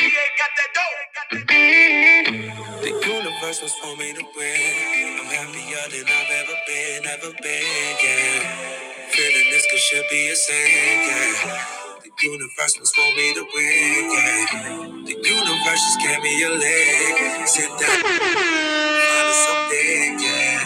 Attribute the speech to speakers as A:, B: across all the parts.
A: The universe was for me to win. I'm happier than I've ever been, ever been, yeah. Feeling this could should be a sin, yeah. The universe was for me to win, yeah. The universe just gave me a leg. Sit down. Mind is so big, yeah.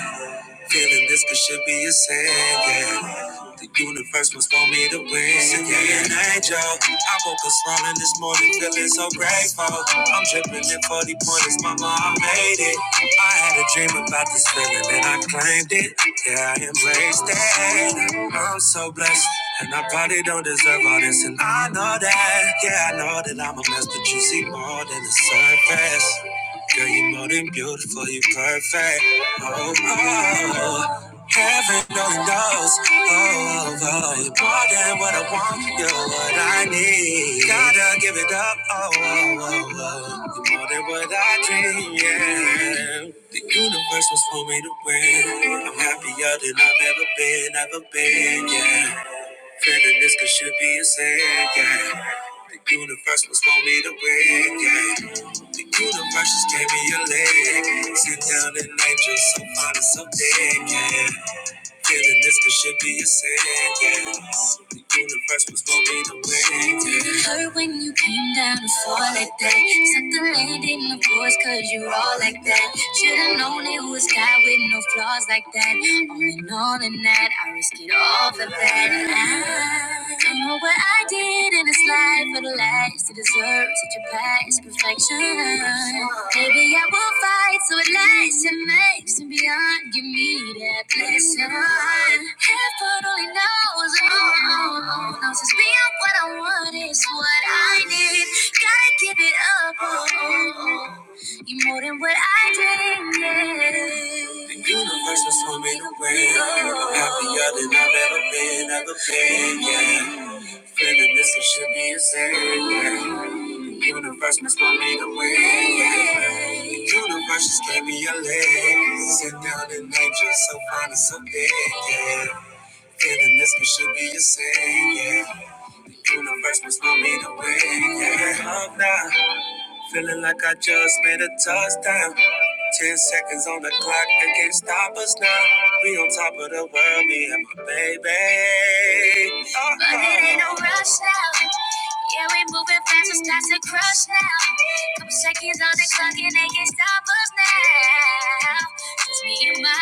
A: Feeling this could should be a sin, yeah. The universe must want me to win. yeah. Send me an angel. I woke up smiling this morning, feeling so grateful. I'm dripping in 40 pointers, mama, I made it. I had a dream about this feeling and I claimed it. Yeah, I embraced it. I'm so blessed. And I probably don't deserve all this, and I know that. Yeah, I know that I'm a mess, but you see more than the surface. Girl, you're more than beautiful, you're perfect. Oh, oh, oh. heaven only knows. Oh, oh, oh, you're more than what I want, you're what I need. Gotta give it up. Oh, oh, oh, oh. you're more than what I dream. Yeah, the universe was for me to win. I'm happier than I've ever been, ever been. Yeah. Feeling this could should be a sad, yeah. The universe was for me to win, yeah. The universe just gave me a leg. Sit down and angel, so fine and so dead, yeah. Feeling this could should be a sin. Yeah, The universe was gonna be the wind. Yeah. It hurt when you came down to fall like that. Suck the land in the voice, cause you all like that. Should've known it was God with no flaws like that. All in all, in that, I risk it all for that. I don't know what I did fight in this life for the lies to deserve such a past perfection. Maybe I will fight so it lasts and makes and beyond. Give me that blessing. Heaven only knows, oh, oh, oh, knows it's beyond what I want is what I need. Gotta give it up, oh, oh, oh. you more than what I dreamed. Yeah. The universe was swimming away. I'm happier than I've ever been, ever been. Yeah. Feeling this it should be a sin. yeah. The universe must want me to win. yeah. The universe just gave me a leg. Sit down and angel, so fine and so big. Yeah. Feeling this it should be a sin. Yeah. The universe must want me to win. Yeah. Up now, feeling like I just made a touchdown. Ten seconds on the clock, they can't stop us now. We on top of the world, me and my baby. Uh-huh. But it ain't no rush now. Yeah, we moving fast, it's time to crush now. Couple seconds on the clock, and they can't stop us now. Just me and my,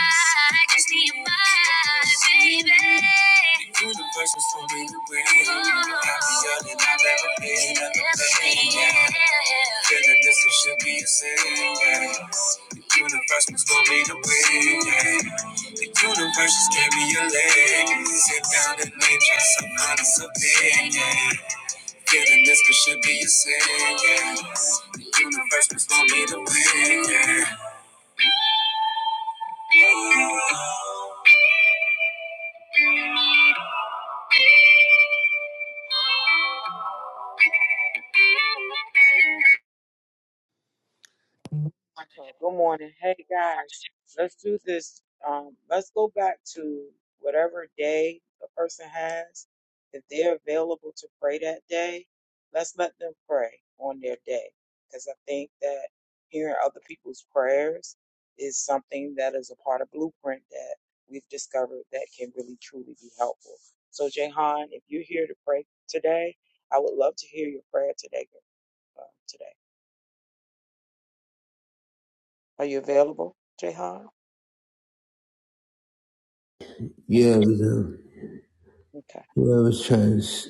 A: just me and my baby. The universe was for me to win. Happier than I've ever been, ever been. Yeah. Feeling this it should be a sin. Yeah. Universe must want me to win. yeah. The universe just gave me a leg. Sit down and lay just some honest opinion. Feeling this could should be a sin. Yeah. The universe must want me to win. Yeah.
B: Well, good morning. Hey guys, let's do this. Um, let's go back to whatever day a person has. If they're available to pray that day, let's let them pray on their day. Because I think that hearing other people's prayers is something that is a part of Blueprint that we've discovered that can really truly be helpful. So, Jehan, if you're here to pray today, I would love to hear your prayer today. Uh, today, are you available, Jehan?
A: Yeah, we do.
B: Okay.
A: Yeah, I was trying to. s-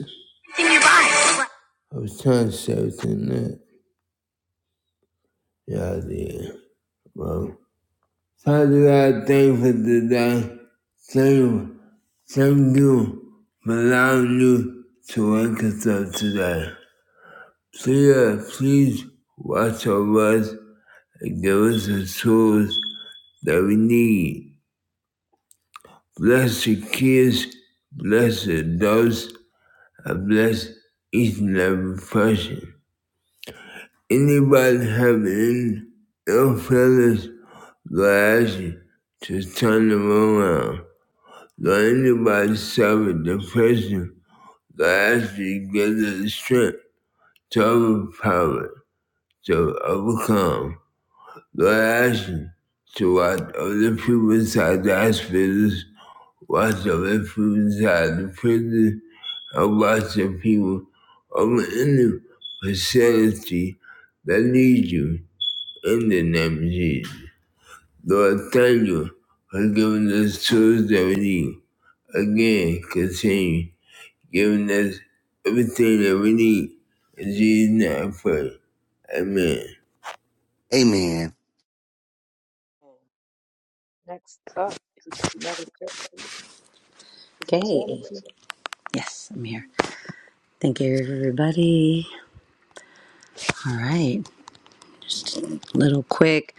A: I was trying to say something that. Yeah, I did. Well, Father I thank you for today. Thank you, thank you for allowing you to wake us up today. Please, please watch over us and give us the tools that we need. Bless the kids, bless the adults, and bless each and every person. Anybody having any ill feelings, I ask you to turn them around. Learning by self depression can actually give you the strength to overpower, to overcome. Your action to watch other people inside the hospitals, watch other people inside the prison, and watch the people over in the facility that need you in the name of Jesus. Lord, thank you for giving us tools that we need. Again, continue giving us everything that we need. In Jesus' name I pray. Amen.
C: Amen.
B: Next up is meditation. If you want to
D: Okay.
B: listen
D: Yes, I'm here. Thank you, everybody. All right. Little quick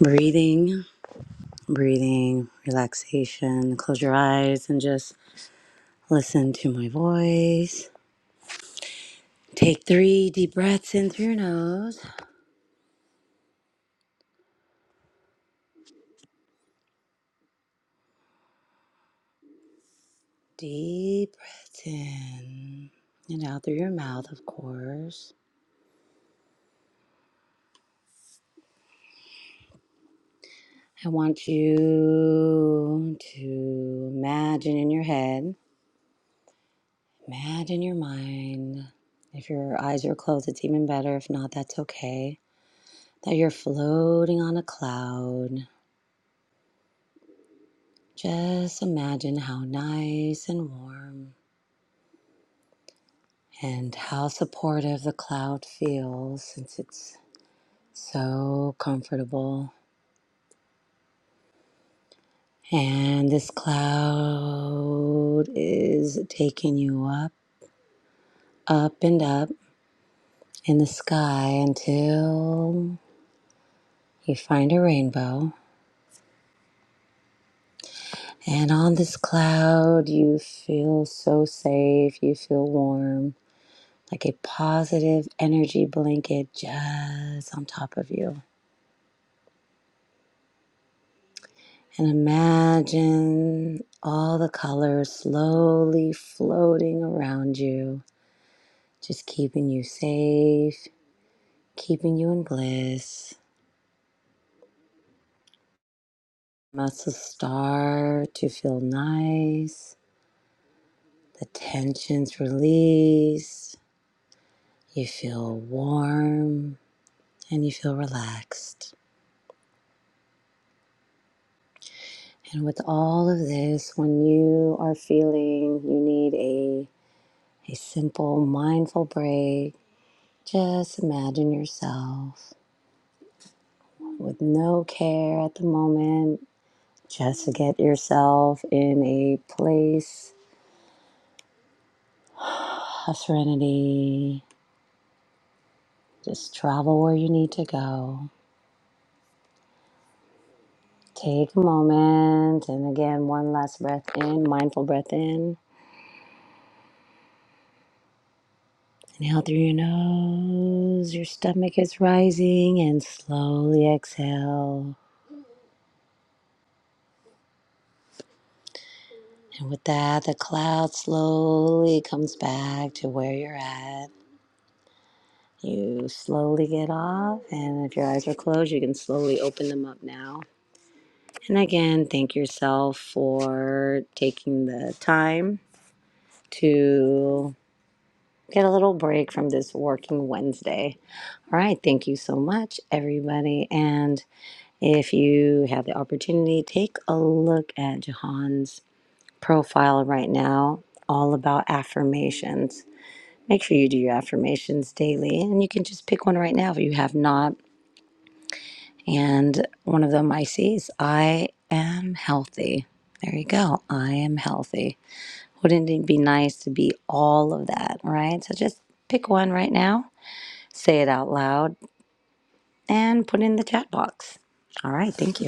D: breathing, breathing, relaxation. Close your eyes and just listen to my voice. Take three deep breaths in through your nose. Deep breaths in and out through your mouth, of course. I want you to imagine in your head Imagine your mind. If your eyes are closed, it's even better. If not, that's okay. That you're floating on a cloud. Just imagine how nice and warm and how supportive the cloud feels since it's so comfortable. And this cloud is taking you up, up, and up in the sky until you find a rainbow. And on this cloud, you feel so safe. You feel warm, like a positive energy blanket just on top of you. And imagine all the colors slowly floating around you, just keeping you safe, keeping you in bliss. Muscles start to feel nice. The tensions release. You feel warm and you feel relaxed. And with all of this, when you are feeling you need a, a simple mindful break, just imagine yourself with no care at the moment, just to get yourself in a place of serenity. Just travel where you need to go. Take a moment, and again, one last breath in, mindful breath in. Inhale through your nose, your stomach is rising, and slowly exhale. And with that, the cloud slowly comes back to where you're at. You slowly get off, and if your eyes are closed, you can slowly open them up now. And again, thank yourself for taking the time to get a little break from this working Wednesday. All right, thank you so much, everybody. And If you have the opportunity, take a look at Jahan's profile right now, all about affirmations. Make sure you do your affirmations daily, and you can just pick one right now if you have not. And one of them I see is I am healthy. There you go. I am healthy. Wouldn't it be nice to be all of that, right? So just pick one right now, say it out loud, and put it in the chat box. All right. Thank you.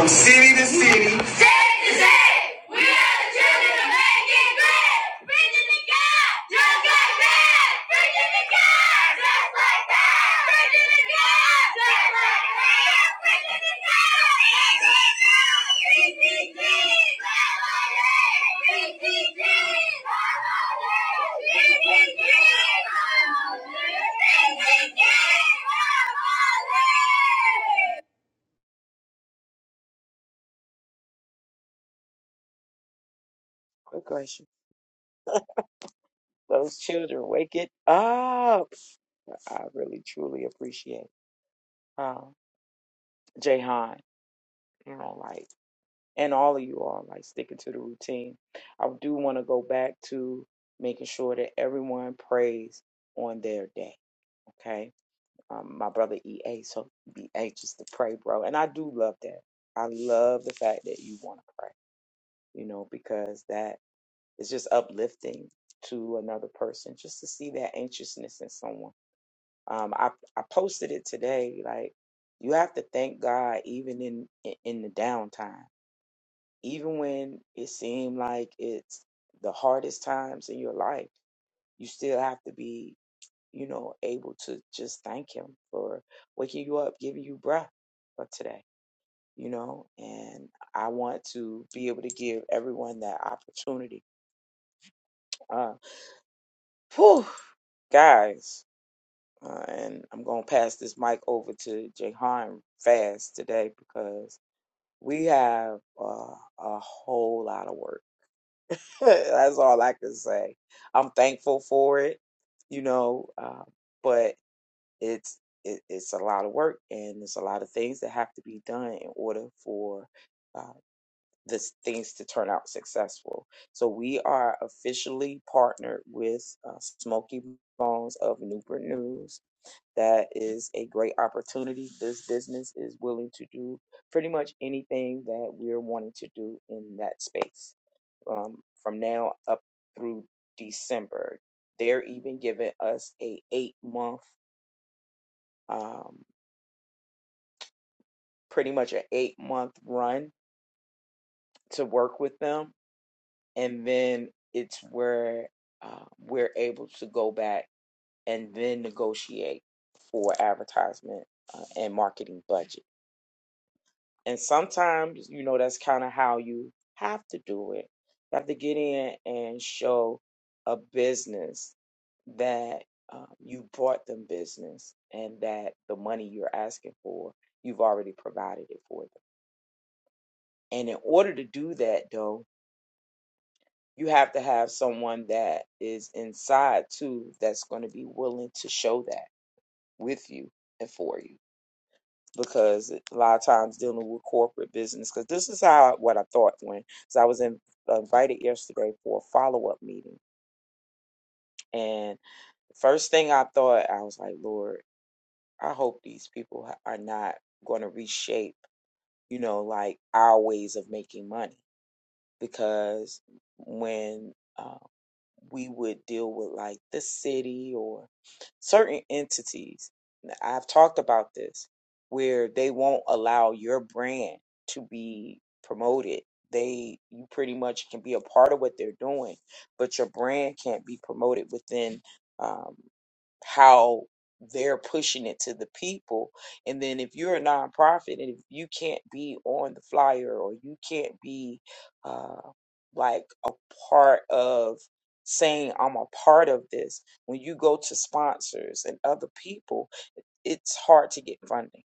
A: From city to city. We are the children of making great. Preaching the God just like that. Preaching the God just like that. Preaching the God just like that. Preaching the God. PTG. PTG. PTG. PTG. PTG.
B: for those children, wake it up. I really truly appreciate um Jahan, you know, like and all of you all like sticking to the routine. I do want to go back to making sure that everyone prays on their day. Okay. Um, my brother EA, so be anxious to pray, bro. And I do love that. I love the fact that you want to pray, you know, because that it's just uplifting to another person just to see that anxiousness in someone. Um, I I posted it today. Like you have to thank God even in in in the downtime, even when it seemed like it's the hardest times in your life. You still have to be, you know, able to just thank Him for waking you up, giving you breath for today. You know, and I want to be able to give everyone that opportunity. Uh, whew, guys Uh, and I'm going to pass this mic over to Jahan fast today because we have uh, a whole lot of work. That's all I can say. I'm thankful for it, you know, uh, but it's it, it's a lot of work and it's a lot of things that have to be done in order for uh, this things to turn out successful. So we are officially partnered with uh, Smoky Bones of Newport News that is a great opportunity. This business is willing to do pretty much anything that we're wanting to do in that space um, from now up through December. They're even giving us a eight month, um, pretty much an eight month run to work with them, and then it's where uh, we're able to go back and then negotiate for advertisement uh, and marketing budget. And sometimes, you know, that's kind of how you have to do it. You have to get in and show a business that um, you brought them business and that the money you're asking for, you've already provided it for them. And in order to do that, though, you have to have someone that is inside too that's going to be willing to show that with you and for you because a lot of times dealing with corporate business because this is how what I thought when so I was in, uh, invited yesterday for a follow up meeting and the first thing I thought I was like Lord I hope these people are not going to reshape you know like our ways of making money because when um, we would deal with like the city or certain entities. I've talked about this where they won't allow your brand to be promoted. They you pretty much can be a part of what they're doing, but your brand can't be promoted within um, how they're pushing it to the people. And then if you're a nonprofit and if you can't be on the flyer or you can't be uh, like a part of saying I'm a part of this. When you go to sponsors and other people, it's hard to get funding.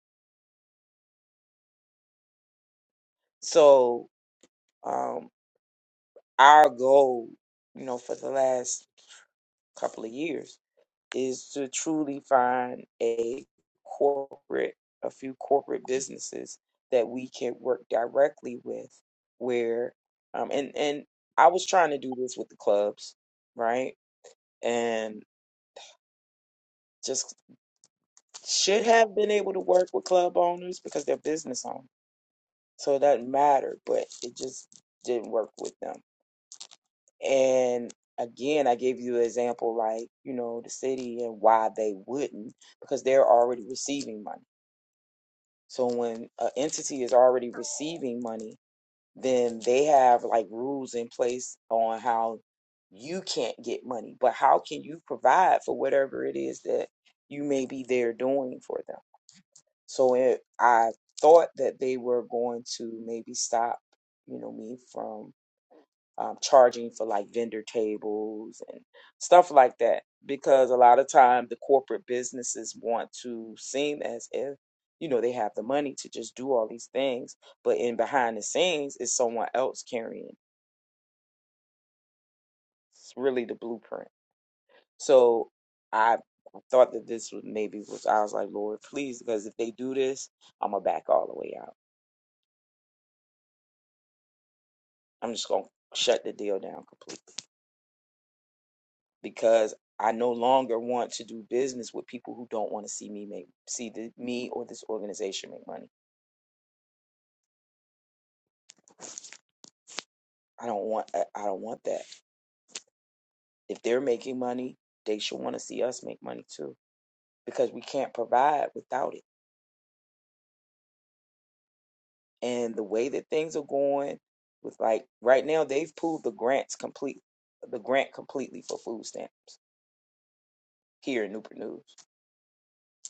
B: So um, our goal, you know, for the last couple of years is to truly find a corporate, a few corporate businesses that we can work directly with where um and and I was trying to do this with the clubs, right? And just. should have been able to work with club owners because they're business owners. So it doesn't matter, but it just didn't work with them. And again, I gave you an example like, you know, the city and why they wouldn't, because they're already receiving money. So when an entity is already receiving money, then they have like rules in place on how you can't get money, but how can you provide for whatever it is that you may be there doing for them? So it, I thought that they were going to maybe stop, you know, me from um, charging for like vendor tables and stuff like that, because a lot of time the corporate businesses want to seem as if, you know, they have the money to just do all these things, but in behind the scenes is someone else carrying really the blueprint. So I thought that this was maybe was I was like, Lord, please, because if they do this, I'm gonna back all the way out I'm just going to shut the deal down completely because I no longer want to do business with people who don't want to see me make see the, me or this organization make money. I don't want I I don't want that. If they're making money, they should want to see us make money too because we can't provide without it. And the way that things are going with like right now they've pulled the grants complete the grant completely for food stamps here in Newport News.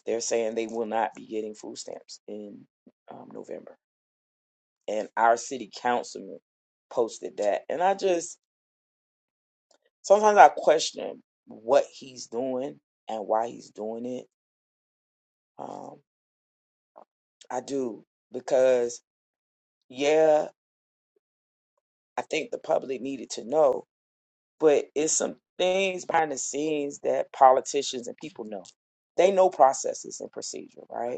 B: They're saying they will not be getting food stamps in um, November and our city councilman posted that. And I just sometimes I question what he's doing and why he's doing it. Um, I do because yeah, I think the public needed to know, but it's some things behind the scenes that politicians and people know. They know processes and procedure, right?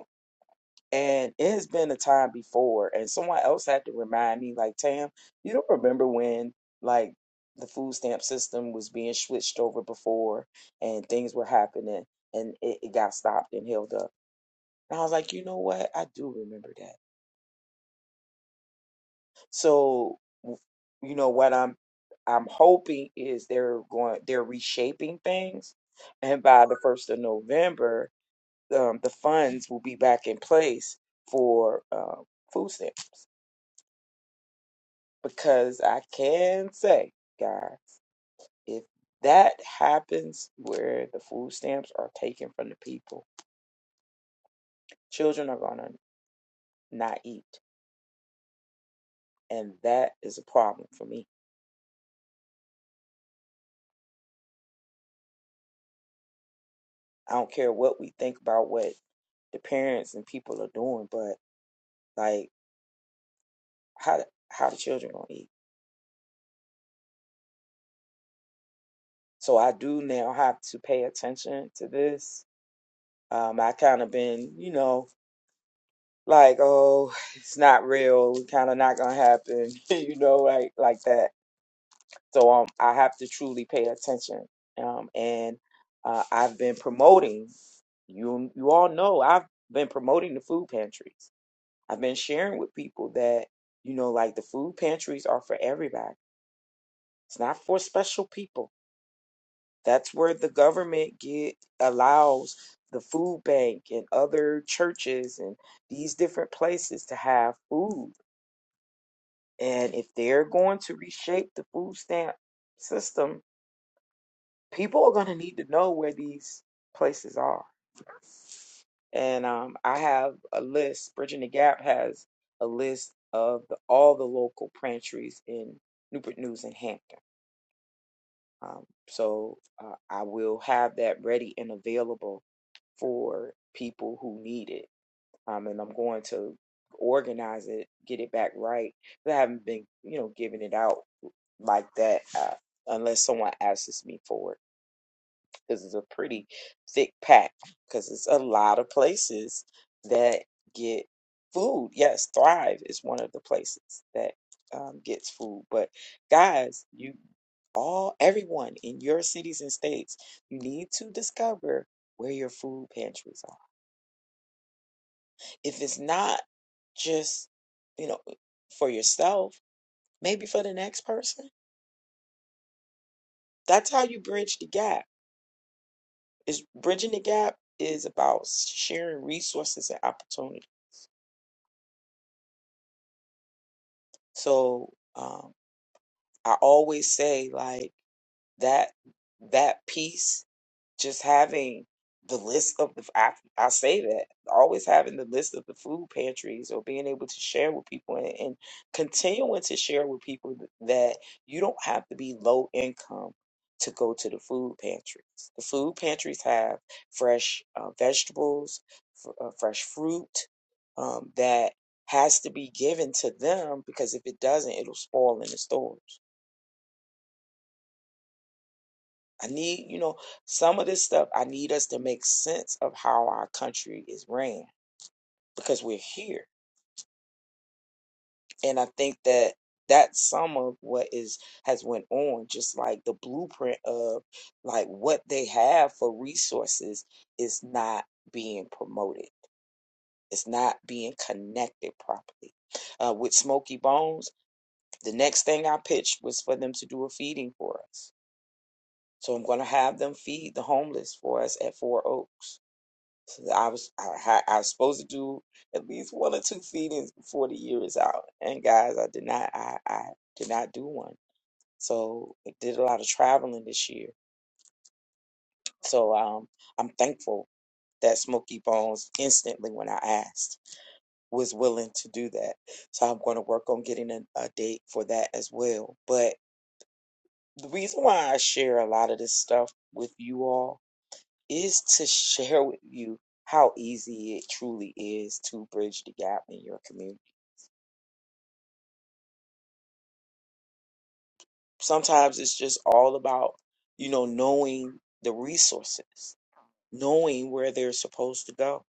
B: And it has been a time before, and someone else had to remind me, like, Tam, you don't remember when, like, the food stamp system was being switched over before and things were happening and it, it got stopped and held up. And I was like, you know what? I do remember that. So, w- you know, what I'm I'm hoping is they're going they're reshaping things, and by the first of November, um, the funds will be back in place for uh, food stamps. Because I can say, guys, if that happens where the food stamps are taken from the people, children are going to not eat. And that is a problem for me. I don't care what we think about what the parents and people are doing, but like how how the children gonna eat? So I do now have to pay attention to this. Um, I kind of been, you know, like oh, it's not real, kind of not gonna happen, you know, like like that So um, I have to truly pay attention. Um, and uh, I've been promoting. You you all know I've been promoting the food pantries. I've been sharing with people that you know, like the food pantries are for everybody. It's not for special people. That's where the government get allows the food bank and other churches and these different places to have food. And if they're going to reshape the food stamp system people are going to need to know where these places are. And um, I have a list. Bridging the Gap has a list of the, all the local pantries in Newport News and Hampton. Um, so uh, I will have that ready and available for people who need it. Um, and I'm going to organize it, get it back right. I haven't been, you know, giving it out like that uh, unless someone asks me for it. because it's a pretty thick pack because it's a lot of places that get food. Yes, Thrive is one of the places that um, gets food. But guys, you all, everyone in your cities and states, you need to discover where your food pantries are. If it's not just, you know, for yourself, maybe for the next person. That's how you bridge the gap. Is bridging the gap is about sharing resources and opportunities So um, I always say like that that piece just having the list of the I, I say that always having the list of the food pantries or being able to share with people and, and continuing to share with people th- that you don't have to be low income to go to the food pantries. The food pantries have fresh uh, vegetables, f- uh, fresh fruit um, that has to be given to them because if it doesn't, it'll spoil in the stores. I need, you know, some of this stuff, I need us to make sense of how our country is ran because we're here. And I think that that's some of what is has went on just like the blueprint of like what they have for resources is not being promoted it's not being connected properly uh, with smoky bones the next thing i pitched was for them to do a feeding for us so i'm going to have them feed the homeless for us at four oaks So I was I, ha- I was supposed to do at least one or two feedings before the year is out, and guys, I did not I, I did not do one. So I did a lot of traveling this year. So um, I'm thankful that Smoky Bones instantly when I asked was willing to do that. So I'm going to work on getting a, a date for that as well. But the reason why I share a lot of this stuff with you all is to share with you how easy it truly is to bridge the gap in your community. Sometimes it's just all about, you know, knowing the resources, knowing where they're supposed to go,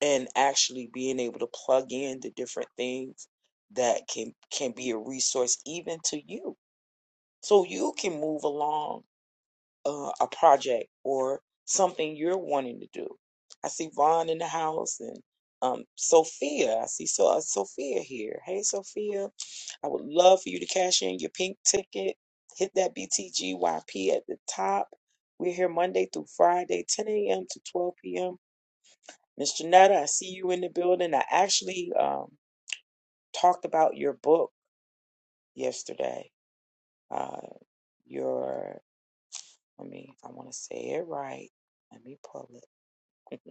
B: and actually being able to plug in the different things that can can be a resource even to you. So you can move along uh, a project or something you're wanting to do. I see Vaughn in the house and um, Sophia. I see so, uh, Sophia here. Hey, Sophia, I would love for you to cash in your pink ticket. Hit that BTGYP at the top. We're here Monday through Friday, 10 a.m. to 12 p.m. Miss Janetta, I see you in the building. I actually um, talked about your book yesterday. Uh, your, I mean, I want to say it right. Let me pull it.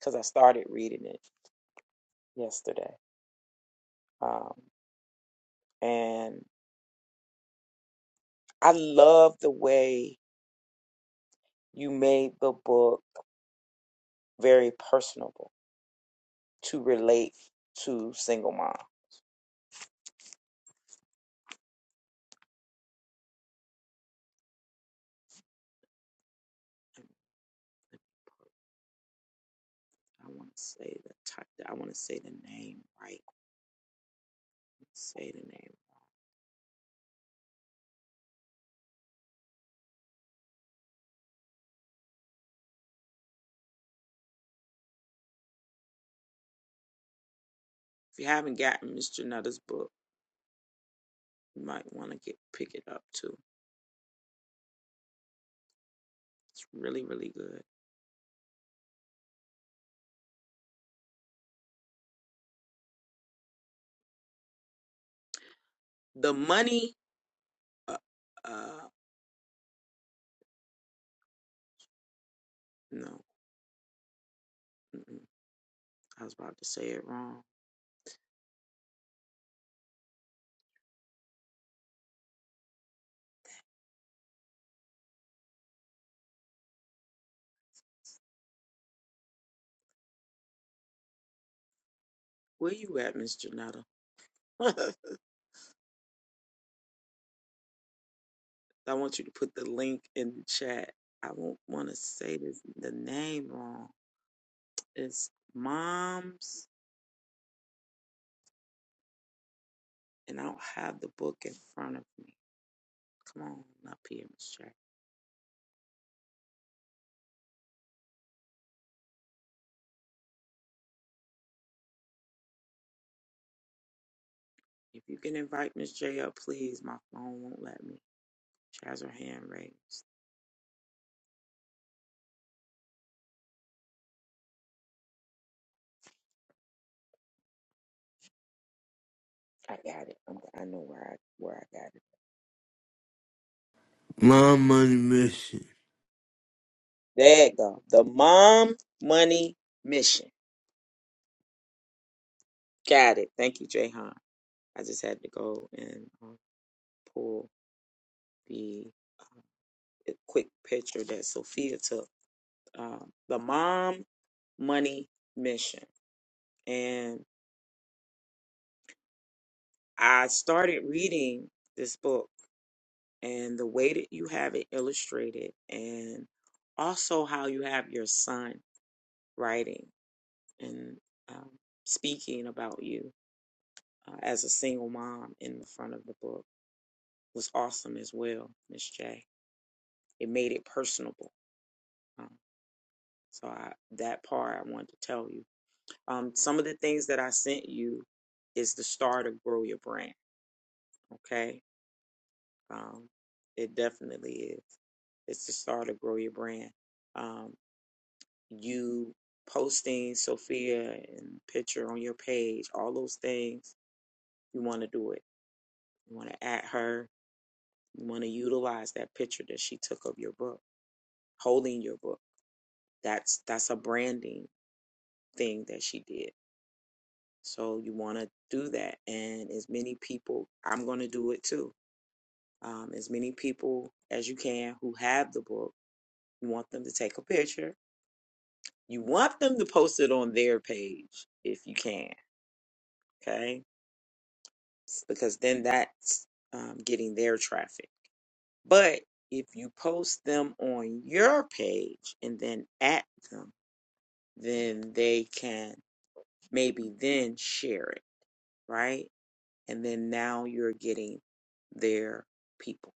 B: because I started reading it yesterday. Um, and I love the way you made the book very personable to relate to single mom. I want to say the type. I want to say the name right. Let's Say the name. If you haven't gotten Mr. Nutter's book, you might want to get pick it up too. It's really really good. The money. Uh, uh no, mm-mm. I was about to say it wrong. Where you at, Mr. Nutter? I want you to put the link in the chat. I won't want to say this, the name wrong. It's Moms, and I don't have the book in front of me. Come on up here, Miss J. If you can invite Miss J up, please. My phone won't let me. She has her hand raised. I got it. I'm, I know where I where I got it.
A: My money mission.
B: There it go. The Mom Money Mission. Got it. Thank you, Jay Han. I just had to go and uh, pull the uh, quick picture that Sophia took um, the Mom Money Mission. And I started reading this book and the way that you have it illustrated, and also how you have your son writing and um, speaking about you uh, as a single mom in the front of the book was awesome as well, Miss J. It made it personable. Um, so I, that part I wanted to tell you. Um, some of the things that I sent you is the start of Grow Your Brand Okay. Um, it definitely is. It's to start to grow your brand. Um, you posting Sophia and picture on your page, all those things, you want to do it. You want to at her. You want to utilize that picture that she took of your book, holding your book. That's that's a branding thing that she did. So you want to do that, and as many people, I'm going to do it too. Um, as many people as you can who have the book You want them to take a picture. You want them to post it on their page if you can, okay? Because then that's um, getting their traffic. But if you post them on your page and then at them, then they can maybe then share it, right? And then now you're getting their people.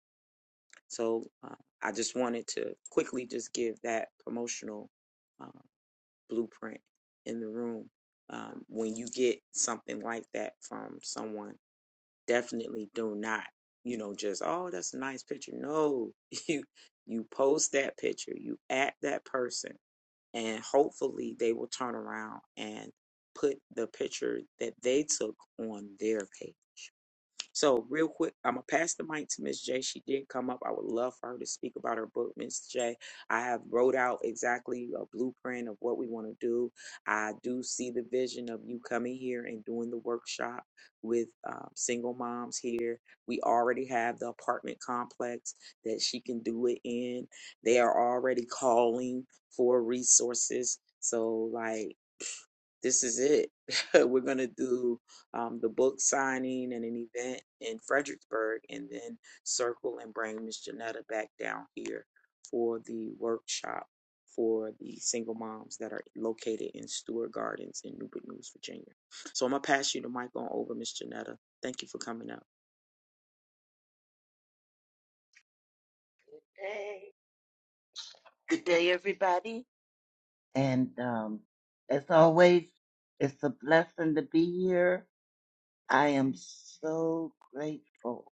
B: So uh, I just wanted to quickly just give that promotional uh, blueprint in the room. Um, when you get something like that from someone, definitely do not, you know, just, oh, that's a nice picture. No, you, you post that picture, you at that person, and hopefully they will turn around and put the picture that they took on their page so real quick, I'm gonna pass the mic to Miss J. She did come up. I would love for her to speak about her book, Miss J. I have wrote out exactly a blueprint of what we want to do. I do see the vision of you coming here and doing the workshop with um, single moms here. We already have the apartment complex that she can do it in. They are already calling for resources. So like this is it. We're going to do um, the book signing and an event in Fredericksburg, and then circle and bring Miss Janetta back down here for the workshop for the single moms that are located in Stewart Gardens in Newport News, Virginia. So I'm going to pass you the mic on over, Miss Janetta. Thank you for coming up.
E: day. Good day, everybody. And um, as always, it's a blessing to be here. I am so grateful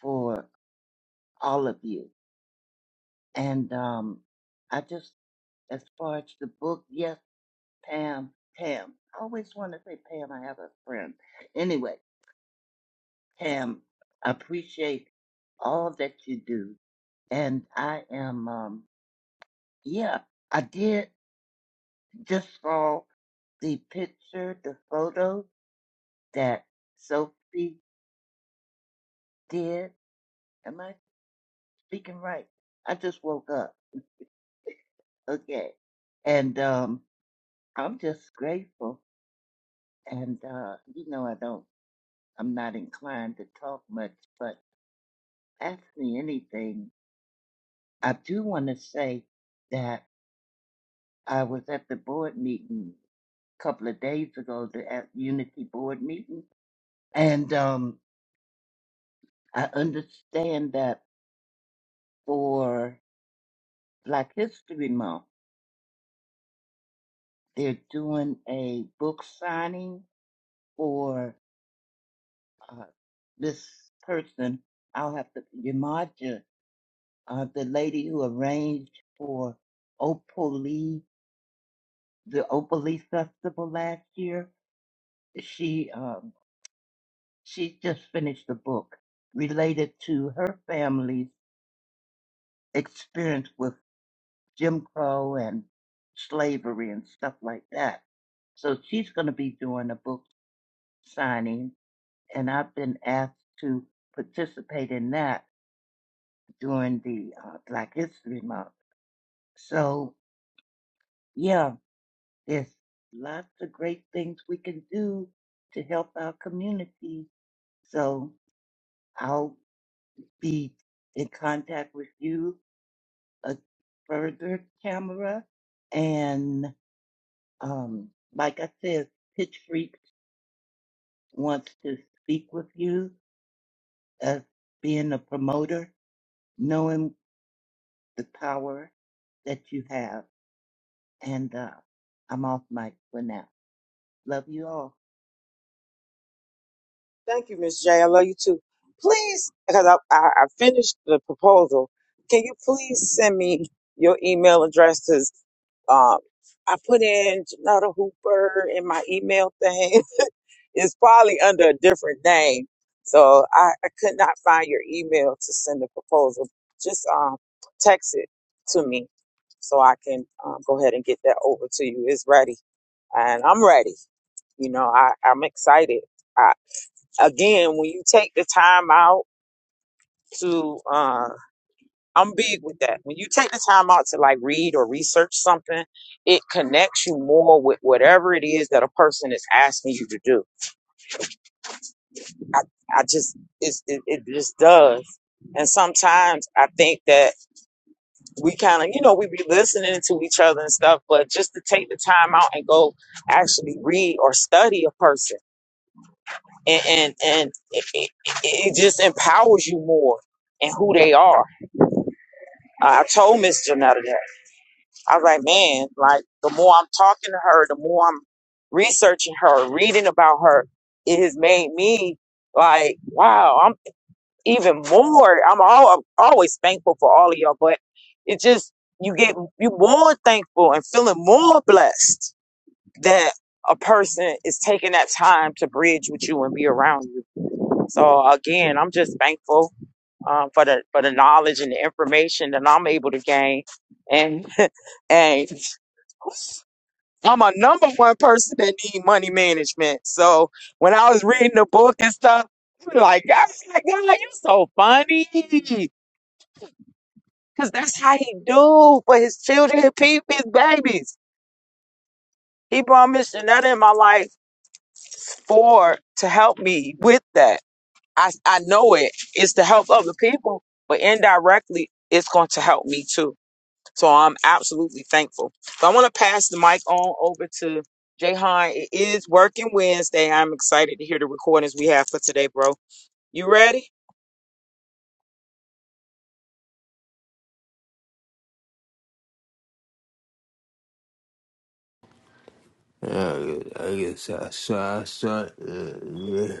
E: for all of you. And um, I just, as far as the book, yes, Pam, Pam. I always want to say Pam, I have a friend. Anyway, Pam, I appreciate all that you do. And I am, um, yeah, I did. just saw the picture, the photo that Sophie did. Am I speaking right? I just woke up. Okay. And um I'm just grateful and uh you know I don't I'm not inclined to talk much, but ask me anything. I do want to say that I was at the board meeting a couple of days ago, the at Unity board meeting, and um I understand that for Black History Month. They're doing a book signing for uh, this person. I'll have to Yamaja, uh, the lady who arranged for Opoli, the Opoli Festival last year. She um, she just finished a book related to her family's experience with Jim Crow and slavery and stuff like that. So she's going to be doing a book signing, and I've been asked to participate in that during the uh, Black History Month. So, yeah, there's lots of great things we can do to help our community. So, I'll be in contact with you uh, further, Tamara. And um, like I said, Pitch Freak wants to speak with you as being a promoter, knowing the power that you have. And uh, I'm off mic for now. Love you all.
B: Thank you, Miss J. I love you too. Please, because I, I, I finished the proposal. Can you please send me your email address? Because um, I put in Janata Hooper in my email thing. it's probably under a different name. So I, I could not find your email to send the proposal. Just um, text it to me so I can um, go ahead and get that over to you. It's ready. And I'm ready. You know, I, I'm excited. Again, when you take the time out to, uh, I'm big with that. When you take the time out to like read or research something, it connects you more with whatever it is that a person is asking you to do. I, I just, it's, it, it just does. And sometimes I think that we kind of, you know, we be listening to each other and stuff, but just to take the time out and go actually read or study a person and and, and it, it, it it just empowers you more and who they are I I told Miss Janetta that. I was like, man, like the more I'm talking to her, the more I'm researching her, reading about her, it has made me like, wow, I'm even more. I'm all always thankful for all of y'all, but it just you get you more thankful and feeling more blessed that a person is taking that time to bridge with you and be around you. So again, I'm just thankful um, for the for the knowledge and the information that I'm able to gain. And and I'm a number one person that need money management. So when I was reading the book and stuff, I'm like, God, like, God, you so funny, because that's how he do for his children, his people, his babies. He brought Miss Janetta in my life for to help me with that. I I know it. It's to help other people, but indirectly, it's going to help me too. So I'm absolutely thankful. So I want to pass the mic on over to Jahan. It is working Wednesday. I'm excited to hear the recordings we have for today, bro. You ready?
A: I I guess I saw, I saw, uh, yeah.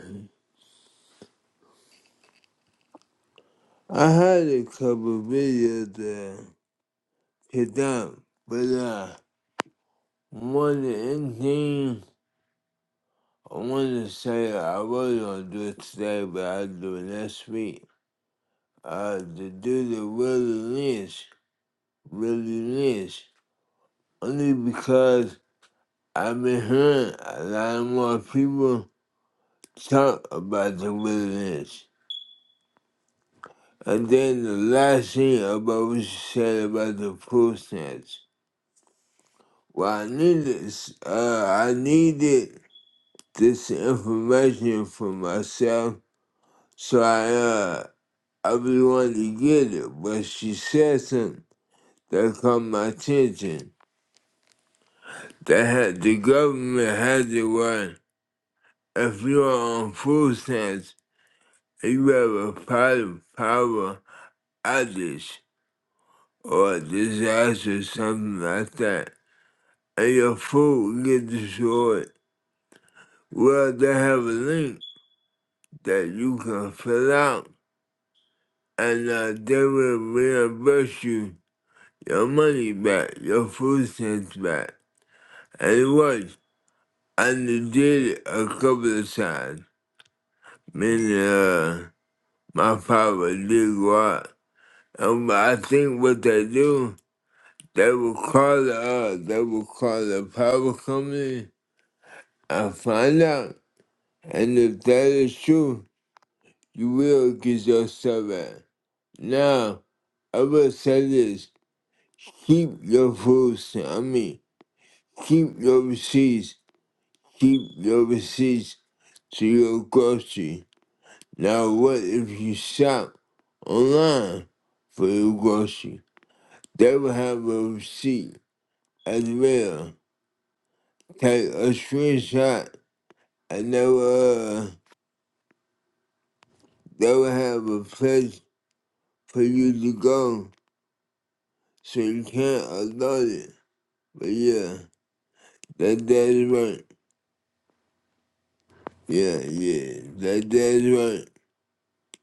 A: I had a couple videos that hit down, but uh, more than anything, I want to say I was gonna do it today, but I'll do it next week. Uh, to do the Willie Lynch, Willie Lynch, only because I've been hearing a lot more people talk about the Willie Lynch. And then the last thing about what you said about the pool snacks. Well, I needed, Uh, I needed this information for myself, so I uh, I really wanted to get it. But she said something that caught my attention. That had the government had the one. If you are on food stamps, and you have a power power outage or disaster, something like that. and your food get destroyed. Well, they have a link that you can fill out, and uh, they will reimburse you your money back, your food stamps back. And it works. And they did it a couple of times. Meaning, uh, my father did go out. And I think what they do, they will call the, uh, they will call the power company and find out. And if that is true, You will get your seven. Now, I will say this. Keep your foods, I mean, keep your receipts, keep your receipts to your grocery. Now, what if you shop online for your grocery? They will have a receipt as well. Take a screenshot and they will, uh, they will have a place for you to go so you can't upload it. But yeah. That that's right. Yeah, yeah. That that's right.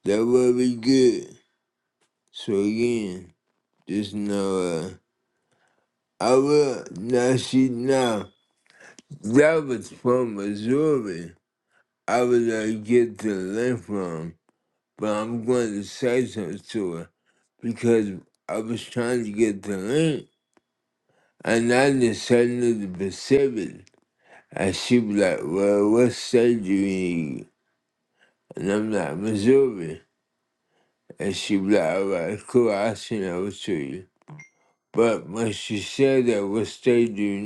A: That will be good. So again, just know uh I will now see now that was from Missouri. I was I get the link from, but I'm going to say something to her because I was trying to get the link and I decided to the Pacific. And she was like, Well, what state do you in? And I'm like, Missouri. and she was like, all right, cool, I'll send it over But when she said that what state do you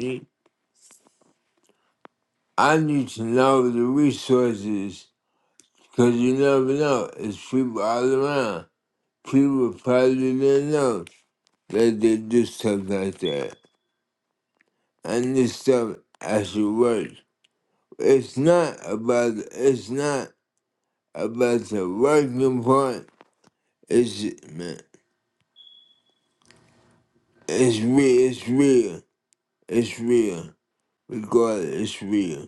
A: I need to know the resources because you never know. It's people all around. People probably didn't know that they do stuff like that. And this stuff actually works. It's not about it's not about the working part. It's man, it's real. It's real. It's real. Regardless, it's real.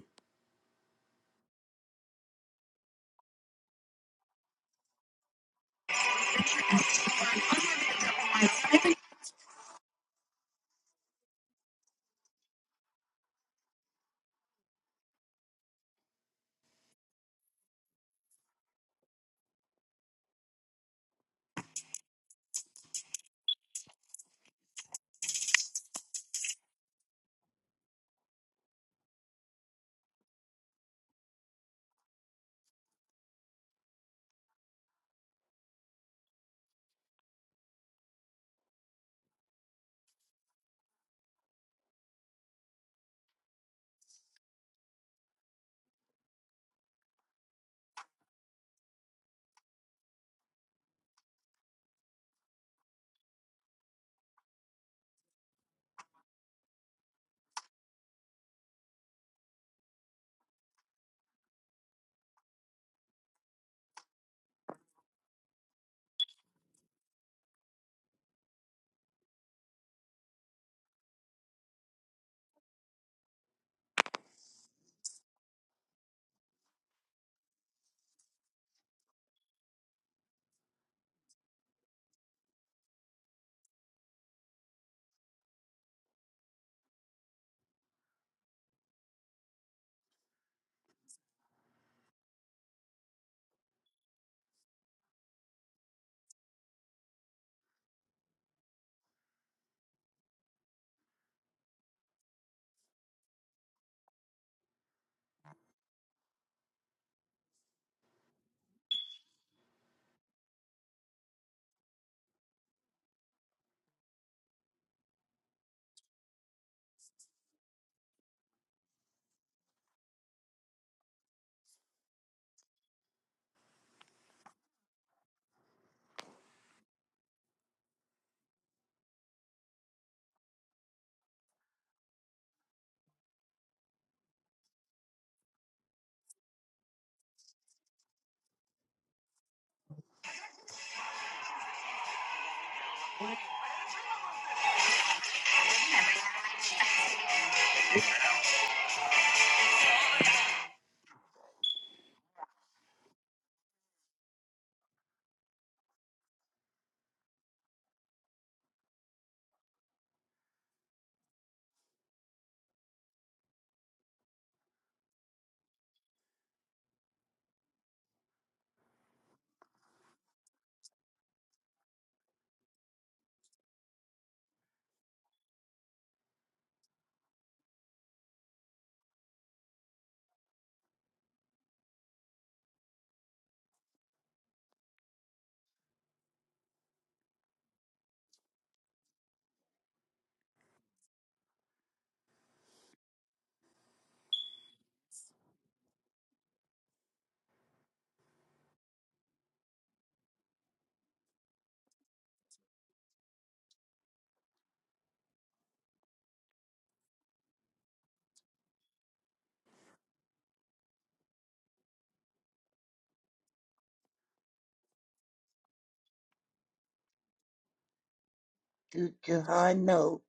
E: Do Jahan know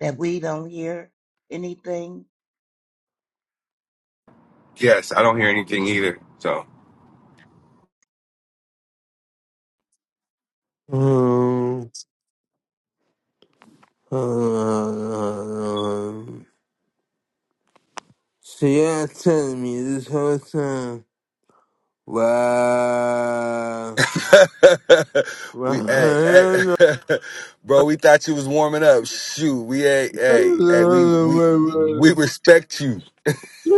E: that we don't hear anything
C: Yes, I don't hear anything either. So
A: Um, um, so you telling me this whole time, wow,
C: we, hey,
A: wow,
C: hey, bro, we thought you was warming up. Shoot, we, hey, hey, hey, we, we, we respect you.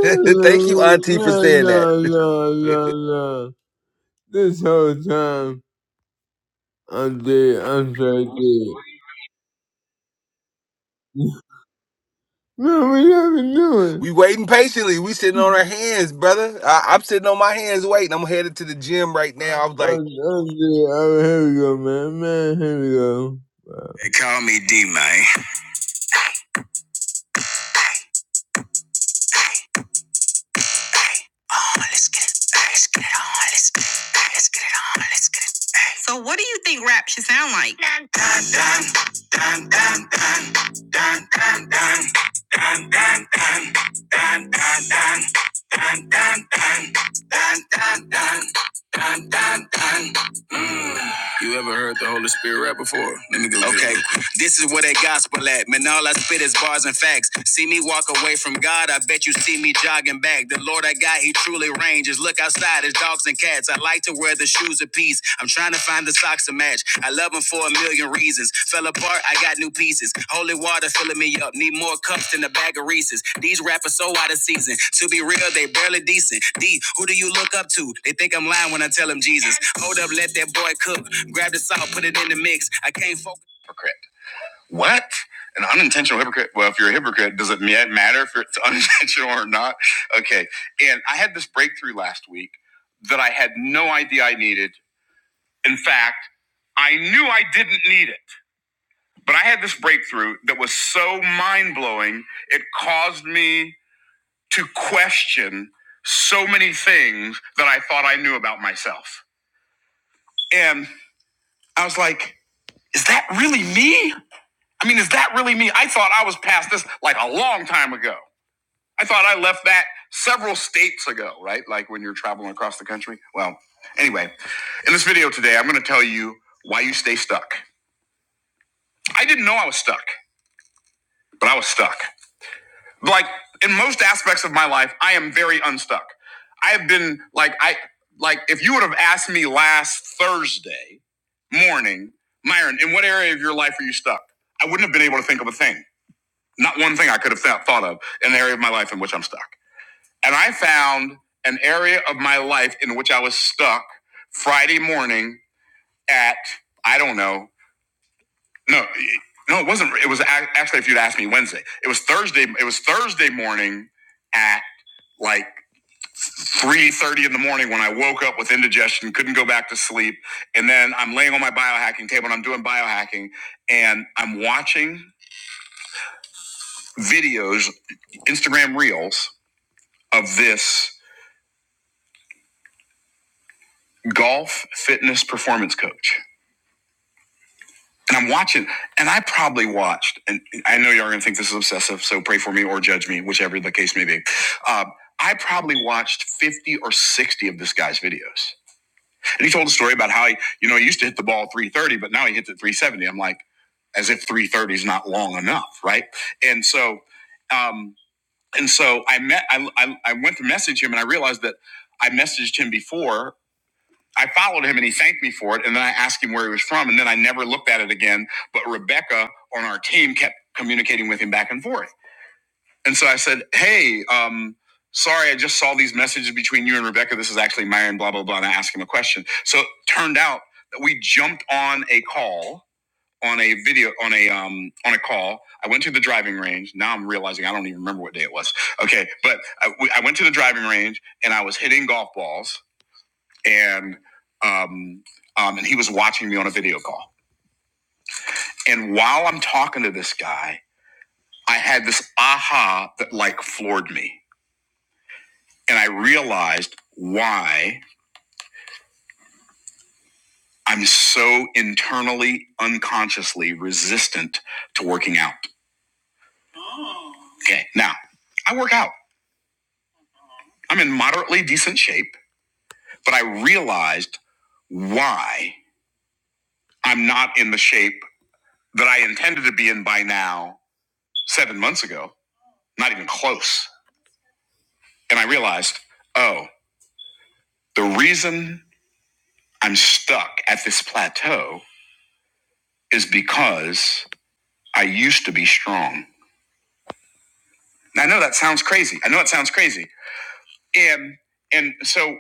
C: Thank you, Auntie, for saying that.
A: this whole time, I'm dead, I'm so dead. Man, what y'all been doing?
C: we waiting patiently. We sitting on
A: I'm,
C: our hands, brother. I, I'm sitting on my hands waiting. I'm headed to the gym right now. I was like.
A: I'm dead, oh, here we go, man, man, here we go. They call me D-Man. So, what do you think rap should sound like? Okay, this is where that gospel at. Man, all I spit is bars and facts. See me walk away from God, I bet you see me jogging back. The Lord I got, He truly ranges. Look outside, it's dogs and cats. I like to wear the shoes of peace. I'm trying to find the socks to match. I love Him for a million reasons. Fell apart, I got new pieces. Holy water filling me up. Need more cups than a bag of Reese's. These rappers so out of season. To be real, they barely decent. D, who do you look up to? They think I'm lying when I tell them Jesus. Hold up, let that boy cook. Grab the salt, put it in the mix. I can't. fold hypocrite. What? An unintentional hypocrite? Well, if you're a hypocrite, does it matter if it's unintentional or not? Okay. And I had this breakthrough last week that I had no idea I needed. In fact, I knew I didn't need it, but I had this breakthrough that was so mind blowing, it caused me to question so many things that I thought I knew about myself. And I was like, is that really me? I mean, is that really me? I thought I was past this like a long time ago. I thought I left that several states ago, right? Like when you're traveling across the country. Well, anyway, in this video today, I'm going to tell you why you stay stuck. I didn't know I was stuck, but I was stuck. Like in most aspects of my life, I am very unstuck. I have been like I like if you would have asked me last Thursday morning, Myron, in what area of your life are you stuck? I wouldn't have been able to think of a thing. Not one thing I could have thought thought of in an area of my life in which I'm stuck. And I found an area of my life in which I was stuck Friday morning at, I don't know, no, no, it wasn't. It was actually, if you'd asked me Wednesday, it was Thursday. It was Thursday morning at like three thirty in the morning when I woke up with indigestion, couldn't go back to sleep, and then I'm laying on my biohacking table and I'm doing biohacking, and I'm watching videos, Instagram reels of this. golf fitness performance coach. And I'm watching, and I probably watched, and I know y'all are gonna think this is obsessive, so pray for me or judge me, whichever the case may be. Uh, I probably watched 50 or 60 of this guy's videos. And he told a story about how he, you know, he used to hit the ball 330, but now he hits it 370. I'm like, as if 330 is not long enough, right? And so, um, and so I met, I, I, I went to message him and I realized that I messaged him before I followed him and he thanked me for it. And then I asked him where he was from. And then I never looked at it again. But Rebecca on our team kept communicating with him back and forth. And so I said, Hey, um, sorry, I just saw these messages between you and Rebecca. This is actually Myron, blah, blah, blah. And I asked him a question. So it turned out that we jumped on a call. On a video, on a um, on a call, I went to the driving range. Now I'm realizing I don't even remember what day it was. Okay, but I, we- I went to the driving range and I was hitting golf balls, and um, um, and he was watching me on a video call. And while I'm talking to this guy, I had this aha that like floored me, and I realized why I'm so internally, unconsciously resistant to working out. Okay, now I work out. I'm in moderately decent shape, but I realized why I'm not in the shape that I intended to be in by now seven months ago. Not even close And I realized, oh, the reason I'm stuck at this plateau is because I used to be strong. Now, I know that sounds crazy. I know it sounds crazy. And and so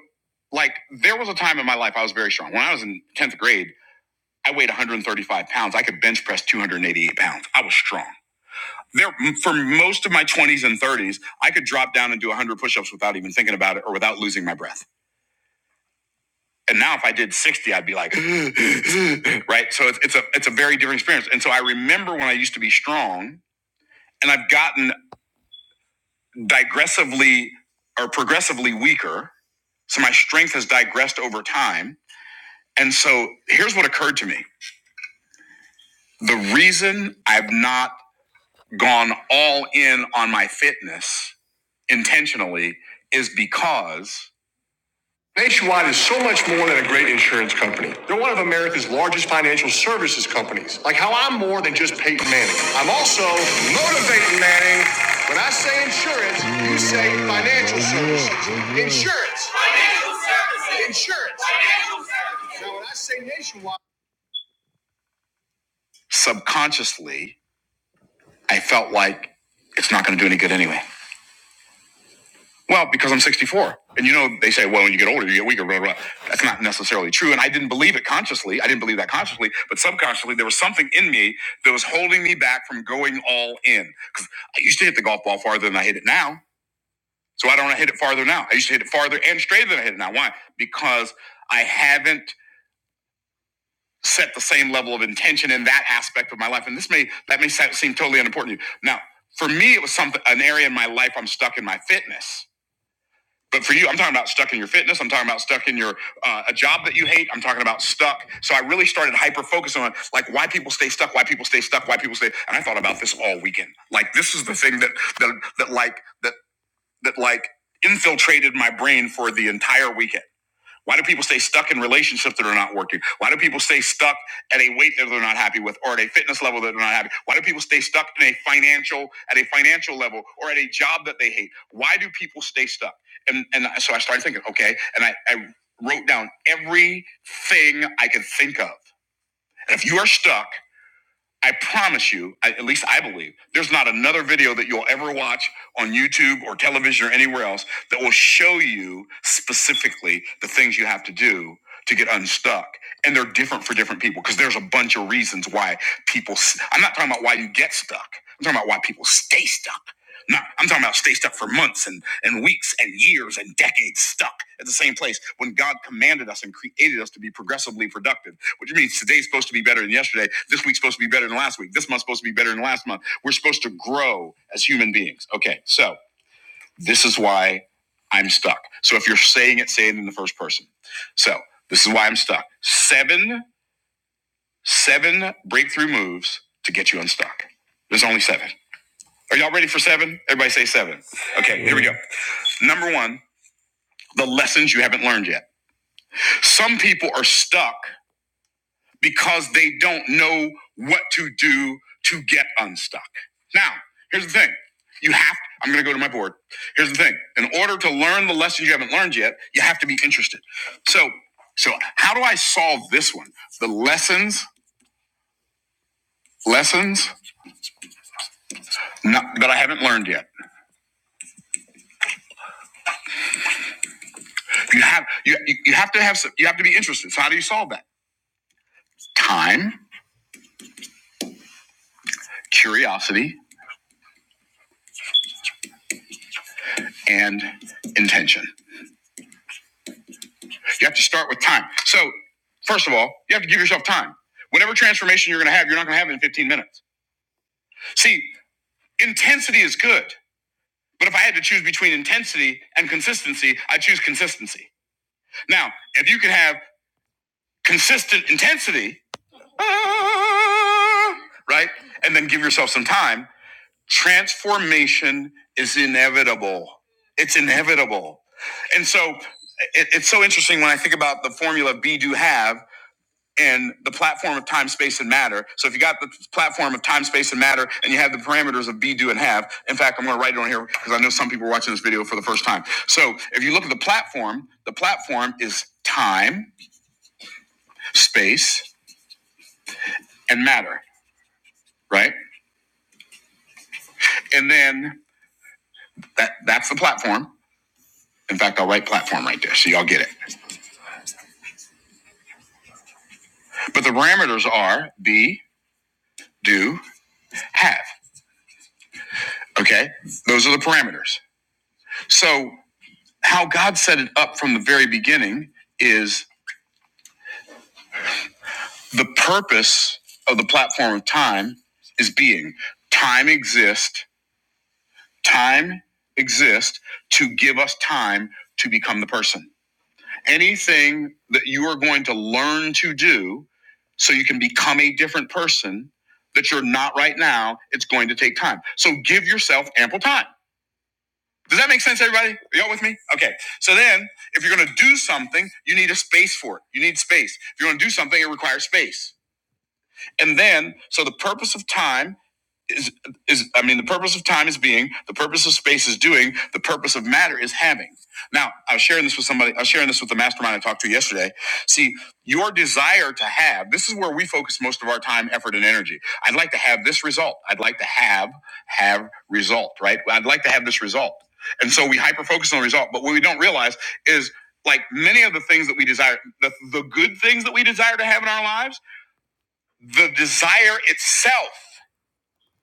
A: like there was a time in my life I was very strong. When I was in 10th grade, I weighed 135 pounds. I could bench press 288 pounds. I was strong. There, for most of my 20s and 30s, I could drop down and do 100 push ups without even thinking about it or without losing my breath. And now if I did 60, I'd be like, right? So it's, it's a it's a very different experience. And so I remember when I used to be strong and I've gotten digressively or progressively weaker. So my strength has digressed over time. And so here's what occurred to me. The reason I've not gone all in on my fitness intentionally is because Nationwide is so much more than a great insurance company. They're one of America's largest financial services companies. Like how I'm more than just Peyton Manning. I'm also motivating Manning. When I say insurance, you say financial services. Insurance. Insurance. Now, when I say nationwide, subconsciously, I felt like it's not going to do any good anyway. Well, because I'm 64. And you know, they say, well, when you get older, you get weaker, blah, blah. blah. That's not necessarily true. And I didn't believe it consciously. I didn't believe that consciously, but subconsciously, there was something in me that was holding me back from going all in. Because I used to hit the golf ball farther than I hit it now. So why don't I hit it farther now? I used to hit it farther and straighter than I hit it now. Why? Because I haven't set the same level of intention in that aspect of my life. And this may, that may seem totally unimportant to you. Now, for me, it was something, an area in my life I'm stuck in my fitness But for you, I'm talking about stuck in your fitness. I'm talking about stuck in your uh, a job that you hate. I'm talking about stuck. So I really started hyper focusing on like why people stay stuck, why people stay stuck, why people stay. And I thought about this all weekend. Like this is the thing that that that like that that like infiltrated my brain for the entire weekend. Why do people stay stuck in relationships that are not working? Why do people stay stuck at a weight that they're not happy with or at a fitness level that they're not happy? Why do people stay stuck in a financial at a financial level or at a job that they hate? Why do people stay stuck? And and so I started thinking, okay, and I, I wrote down everything I could think of. And if you are stuck, I promise you, I- at least I believe, there's not another video that you'll ever watch on YouTube or television or anywhere else that will show you specifically the things you have to do to get unstuck. And they're different for different people because there's a bunch of reasons why people, s- I'm not talking about why you get stuck, I'm talking about why people stay stuck. Not, I'm talking about stay stuck for months and, and weeks and years and decades stuck at the same place when God commanded us and created us to be progressively productive which means today's supposed to be better than yesterday? This week's supposed to be better than last week. This month's supposed to be better than last month. We're supposed to grow as human beings. Okay, so this is why I'm stuck. So if you're saying it, say it in the first person. So this is why I'm stuck. Seven, seven breakthrough moves to get you unstuck. There's only seven. Are y'all ready for seven? Everybody say seven. Okay, here we go. Number one, the lessons you haven't learned yet. Some people are stuck because they don't know what to do to get unstuck. Now, here's the thing. You have to, I'm going to go to my board. Here's the thing. In order to learn the lessons you haven't learned yet, you have to be interested. So, so how do I solve this one? The lessons, lessons not, that I haven't learned yet. You have, you, you have to have, some, you have to be interested. So how do you solve that? Time, curiosity, and intention. You have to start with time. So, first of all, you have to give yourself time. Whatever transformation you're going to have, you're not going to have it in 15 minutes. See, intensity is good. But if I had to choose between intensity and consistency, I choose consistency. Now, if you can have consistent intensity, right, and then give yourself some time, transformation is inevitable. It's inevitable. And so it, it's so interesting when I think about the formula be, do, have. and the platform of time, space, and matter. So if you got the platform of time, space, and matter, and you have the parameters of be, do, and have. In fact, I'm going to write it on here because I know some people are watching this video for the first time. So if you look at the platform, the platform is time, space, and matter, right? And then that that's the platform. In fact, I'll write platform right there so y'all get it. But the parameters are be, do, have. Okay, those are the parameters. So how God set it up from the very beginning is The purpose of the platform of time is being. Time exists. Time exists to give us time to become the person. Anything that you are going to learn to do so you can become a different person that you're not right now, it's going to take time. So give yourself ample time. Does that make sense, everybody? Are Y'all with me? Okay. So then, if you're going to do something, you need a space for it. You need space. If you're going to do something, it requires space. And then, so the purpose of time is is I mean the purpose of time is being, the purpose of space is doing, the purpose of matter is having. Now, I was sharing this with somebody, I was sharing this with the mastermind I talked to yesterday. See, your desire to have, this is where we focus most of our time, effort, and energy. I'd like to have this result. I'd like to have have result, right? I'd like to have this result. And so we hyper focus on the result, but what we don't realize is like many of the things that we desire, the, the good things that we desire to have in our lives, the desire itself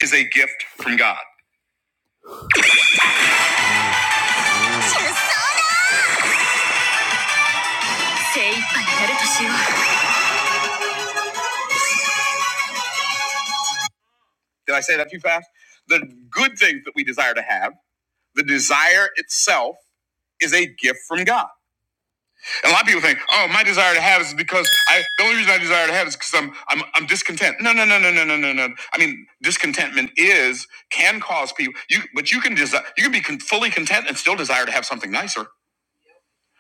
A: is a gift from God. Did I say that too fast? The good things that we desire to have, the desire itself is a gift from God. And a lot of people think, oh, my desire to have is because I the only reason I desire to have is because I'm I'm I'm discontent. No, no, no, no, no, no, no, no. I mean, discontentment is can cause people you but you can desire you can be con- fully content and still desire to have something nicer.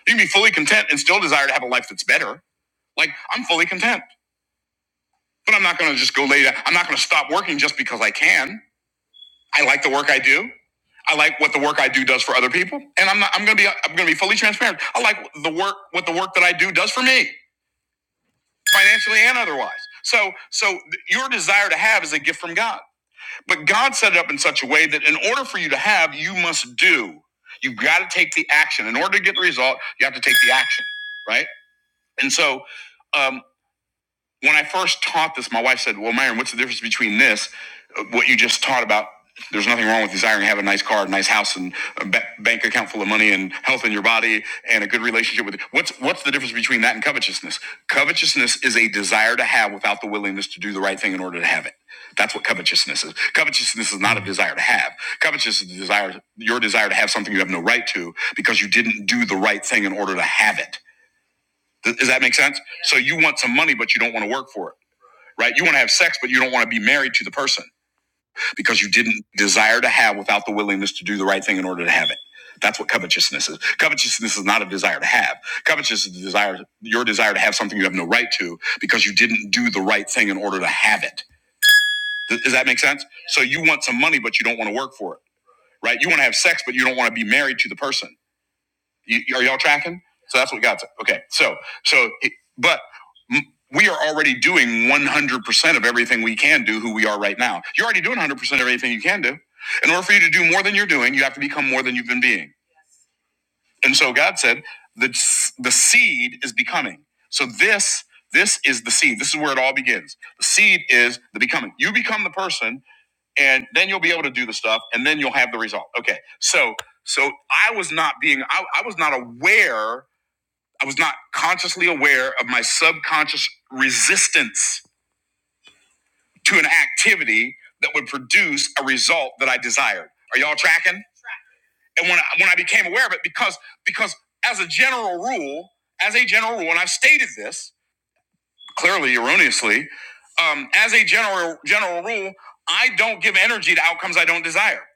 A: You can be fully content and still desire to have a life that's better. Like I'm fully content, but I'm not going to just go lay down. I'm not going to stop working just because I can. I like the work I do. I like what the work I do does for other people, and I'm not, I'm gonna be I'm gonna be fully transparent. I like the work what the work that I do does for me, financially and otherwise. So so your desire to have is a gift from God, but God set it up in such a way that in order for you to have, you must do. You've got to take the action. In order to get the result, you have to take the action, right? And so. um, when I first taught this, my wife said, Well, Myron, what's the difference between this, uh, what you just taught about? There's nothing wrong with desiring to have a nice car, a nice house, and a ba- bank account full of money, and health in your body, and a good relationship with. it. What's what's the difference between that and covetousness? Covetousness is a desire to have without the willingness to do the right thing in order to have it. That's what covetousness is. Covetousness is not a desire to have. Covetousness is a desire, your desire to have something you have no right to because you didn't do the right thing in order to have it. Does that make sense? Yeah. So you want some money, but you don't want to work for it right? You want to have sex, but you don't want to be married to the person because you didn't desire to have without the willingness to do the right thing in order to have it. That's what covetousness is. Covetousness is not a desire to have. Covetousness is a desire, your desire to have something you have no right to because you didn't do the right thing in order to have it. Th- Does that make sense? So you want some money, but you don't want to work for it, right? You want to have sex, but you don't want to be married to the person you, are y'all tracking? So that's what God said. Okay. So, so, it- but we are already doing 100% of everything we can do who we are right now. You're already doing 100% of everything you can do. In order for you to do more than you're doing, you have to become more than you've been being. And so God said, the, the seed is becoming. So this, this is the seed. This is where it all begins. The seed is the becoming. You become the person and then you'll be able to do the stuff and then you'll have the result. Okay. So, so I was not being, I, I was not aware I was not consciously aware of my subconscious resistance to an activity that would produce a result that I desired. Are y'all tracking? And when I, when I became aware of it, because because as a general rule, as a general rule, and I've stated this, clearly erroneously. Um, as a general general rule, I don't give energy to outcomes I don't desire. Yes.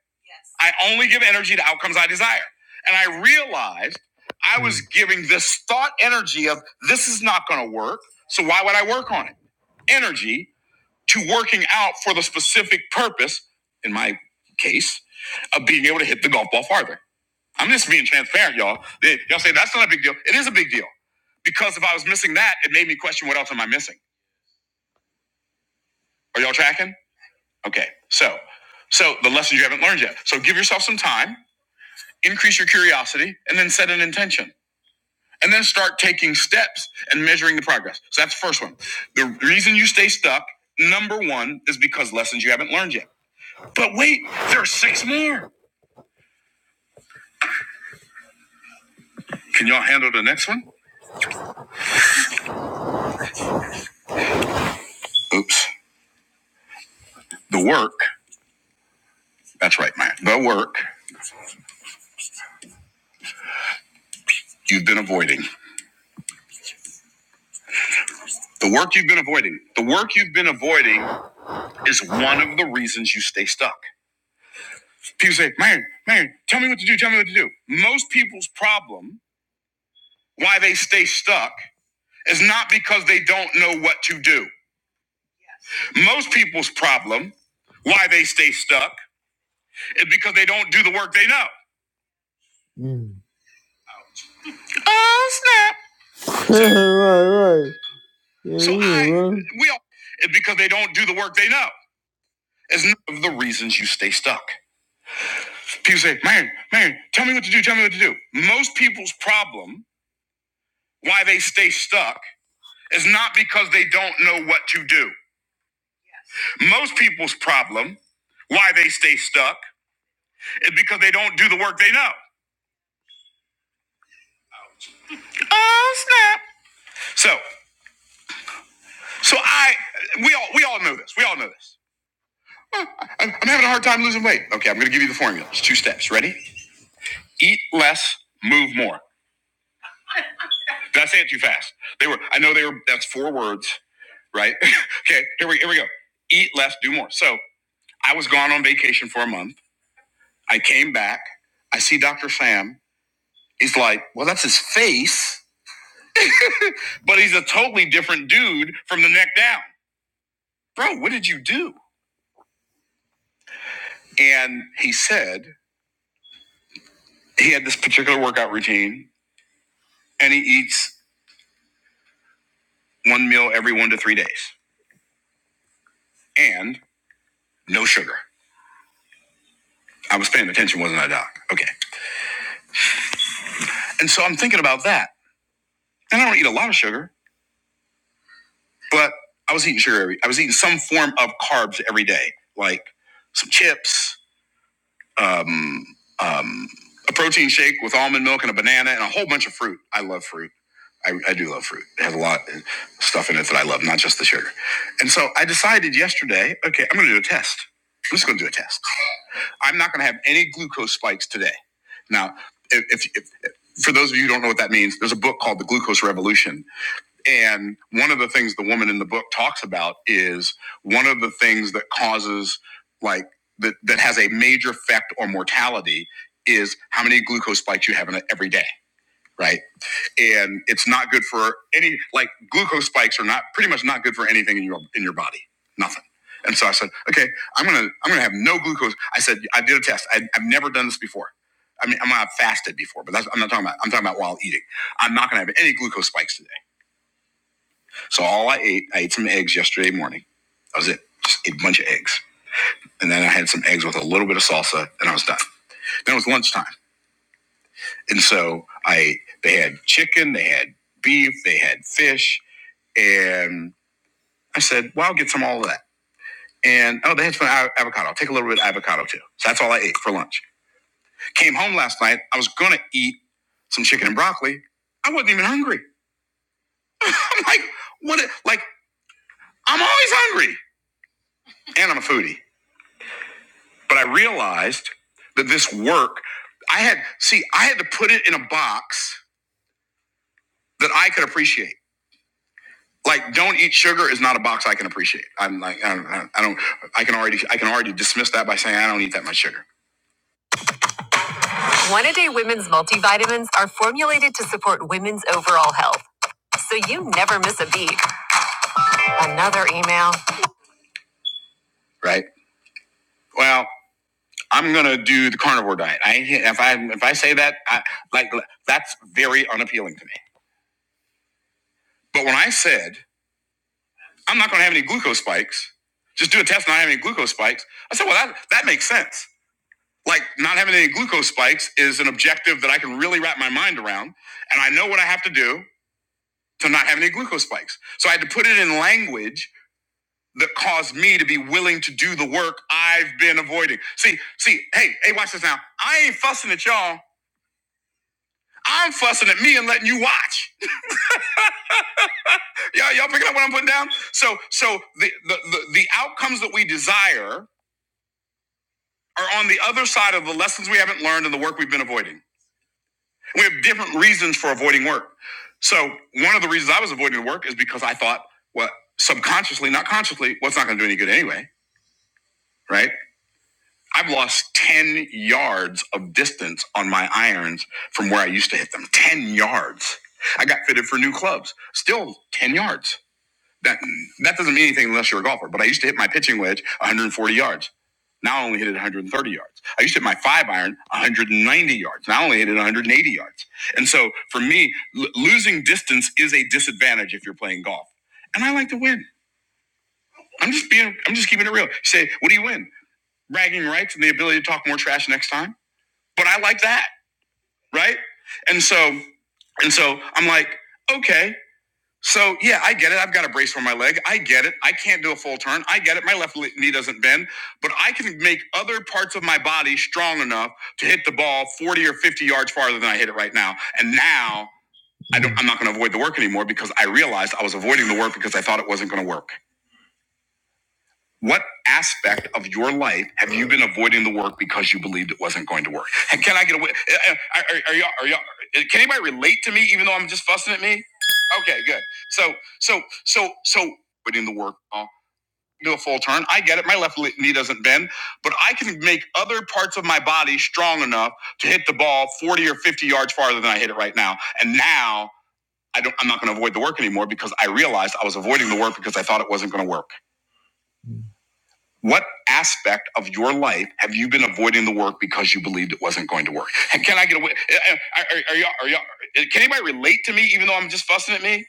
A: I only give energy to outcomes I desire. And I realized I was Hmm. giving this thought energy of this is not going to work. So why would I work on it? Energy to working out for the specific purpose, in my case, of being able to hit the golf ball farther. I'm just being transparent, y'all. Y'all say that's not a big deal. It is a big deal because if I was missing that, it made me question what else am I missing? Are y'all tracking? Okay. So, so the lessons you haven't learned yet. So give yourself some time, increase your curiosity, and then set an intention. And then start taking steps and measuring the progress. So that's the first one. The reason you stay stuck, number one, is because lessons you haven't learned yet. But wait, there are six more. Can y'all handle the next one? Oops. The work. That's right, Matt. The work you've been avoiding. The work you've been avoiding. The work you've been avoiding is one of the reasons you stay stuck. People say, man, man, tell me what to do, tell me what to do. Most people's problem, why they stay stuck, is not because they don't know what to do. Most people's problem, why they stay stuck, is because they don't do the work they know. Mm. Oh, snap. So, right, right. Yeah, so yeah, I, right. we all, it's because they don't do the work they know. It's none of the reasons you stay stuck. People say, man, man, tell me what to do, tell me what to do. Most people's problem, why they stay stuck, It's not because they don't know what to do. Most people's problem, why they stay stuck, is because they don't do the work they know. Oh snap! So, so I, we all, we all know this. We all know this. I'm, I'm having a hard time losing weight. Okay, I'm going to give you the formula. It's two steps. Ready? Eat less, move more. Did I say it too fast? They were. I know they were. That's four words, right? okay. Here we here we go. Eat less, do more. So I was gone on vacation for a month. I came back. I see Dr. Sam. He's like, well, that's his face. But he's a totally different dude from the neck down. Bro, what did you do? And he said he had this particular workout routine and he eats one meal every one to three days and no sugar. I was paying attention, wasn't I, Doc? Okay. And so I'm thinking about that. And I don't eat a lot of sugar, but I was eating sugar every, I was eating some form of carbs every day, like some chips, um, um, a protein shake with almond milk and a banana and a whole bunch of fruit. I love fruit I, I do love fruit. It has a lot of stuff in it that I love, not just the sugar. And so I decided yesterday, okay, I'm going to do a test. I'm just going to do a test. I'm not going to have any glucose spikes today. Now, if, if, if for those of you who don't know what that means, there's a book called The Glucose Revolution. And one of the things the woman in the book talks about is one of the things that causes, like, that, that has a major effect on mortality is how many glucose spikes you have in a, every day, right? and it's not good for any like glucose spikes are not pretty much not good for anything in your in your body nothing and so i said okay i'm gonna i'm gonna have no glucose i said i did a test I, i've never done this before i mean i'm not fasted before but that's i'm not talking about i'm talking about while eating i'm not gonna have any glucose spikes today so all i ate i ate some eggs yesterday morning that was it just ate a bunch of eggs and then i had some eggs with a little bit of salsa and i was done then it was lunchtime and so i they had chicken they had beef they had fish And I said, well, I'll get some all of that. And oh, they had some avocado. I'll take a little bit of avocado too. So that's all I ate for lunch. Came home last night. I was going to eat some chicken and broccoli. I wasn't even hungry. I'm like, what? a- Like, I'm always hungry and I'm a foodie. But I realized that this work, I had, see, I had to put it in a box that I could appreciate. Like, don't eat sugar is not a box I can appreciate. I'm like, I don't, I don't, I can already, I can already dismiss that by saying I don't eat that much sugar. One a day women's multivitamins are formulated to support women's overall health. So you never miss a beat. Another email. Right. Well, I'm gonna do the carnivore diet. I if I if I say that, I, like that's very unappealing to me. But when I said I'm not gonna have any glucose spikes, just do a test not having any glucose spikes. I said, well, that that makes sense. Like not having any glucose spikes is an objective that I can really wrap my mind around, and I know what I have to do. to not have any glucose spikes. So I had to put it in language that caused me to be willing to do the work I've been avoiding. See, see, hey, hey, watch this now. I ain't fussing at y'all. I'm fussing at me and letting you watch. Y'all, y'all picking up what I'm putting down? So, so the, the the the outcomes that we desire are on the other side of the lessons we haven't learned and the work we've been avoiding. We have different reasons for avoiding work. So, one of the reasons I was avoiding work is because I thought, well, subconsciously, not consciously, well, it's not going to do any good anyway, right? I've lost 10 yards of distance on my irons from where I used to hit them. 10 yards. I got fitted for new clubs. Still 10 yards. That that doesn't mean anything unless you're a golfer, but I used to hit my pitching wedge 140 yards. Now I only hit it 130 yards. I used to hit my five iron 190 yards. Now I only hit it 180 yards. And so for me, l- losing distance is a disadvantage if you're playing golf. And I like to win. I'm just being I'm just keeping it real. You say, what do you win? Bragging rights and the ability to talk more trash next time? but I like that, right? And so, and so I'm like, okay, so yeah, I get it. I've got a brace for my leg. I get it. I can't do a full turn. I get it. My left knee doesn't bend, but I can make other parts of my body strong enough to hit the ball 40 or 50 yards farther than I hit it right now. And now I don't, I'm not going to avoid the work anymore because I realized I was avoiding the work because I thought it wasn't going to work. What aspect of your life have you been avoiding the work because you believed it wasn't going to work? And can I get away? uh, uh, Are, are y'all? Are y'all? uh, Can anybody relate to me, even though I'm just fussing at me? Okay, good. So, so, so, so, putting the work. i do a full turn. I get it. My left knee doesn't bend, but I can make other parts of my body strong enough to hit the ball 40 or 50 yards farther than I hit it right now. And now I don't. I'm not going to avoid the work anymore because I realized I was avoiding the work because I thought it wasn't going to work. What aspect of your life have you been avoiding the work because you believed it wasn't going to work? And can I get away? Are, are, are y'all, are y'all, eh, can anybody relate to me even though I'm just fussing at me?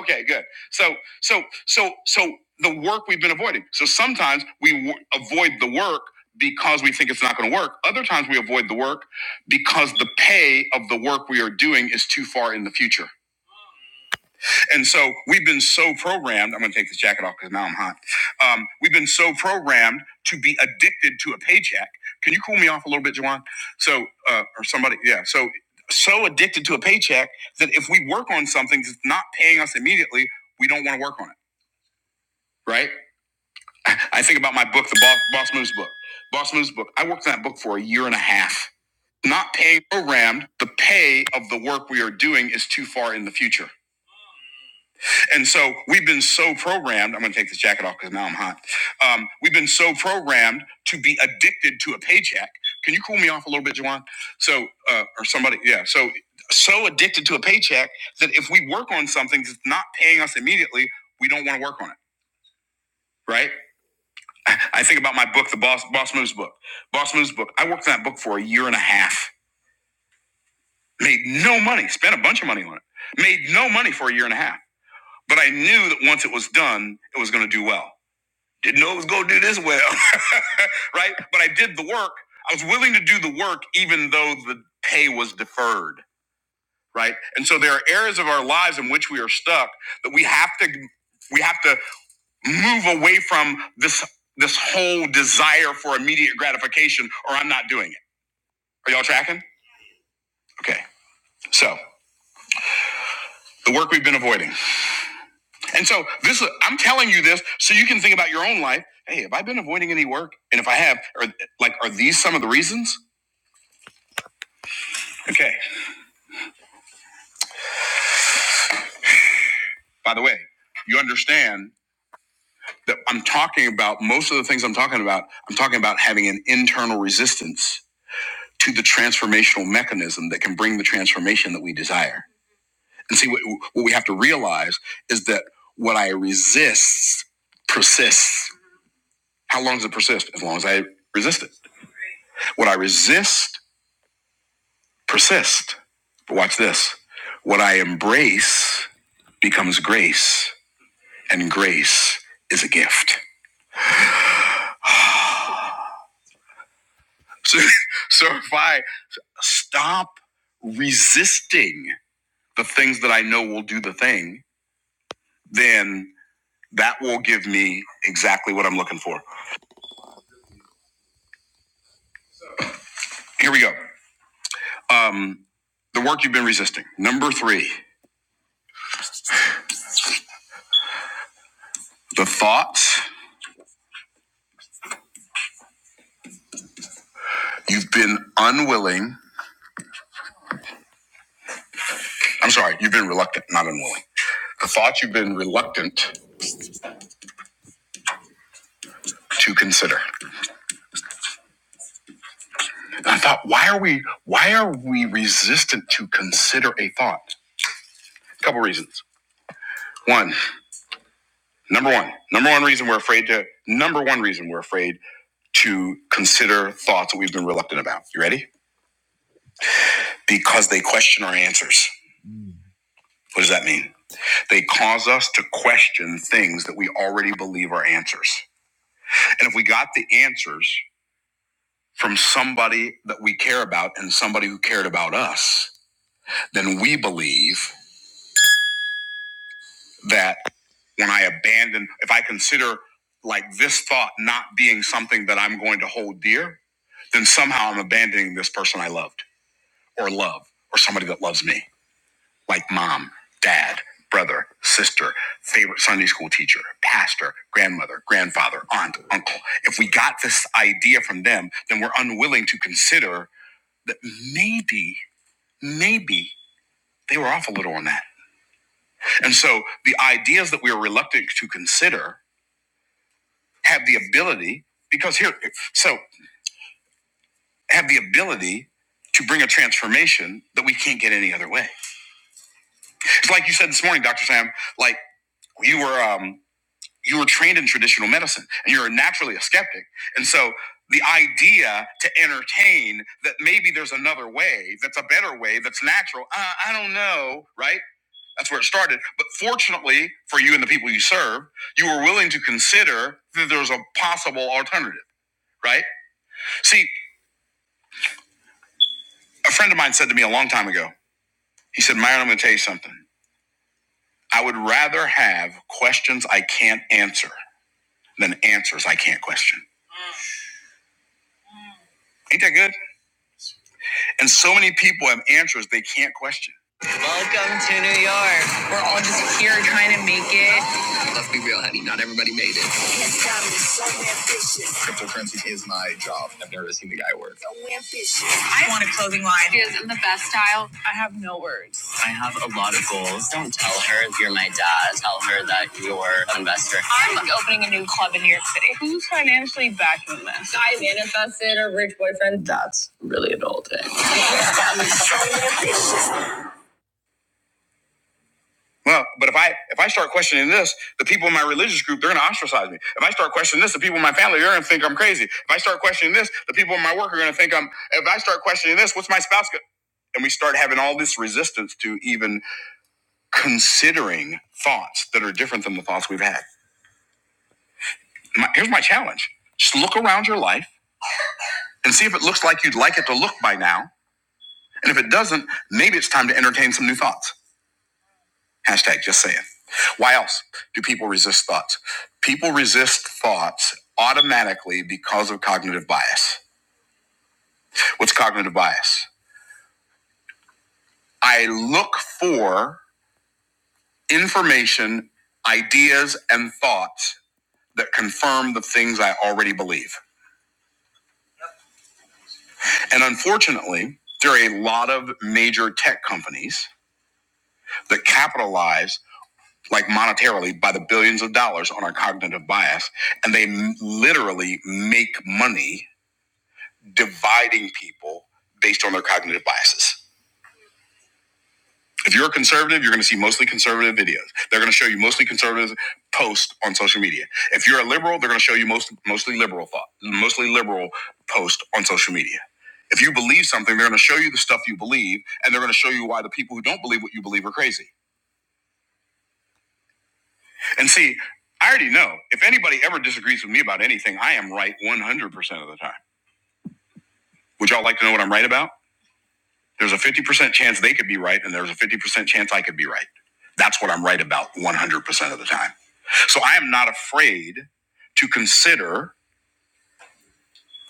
A: Okay, good. So, so, so, so the work we've been avoiding. So sometimes we w- avoid the work because we think it's not going to work. Other times we avoid the work because the pay of the work we are doing is too far in the future. And so we've been so programmed. I'm going to take this jacket off because now I'm hot. Um, we've been so programmed to be addicted to a paycheck. Can you cool me off a little bit, Juwan? So, uh, or somebody, yeah. So, so addicted to a paycheck that if we work on something that's not paying us immediately, we don't want to work on it, right? I think about my book, the Boss, Boss Moves book. Boss Moves book. I worked on that book for a year and a half. Not paying programmed, the pay of the work we are doing is too far in the future. And so we've been so programmed. I'm going to take this jacket off because now I'm hot. Um, we've been so programmed to be addicted to a paycheck. Can you cool me off a little bit, Juwan? So, uh, or somebody, yeah. So, so addicted to a paycheck that if we work on something that's not paying us immediately, we don't want to work on it, right? I I think about my book, the Boss Boss Moves book. Boss Moves book. I worked on that book for a year and a half. Made no money. Spent a bunch of money on it. Made no money for a year and a half. But I knew that once it was done, it was going to do well. Didn't know it was going to do this well, right? But I did the work. I was willing to do the work even though the pay was deferred, right? And so there are areas of our lives in which we are stuck that we have to we have to move away from this this whole desire for immediate gratification or I'm not doing it. Are y'all tracking? Okay. So, the work we've been avoiding. And so this I'm telling you this so you can think about your own life. Hey, have I been avoiding any work? And if I have, are like are these some of the reasons? Okay. By the way, you understand that I'm talking about most of the things I'm talking about, I'm talking about having an internal resistance to the transformational mechanism that can bring the transformation that we desire. And see, what, what we have to realize is that what I resist persists. How long does it persist? As long as I resist it. What I resist persists. But watch this what I embrace becomes grace, and grace is a gift. So, so if I stop resisting the things that I know will do the thing, then that will give me exactly what I'm looking for. Here we go. Um, the work you've been resisting. Number three, the thoughts you've been unwilling. I'm sorry, you've been reluctant, not unwilling. The thoughts you've been reluctant to consider. And I thought, why are we why are we resistant to consider a thought? A couple reasons. One, number one, number one reason we're afraid to number one reason we're afraid to consider thoughts that we've been reluctant about. You ready? Because they question our answers. What does that mean? They cause us to question things that we already believe are answers. And if we got the answers from somebody that we care about and somebody who cared about us, then we believe that when I abandon, if I consider like this thought not being something that I'm going to hold dear, then somehow I'm abandoning this person I loved or love or somebody that loves me. like mom, dad, brother, sister, favorite Sunday school teacher, pastor, grandmother, grandfather, aunt, uncle. If we got this idea from them, then we're unwilling to consider that maybe, maybe they were off a little on that. And so the ideas that we are reluctant to consider have the ability, because here, so have the ability to bring a transformation that we can't get any other way. It's like you said this morning, Dr. Sam, like you were, um, you were trained in traditional medicine and you're naturally a skeptic. And so the idea to entertain that maybe there's another way, that's a better way, that's natural, uh, I don't know, right? That's where it started. But fortunately for you and the people you serve, you were willing to consider that there's a possible alternative, right? See, a friend of mine said to me a long time ago, he said, Myron, I'm going to tell you something. I would rather have questions I can't answer than answers I can't question. Ain't that good? And so many people have answers they can't question. Here trying to make it. I want a clothing line. She is in the best style. I have no words. I'm opening a new club in New York City. Who's financially backing this? I manifest boyfriend does. Well, but if I if I start questioning this, the people in my religious group, they're gonna ostracize me. If I start questioning this, the people in my family, they're gonna think I'm crazy. If I start questioning this, the people in my work are gonna think I'm if I start questioning this, what's my spouse gonna and we start having all this resistance to even considering thoughts that are different than the thoughts we've had. My, here's my challenge just look around your life and see if it looks like you'd like it to look by now. And if it doesn't, maybe it's time to entertain some new thoughts. Hashtag just saying. Why else do people resist thoughts? People resist thoughts automatically because of cognitive bias. What's cognitive bias? I look for information, ideas, and thoughts that confirm the things I already believe. And unfortunately, there are a lot of major tech companies that capitalize like monetarily by the billions of dollars on our cognitive bias and they m- literally make money dividing people based on their cognitive biases if you're a conservative you're going to see mostly conservative videos they're going to show you mostly conservative posts on social media if you're a liberal they're going to show you most, mostly liberal thought mostly liberal posts on social media if you believe something they're going to show you the stuff you believe and they're going to show you why the people who don't believe what you believe are crazy And see, I already know if anybody ever disagrees with me about anything, I am right 100% of the time. Would y'all like to know what I'm right about? There's a 50% chance they could be right, and there's a 50% chance I could be right. That's what I'm right about 100% of the time. So I am not afraid to consider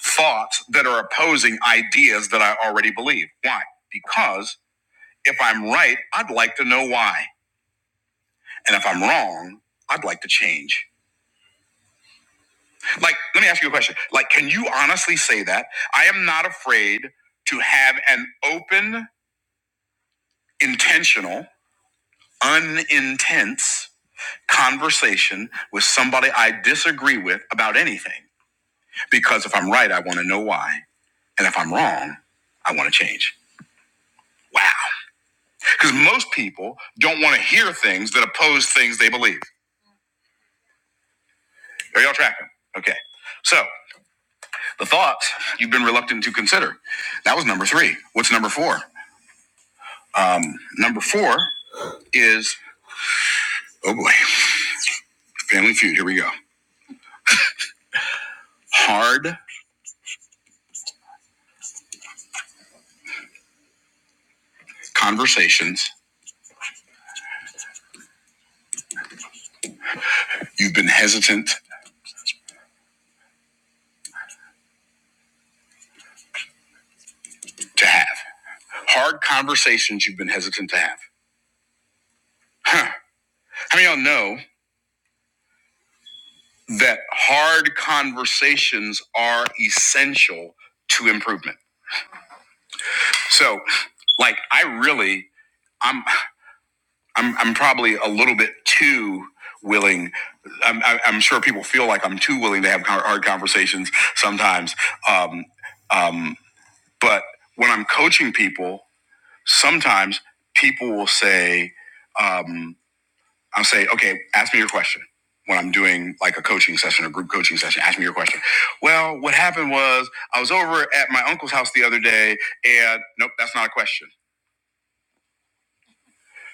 A: thoughts that are opposing ideas that I already believe. Why? Because if I'm right, I'd like to know why. And if I'm wrong, I'd like to change. Like, let me ask you a question. Like, can you honestly say that? I am not afraid to have an open, intentional, unintense conversation with somebody I disagree with about anything. Because if I'm right, I want to know why. And if I'm wrong, I want to change. Wow. Because most people don't want to hear things that oppose things they believe. Are y'all tracking? Okay. So, the thoughts you've been reluctant to consider. That was number three. What's number four? Um, number four. is oh boy, Family Feud. Here we go. Hard conversations you've been hesitant to have. Hard conversations you've been hesitant to have. Huh. How many of y'all know that hard conversations are essential to improvement? So, like, I really, I'm, I'm, I'm probably a little bit too willing. I'm, I- am i am sure people feel like I'm too willing to have hard conversations sometimes. Um, um, but when I'm coaching people. sometimes people will say, um, I'll say, okay, ask me your question when I'm doing like a coaching session or group coaching session. Ask me your question. Well, what happened was I was over at my uncle's house the other day and nope, that's not a question.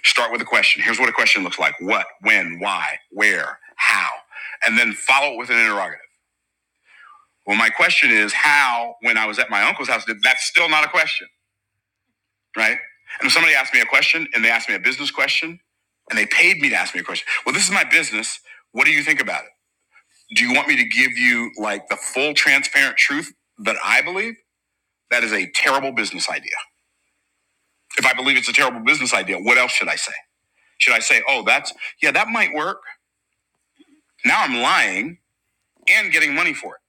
A: Start with a question. Here's what a question looks like what, when, why, where, how, and then follow it with an interrogative. Well, my question is how, when I was at my uncle's house, that's still not a question right? And if somebody asked me a question and they asked me a business question and they paid me to ask me a question, well, this is my business. What do you think about it? Do you want me to give you like the full transparent truth that I believe? That is a terrible business idea. If I believe it's a terrible business idea, what else should I say? Should I say, oh, that's, yeah, that might work. Now I'm lying and getting money for it.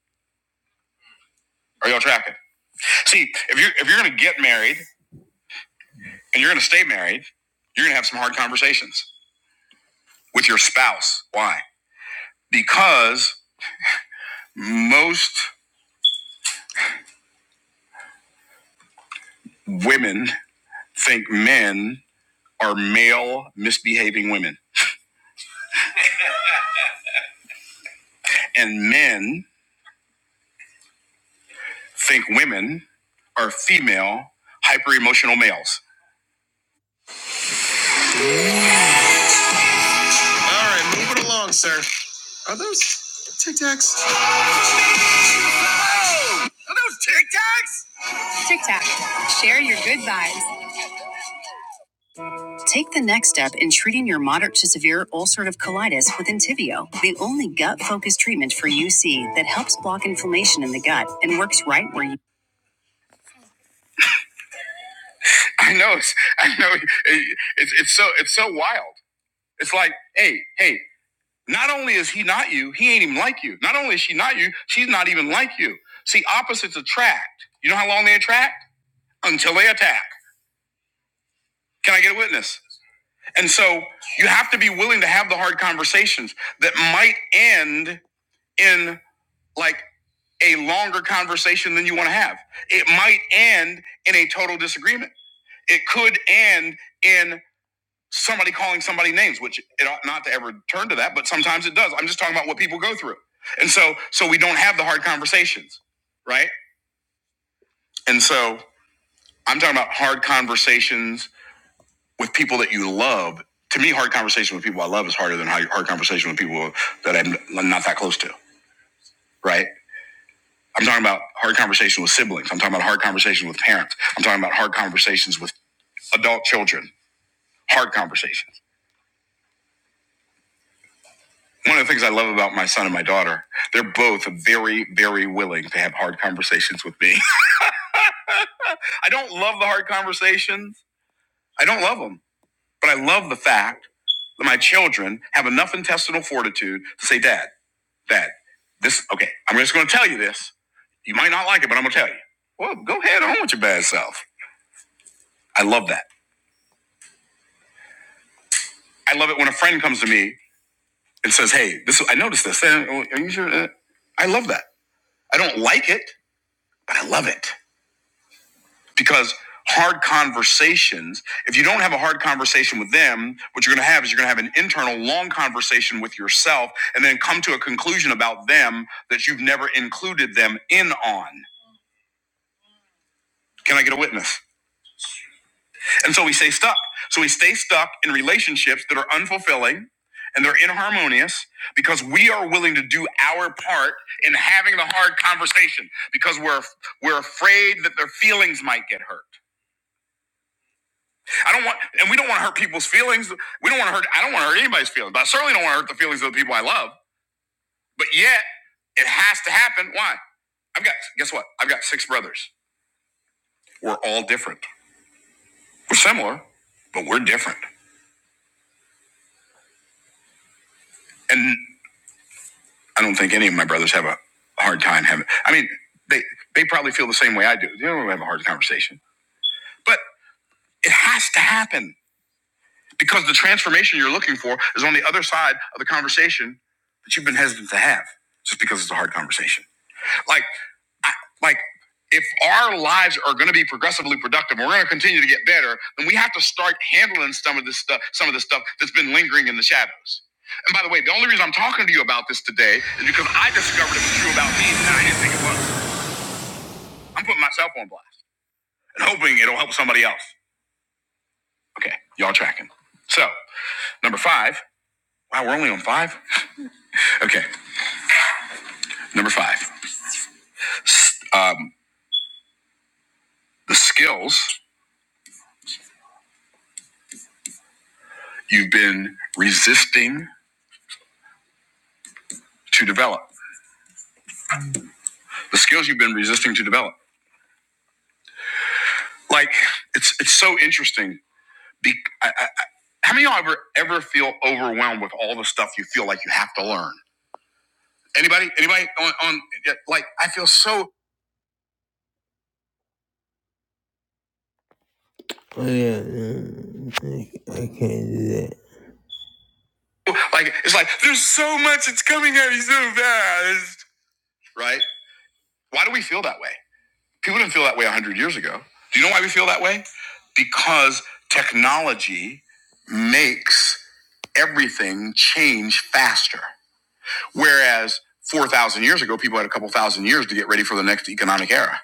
A: Are y'all tracking? See, if you're, if you're going to get married and you're going to stay married, you're going to have some hard conversations with your spouse. Why? Because Most women think men are male misbehaving women, and men think women are female hyper emotional males. All right, move it along, sir. Are those Tic Tacs? Oh! Are those Tic Tacs? Tic Tac. Share your good vibes. Take the next step in treating your moderate to severe ulcerative colitis with Entyvio, the only gut-focused treatment for UC that helps block inflammation in the gut and works right where you I know. It's, I know. it's it's so it's so wild. It's like, hey, hey. Not only is he not you, he ain't even like you. Not only is she not you, she's not even like you. See, opposites attract. You know how long they attract until they attack. Can I get a witness? And so you have to be willing to have the hard conversations that might end in like a longer conversation than you want to have. It might end in a total disagreement. It could end in somebody calling somebody names, which it ought not to ever turn to that, but sometimes it does. I'm just talking about what people go through. And so so we don't have the hard conversations, right? And so I'm talking about hard conversations with people that you love. To me, hard conversation with people I love is harder than hard conversation with people that I'm not that close to, right? I'm talking about hard conversation with siblings. I'm talking about hard conversation with parents. I'm talking about hard conversations with adult children. Hard conversations one of the things I love about my son and my daughter, they're both very, very willing to have hard conversations with me. I don't love the hard conversations. I don't love them, but I love the fact that my children have enough intestinal fortitude to say, Dad, Dad, this, okay, I'm just going to tell you this. You might not like it, but I'm going to tell you. Well, go ahead on with your bad self. I love that. I love it when a friend comes to me and says, Hey, this, I noticed this. Eh, Are you sure? Eh, I love that. I don't like it, but I love it. because hard conversations if you don't have a hard conversation with them what you're going to have is you're going to have an internal long conversation with yourself and then come to a conclusion about them that you've never included them in on can i get a witness and so we stay stuck so we stay stuck in relationships that are unfulfilling and they're inharmonious because we are willing to do our part in having the hard conversation because we're we're afraid that their feelings might get hurt I don't want, and we don't want to hurt people's feelings. We don't want to hurt. I don't want to hurt anybody's feelings, but I certainly don't want to hurt the feelings of the people I love. But yet, it has to happen. Why? I've got. Guess what? I've got six brothers. We're all different. We're similar, but we're different. And I don't think any of my brothers have a hard time having. I mean, they they probably feel the same way I do. They don't really have a hard conversation, but it has to happen because the transformation you're looking for is on the other side of the conversation that you've been hesitant to have just because it's a hard conversation. Like. I, like if our lives are going to be progressively productive and we're going to continue to get better then we have to start handling some of this stuff some of the stuff that's been lingering in the shadows and by the way the only reason i'm talking to you about this today is because i discovered it was true about me and i didn't think it was i'm putting myself on blast and hoping it'll help somebody else okay y'all tracking so number five wow we're only on five okay number five um, the skills you've been resisting to develop the skills you've been resisting to develop Like it's it's so interesting. Be, I, I, how many of y'all ever ever feel overwhelmed with all the stuff you feel like you have to learn? Anybody? Anybody on, on yeah, like I feel so Oh yeah, mm, I, I can't do that. Like it's like there's so much it's coming at me so fast. Right? Why do we feel that way? People didn't feel that way one hundred years ago. Do you know why we feel that way? Because technology makes everything change faster. Whereas 4,000 years ago, people had a couple thousand years to get ready for the next economic era.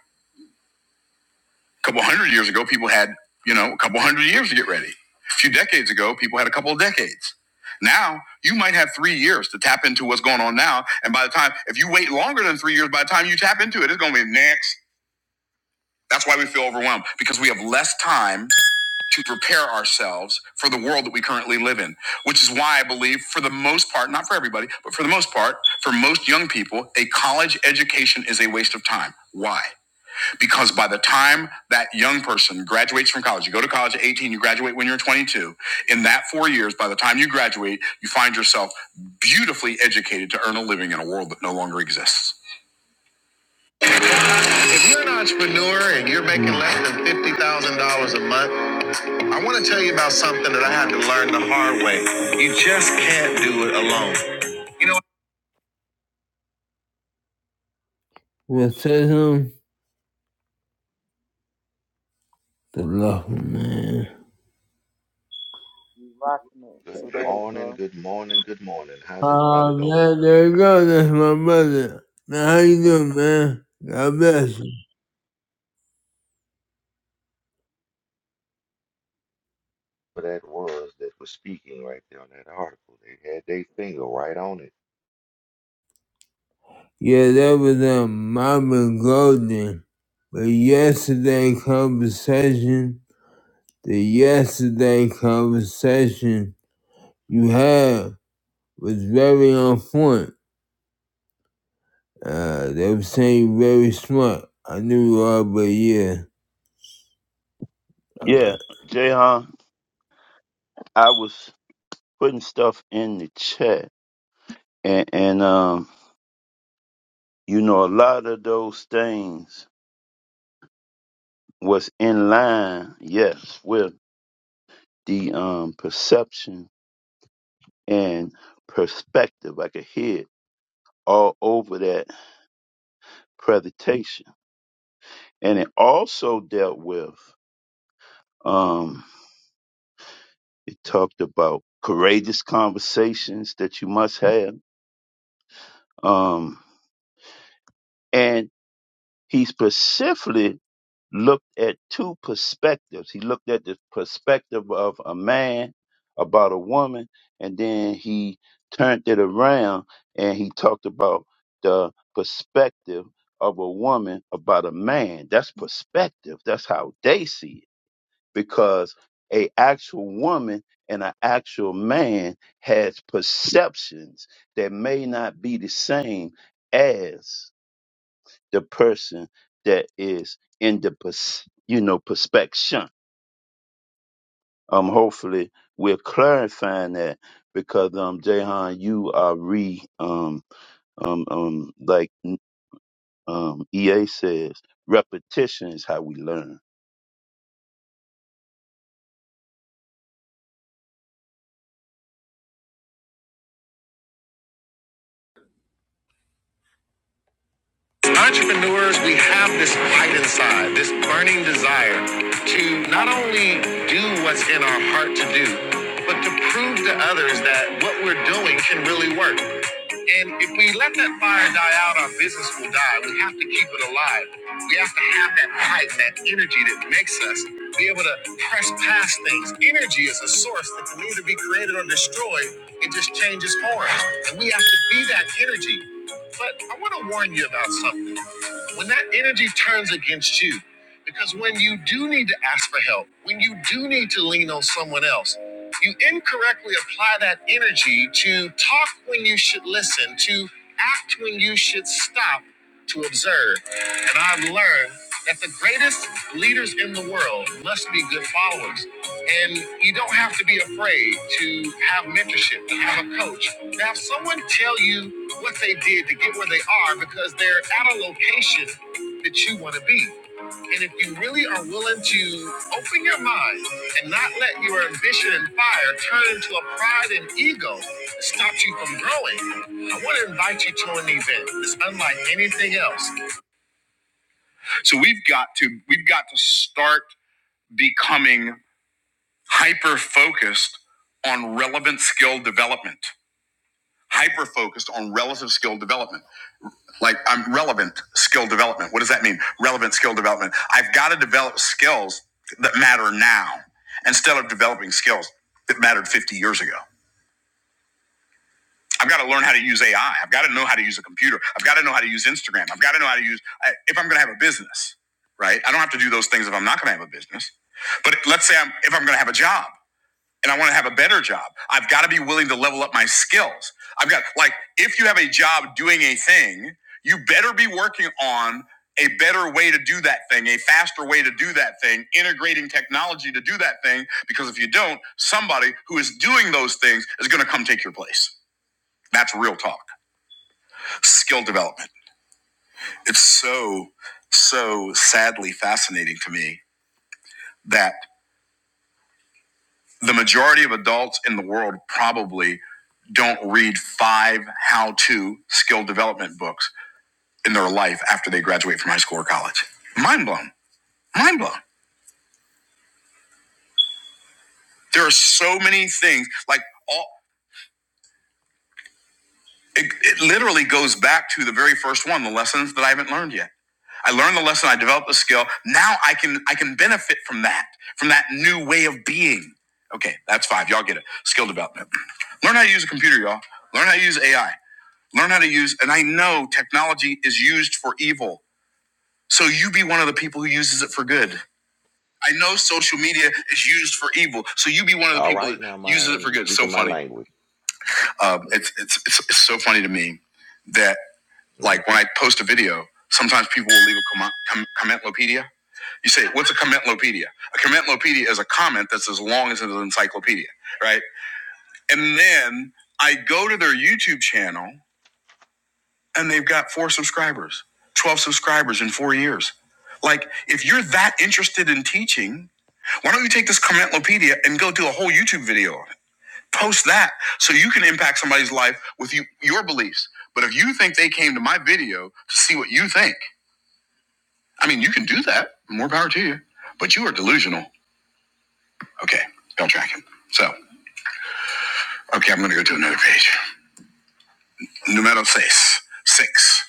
A: A couple hundred years ago, people had, you know, a couple hundred years to get ready. A few decades ago, people had a couple of decades. Now, you might have three years to tap into what's going on now. And by the time, if you wait longer than three years, by the time you tap into it, it's going to be next. That's why we feel overwhelmed because we have less time to prepare ourselves for the world that we currently live in, which is why I believe, for the most part, not for everybody, but for the most part, for most young people, a college education is a waste of time. Why? Because by the time that young person graduates from college, you go to college at 18, you graduate when you're 22, in that four years, by the time you graduate, you find yourself beautifully educated to earn a living in a world that no longer exists. If you're an entrepreneur and you're making less than $50,000 a month, I want to tell you about something that I had to learn the hard way. You just can't do it alone. You know. We'll tell him the love, man.
B: You rocking it
F: Good
B: today,
F: morning,
B: bro.
F: good morning, good morning. How's everybody
A: Oh
F: doing?
A: man, there you go. That's my brother. Man, how you doing, man? God bless you.
F: For that was that was speaking right there on that article. They had their finger right on it.
A: Yeah, that was um Mama Golden. But yesterday conversation, the yesterday conversation you had was very on point. Uh, they were saying very smart. I knew you are, but yeah. All right.
G: Yeah, Jayhan, I was putting stuff in the chat, and, and um, you know, a lot of those things was in line, yes, with the um perception and perspective. I could hear it all over that presentation, and it also dealt with um, it talked about courageous conversations that you must have, um, and he specifically looked at two perspectives. He looked at the perspective of a man about a woman, and then he turned it around and he talked about the perspective of a woman about a man. That's perspective. That's how they see it. Because a actual woman and an actual man has perceptions that may not be the same as the person that is in the pers- you know perspection. Um, hopefully we're clarifying that because um, Jahan, you are re um um um like um EA says, repetition is how we learn.
A: knew what to do, but work and empire changes forms, and we have to be that energy. But I want to warn you about something. when that energy turns against you, because when you do need to ask for help, when you do need to lean on someone else, you incorrectly apply that energy to talk when you should listen, to act when you should stop, to observe. And I've learned that the greatest leaders in the world must be good followers. And you don't have to be a So we've got to we've got to start becoming hyper focused on relevant skill development hyper focused on relative skill development. Like I'm relevant skill development. What does that mean? Relevant skill development. I've got to develop skills that matter now instead of developing skills that mattered 50 years ago. I've got to learn how to use AI. I've got to know how to use a computer. I've got to know how to use Instagram. I've got to know how to use if I'm going to have a business, right? I don't have to do those things if I'm not going to have a business. But let's say I'm if I'm going to have a job and I want to have a better job. I've got to be willing to level up my skills. I've got like if you have a job doing a thing, you better be working on a better way to do that thing, a faster way to do that thing, integrating technology to do that thing because if you don't, somebody who is doing those things is going to come take your place. That's real talk. Skill development. It's so so sadly fascinating to me that the majority of adults in the world probably don't read five how to skill development books in their life after they graduate from high school or college. Mind blown. Mind blown. There are so many things. Like, all, it, it literally goes back to the very first one the lessons that I haven't learned yet. I learned the lesson, I developed the skill. Now I can I can benefit from that, from that new way of being. Okay, that's five. Y'all get it. Skill development. Learn how to use a computer, y'all. Learn how to use AI. Learn how to use, and I know technology is used for evil. So you be one of the people who uses it for good. I know social media is used for evil. So you be one of the
F: All
A: people that
F: right now,
A: uses it
F: Myron,
A: for
F: he's
A: good. So
F: speaking my
A: funny.
F: language.
A: Um, it's, it's, it's, it's so funny to me that
F: hmm
A: like when I post a video, sometimes people will leave a comment, com- commentlopedia. You say, what's a commentlopedia? A commentlopedia is a comment that's as long as an encyclopedia, right? And then I go to their YouTube channel and they've got four subscribers, 12 subscribers in four years. Like if you're that interested in teaching, Why don't you take this Commentlopedia and go do a whole YouTube video on it? Post that so you can impact somebody's life with you, your beliefs. But if you think they came to my video to see what you think, I mean, you can do that. More power to you. But you are delusional. Okay, y'all tracking. So, okay, I'm going to go to another page. Numero seis. Six.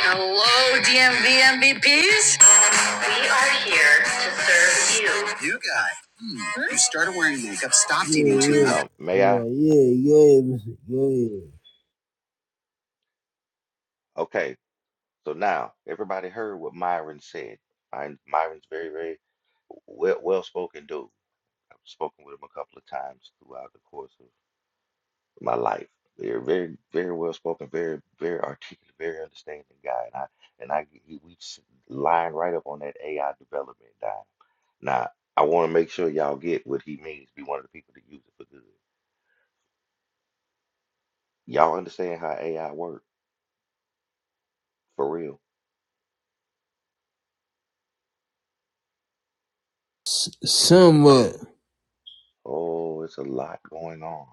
A: Hello, DMV MVPs. We are here for you. You start stop eating too.
F: Um, may I?
A: Oh, yeah, yeah, yeah.
F: Okay. So now everybody heard what Myron said. Myron, Myron's very, very well well spoken dude. I've spoken with him a couple of times throughout the course of my life. They're very, very well spoken, very, very articulate, very understanding guy, and I and I he- we s- line right up on that AI development guy. Now I want to make sure y'all get what he means. Be one of the people that use it for good. Y'all understand how AI works for real?
A: Somewhat.
F: Oh, it's a lot going on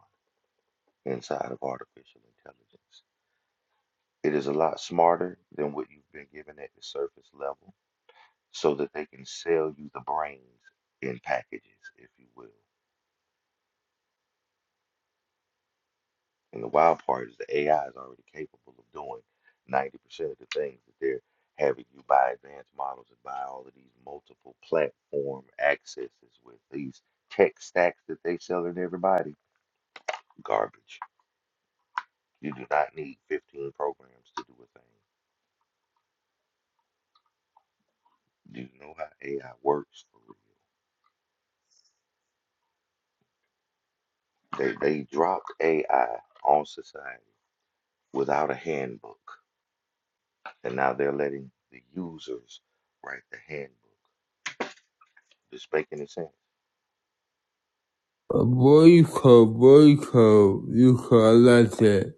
F: inside of artificial intelligence. It is a lot smarter than what you've been given at the surface level, so that they can sell you the brains in packages, if you will. And the wild part is the AI is already capable of doing 90% of the things that they're having you buy advanced models and buy all of these multiple platform accesses with these tech stacks that they selling everybody. Garbage. You do not need 15 programs to do a thing. Do you know how AI works for real? They, they dropped AI on society without a handbook. And now they're letting the users write the handbook. This making any sense?
A: Boyko, boyko, you collect it.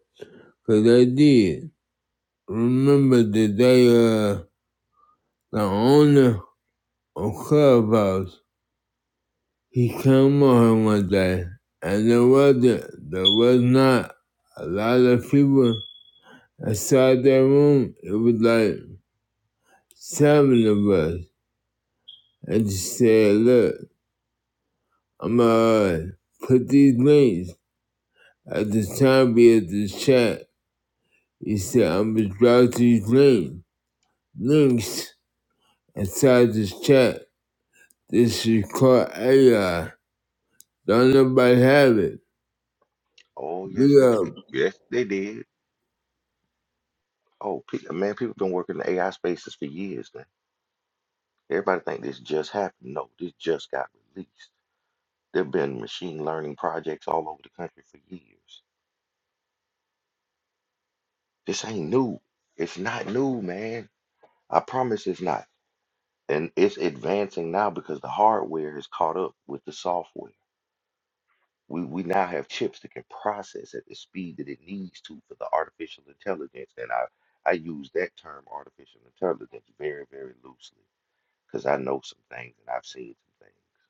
A: Cause I did. Remember the day uh, the owner of Clubhouse, he came on one day. And there wasn't, there was not a lot of people inside that room. It was like seven of us. I just said, look, I'm gonna put these links at the top of the chat. He said, I'm gonna drop these links. links inside this chat. This is called AI. Don't nobody have it.
F: Oh, yes, they
A: Look
F: did.
A: up.
F: Yes, they did. Oh, pe man, people been working in the AI spaces for years now. Everybody think this just happened. No, this just got released. There've been machine learning projects all over the country for years. This ain't new. It's not new, man. I promise it's not. And it's advancing now because the hardware has caught up with the software. We, we now have chips that can process at the speed that it needs to for the artificial intelligence. And I, I use that term artificial intelligence very, very loosely because I know some things and I've seen some things.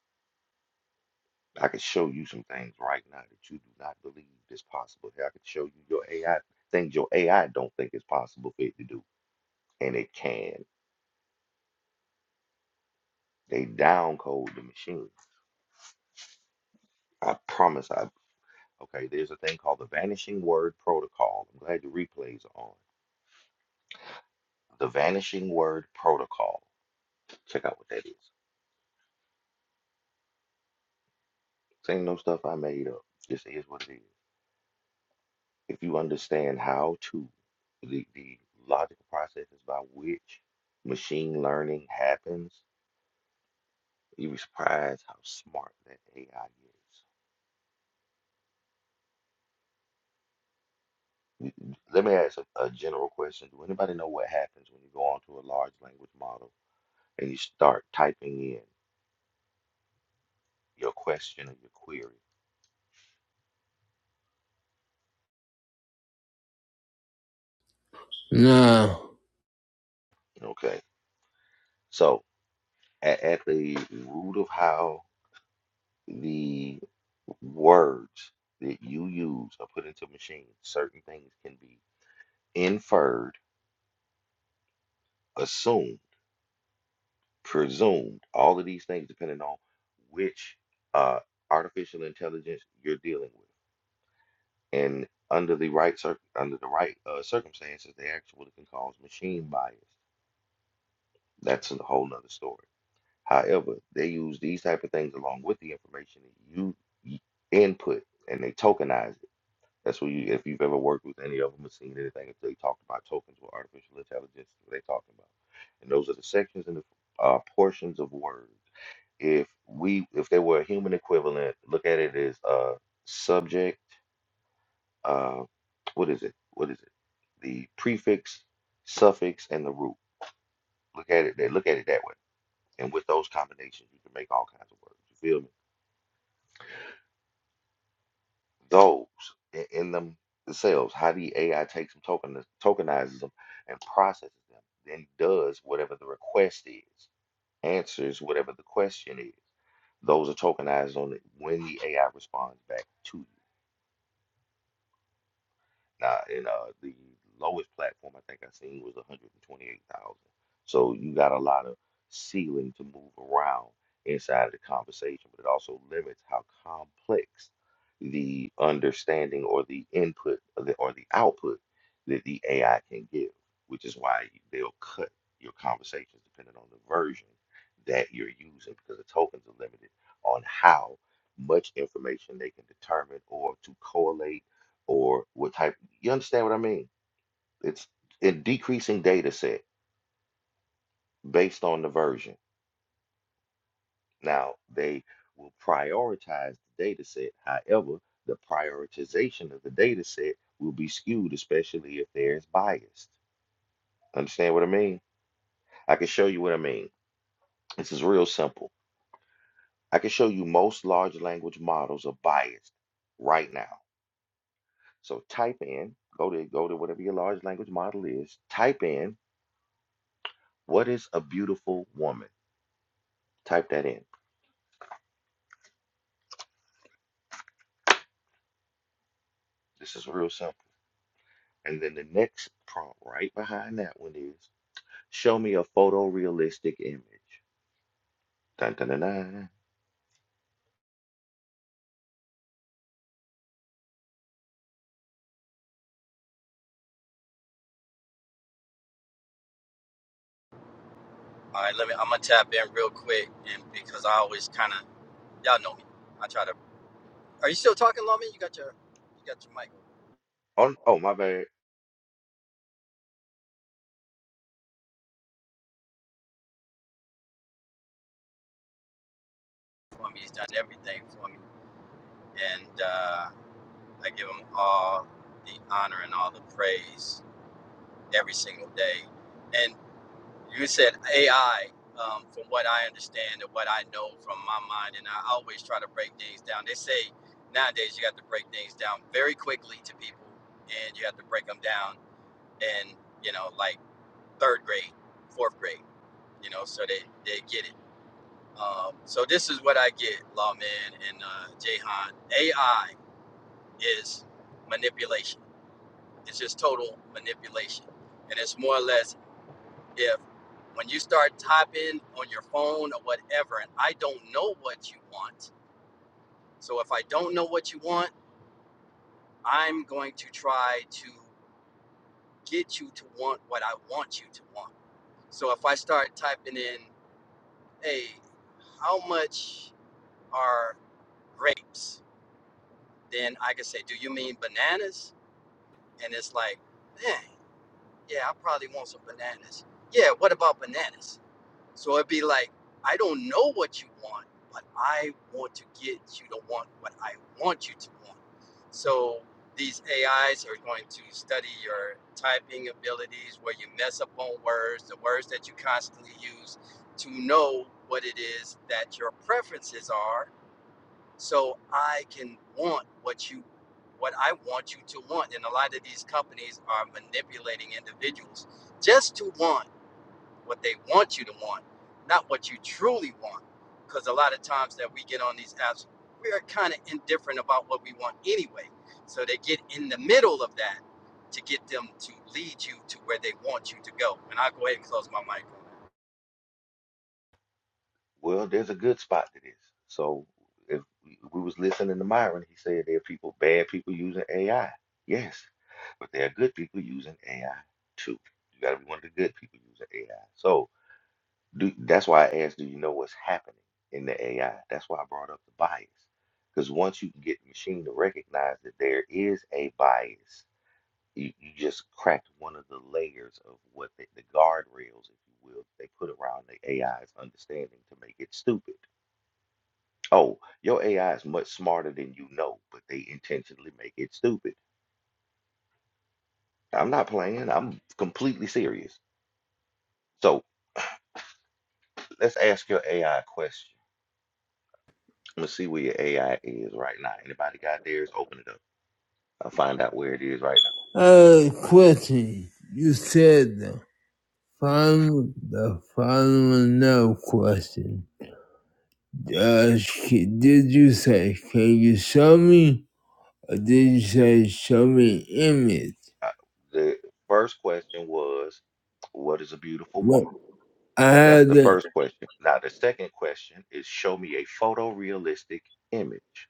F: I can show you some things right now that you do not believe is possible. Hey, I can show you your AI things your AI don't think is possible for it to do. And it can. They downcode the machine. I promise I okay, there's a thing called the vanishing word protocol. I'm glad the replays are on. The Vanishing Word Protocol. Check out what that is. This ain't no stuff I made up. This is what it is. If you understand how to, the, the logical processes by which machine learning happens, you'd be surprised how smart that AI is. Mm, Let me ask a, a general question. Do anybody know what happens when you go onto a large language model and you start typing in your question or your query?
A: Now,
F: Okay. So at, at the root of how the words that you use are put into machines, certain things can be inferred, assumed, presumed, all of these things depending on which uh, artificial intelligence you're dealing with. And under the right cir- under the right uh, circumstances, they actually can cause machine bias. That's a whole nother story. However, they use these type of things along with the information that you y- input, and they tokenize it That's what you, if you've ever worked with any of them or seen anything, if they talked about tokens or artificial intelligence, what they talking about. And those are the sections and the uh, portions of words. If we, if they were a human equivalent, look at it as uh, subject, uh, what is it? What is it? The prefix, suffix, and the root. Look at it, they look at it that way. And with those combinations, you can make all kinds of words. You feel me? those in, in them themselves, how the AI takes them, token, tokenizes them, and processes them, then does whatever the request is, answers whatever the question is. Those are tokenized on it when the AI responds back to you. Now, and uh, the lowest platform I think I seen was 128,000. So you got a lot of ceiling to move around inside of the conversation, but it also limits how complex the understanding or the input or the, or the output that the AI can give, which is why they'll cut your conversations depending on the version that you're using because the tokens are limited on how much information they can determine or to correlate or what type. You understand what I mean? It's a decreasing data set based on the version. Now, they will prioritize the data set. However, the prioritization of the data set will be skewed, especially if there's bias. Understand what I mean? I can show you what I mean. This is real simple. I can show you most large language models are biased right now. So type in, go to go to whatever your large language model is, type in what is a beautiful woman? Type that in. This is real simple. And then the next prompt right behind that one is show me a photorealistic image. Dun, dun, dun, dun.
H: All right, let me. I'm gonna tap in real quick, and because I always kind of, y'all know me. I try to. Are you still talking, Lomi? You got your, you got your mic
F: Oh, oh, my bad.
H: for me. He's done everything for me, and uh, I give him all the honor and all the praise every single day. And you said AI. Um, from what I understand and what I know from my mind, and I always try to break things down. They say nowadays you have to break things down very quickly to people, and you have to break them down and you know like third grade, fourth grade, you know, so they, they get it. Um, so this is what I get, Lawman and uh, Jahan. AI is manipulation. It's just total manipulation. And it's more or less if when you start typing on your phone or whatever, and I don't know what you want. So if I don't know what you want, I'm going to try to get you to want what I want you to want. So if I start typing in, hey, how much are grapes. Then I could say, Do you mean bananas? And it's like, Dang, yeah, I probably want some bananas. Yeah, what about bananas? So it'd be like, I don't know what you want, but I want to get you to want what I want you to want. So these AIs are going to study your typing abilities, where you mess up on words, the words that you constantly use, to know what it is that your preferences are so I can want what you what I want you to want. And a lot of these companies are manipulating individuals just to want what they want you to want, not what you truly want. Because a lot of times that we get on these apps, we are kind of indifferent about what we want anyway. So they get in the middle of that to get them to lead you to where they want you to go. And I'll go ahead and close my mic on
F: Well, there's a good spot to this. So if we we was listening to Myron, he said there are people, bad people using AI. Yes, but there are good people using AI too. You got to be one of the good people using AI. So Do, that's why I asked, do you know what's happening in the AI? That's why I brought up the bias. Because once you can get the machine to recognize that there is a bias, you, you just cracked one of the layers of what the, the guardrails, if you will, they put around the AI's understanding to make it stupid. Oh, your AI is much smarter than you know, but they intentionally make it stupid. I'm not playing, I'm completely serious. So let's ask your AI question I'm gonna see where your AI is right now. Anybody got theirs? Open it up. I'll find out where it is right now.
A: uh, question. You said the final, the final no question. Uh, sh- did you say, can you show me? Or did you say, show me image?
F: Uh, the first question was, "What is a beautiful woman?"
A: What? I
F: That's
A: had
F: the
A: that.
F: first question. Now the second question is, "Show me a photorealistic image."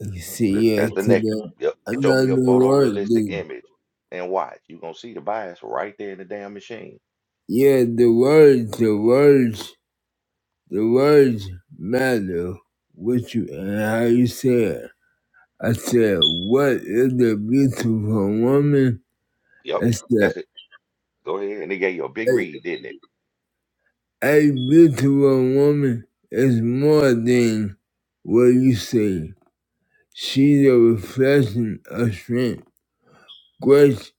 A: You
F: Th-
A: see, Yeah,
F: That's the next. Yep.
A: I
F: Show
A: Another
F: me a
A: word,
F: photorealistic
A: dude.
F: image, and watch. You gonna see the bias right there in the damn machine.
A: Yeah, the words, the words The words matter what you and how you say it. I said, what is a beautiful woman?
F: Yep.
A: I said,
F: That's it. Go ahead, and it gave you a big
A: a,
F: read, didn't it?
A: a beautiful woman is more than what you say. She's a reflection of strength, grace,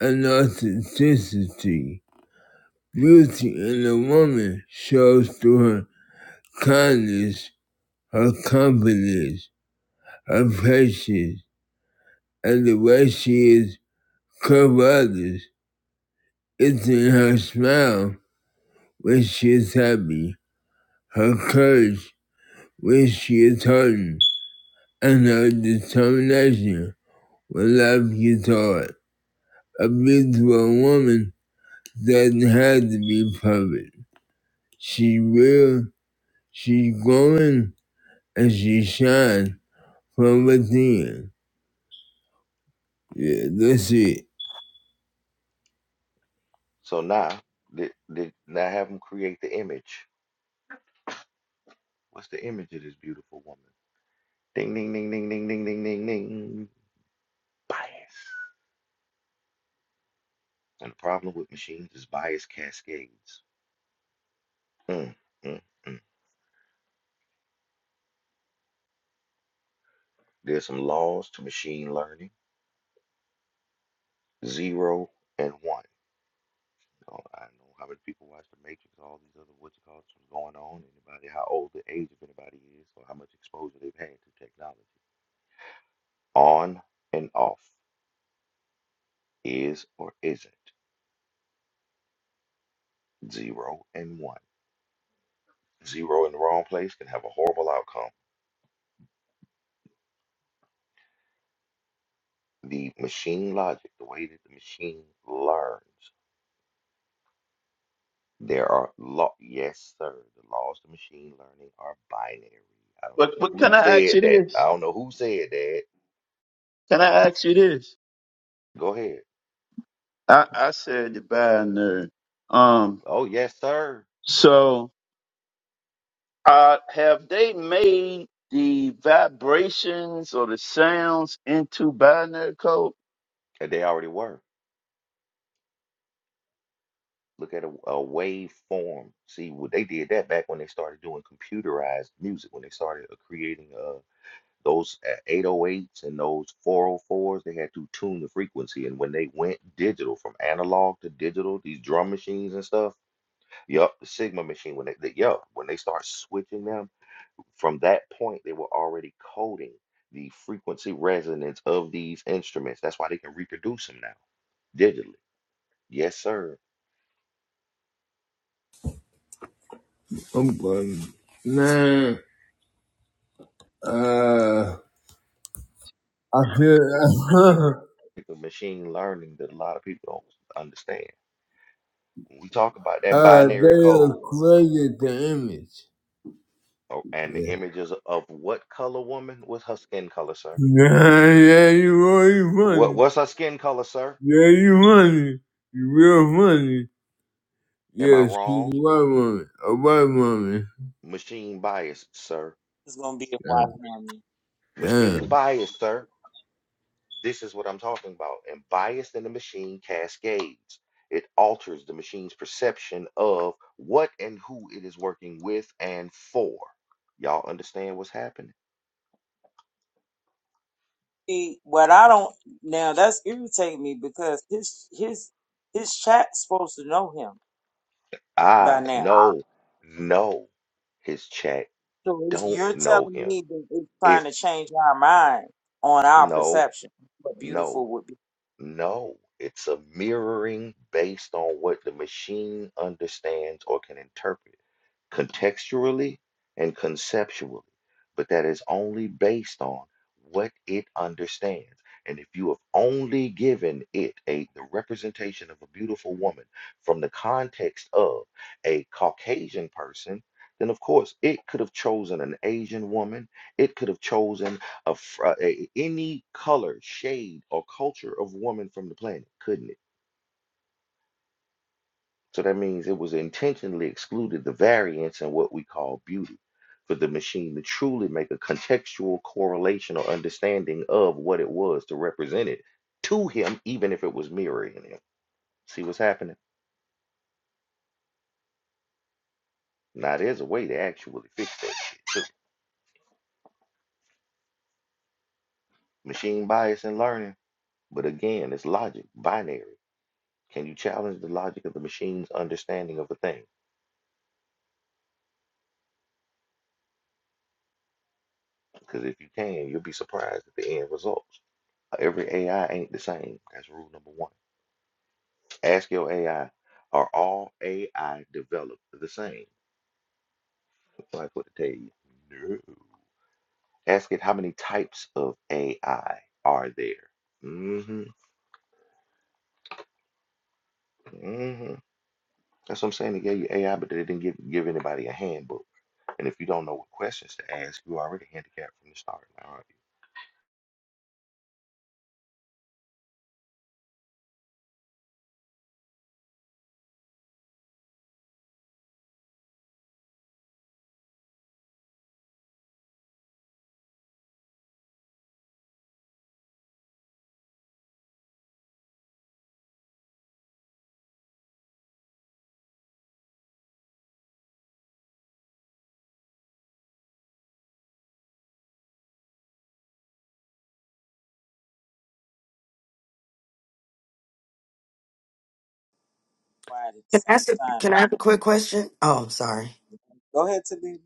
A: and authenticity. Beauty in a woman shows through her kindness, her confidence, her patience, and the way she is Carruthers. It's in her smile when she is happy, her courage when she is hurting, and her determination when life gets hard. A beautiful woman doesn't have to be perfect. She real, she's growing, and she shines from within. Yeah, that's it.
F: So now, did, did now have them create the image What's the image of this beautiful woman? Ding, ding, ding, ding, ding, ding, ding, ding, ding. Bias. And the problem with machines is bias cascades. Mm, mm, mm. There's some laws to machine learning. Zero and one. Oh, I know how many people watch The Matrix, all these other what you call what's going on. Anybody, how old the age of anybody is, or how much exposure they've had to technology. On and off is or isn't. Zero and one. Zero in the wrong place can have a horrible outcome the machine logic, the way that the machine learns, there are law. Yes, sir. The laws of machine learning are binary. I don't know
G: But but
F: who
G: can I ask
F: said
G: you
F: that. I
G: this?
F: don't know who said that.
G: Can I ask you this?
F: Go ahead.
G: I I said the binary. Um,
F: Oh, yes, sir.
G: so uh, have they made the vibrations or the sounds into binary code?
F: And they already were. Look at a, a waveform. See, what they did that back when they started doing computerized music, when they started uh, creating uh, those uh, 808s and those 404s, they had to tune the frequency. And when they went digital from analog to digital, these drum machines and stuff Yup, the Sigma machine when they, they yup, when they start switching them, from that point they were already coding the frequency resonance of these instruments. That's why they can reproduce them now digitally. Yes, sir.
A: I'm going. Man, uh, I feel.
F: The machine learning that a lot of people don't understand. When we talk about that
A: Uh,
F: binary
A: they are
F: code
A: created the image.
F: oh, and
A: Yeah.
F: the images of what color woman was her skin color, sir.
A: Yeah, yeah, you really
F: What
A: funny.
F: what's her skin color, sir?
A: Yeah, you funny. You real funny.
F: Am I
A: Yeah, she's a
F: wrong?
A: white woman. A white woman.
F: Machine bias, sir.
B: It's gonna be a white
A: Yeah.
B: woman.
A: Damn.
F: Machine bias, sir. This is what I'm talking about. And bias in the machine cascades. It alters the machine's perception of what and who it is working with and for. Y'all understand what's happening?
B: See, what I don't now that's irritating me because his his his chat's supposed to know him by
F: I
B: now.
F: know, no, his chat
B: So if
F: don't
B: you're
F: know
B: telling
F: him.
B: me that it's trying
F: If
B: to change our mind on our
F: no,
B: perception, but
F: no,
B: beautiful would be
F: no, it's a mirroring based on what the machine understands or can interpret. contextually and conceptually, but that is only based on what it understands. And if you have only given it a the representation of a beautiful woman from the context of a Caucasian person, then of course it could have chosen an Asian woman. It could have chosen a, fr- a any color, shade, or culture of woman from the planet, couldn't it? So that means it was intentionally excluded the variance in what we call beauty for the machine to truly make a contextual correlation or understanding of what it was to represent it to him, even if it was mirroring him. See what's happening? Now, there's a way to actually fix that shit. too. Machine bias and learning. But again, it's logic, binary. Can you challenge the logic of the machine's understanding of a thing? Because if you can, you'll be surprised at the end results. Every AI ain't the same. That's rule number one. Ask your AI, are all AI developed the same? Like, what to tell you. No. Ask it how many types of AI are there. hmm hmm That's what I'm saying. They gave you AI, but they didn't give give anybody a handbook. And if you don't know what questions to ask, you're already handicapped from the start. aren't
B: quiet at the
I: Can I
B: same
I: ask? A, can
B: time.
I: I have a quick question? Oh, I'm sorry.
B: Go ahead, Talib.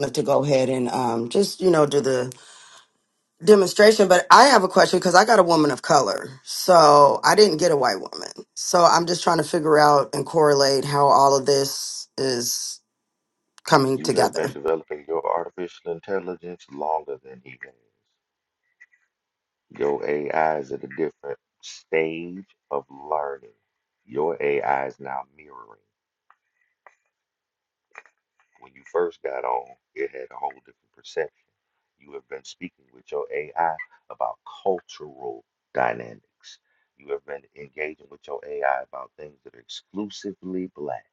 I: Love to go ahead and um, just you know do the demonstration, but I have a question because I got a woman of color, so I didn't get a white woman. So I'm just trying to figure out and correlate how all of this is coming
F: you? You have been
I: together.
F: developing your artificial intelligence longer than he has. Your AI is at a different stage of learning. Your AI is now mirroring. When you first got on, it had a whole different perception. You have been speaking with your AI about cultural dynamics. You have been engaging with your AI about things that are exclusively black,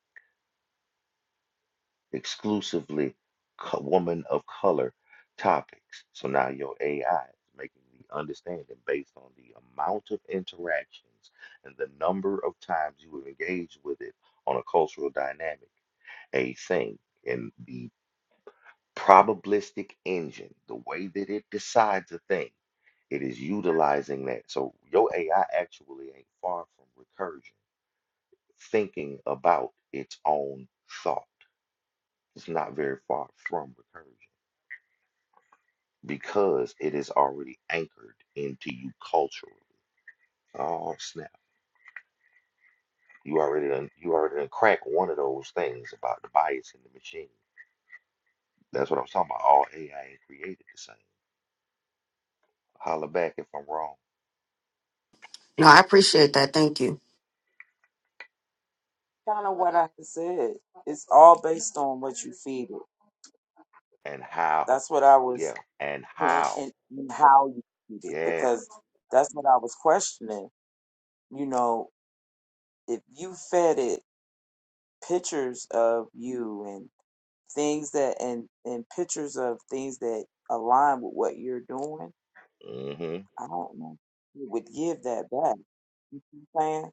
F: exclusively co- woman of color topics. So now your AI is making the understanding based on the amount of interactions and the number of times you have engaged with it on a cultural dynamic a thing. And the probabilistic engine, the way that it decides a thing, it is utilizing that. So your AI actually ain't far from recursion, thinking about its own thought. It's not very far from recursion because it is already anchored into you culturally. Oh snap! You already done, you already done crack one of those things about the bias in the machine. That's what I'm talking about. All AI ain't created the same. Holler back if I'm wrong.
I: No, I appreciate that. Thank you.
B: Kind of what I said. It's all based on what you feed it.
F: And how?
B: That's what I was
F: Yeah. And
B: and,
F: how?
B: and, and how you feed it
F: Yes.
B: because that's what I was questioning. You know, if you fed it pictures of you and things that and and pictures of things that align with what you're doing,
F: hmm
B: I don't know. if It would give that back. You know what I'm saying?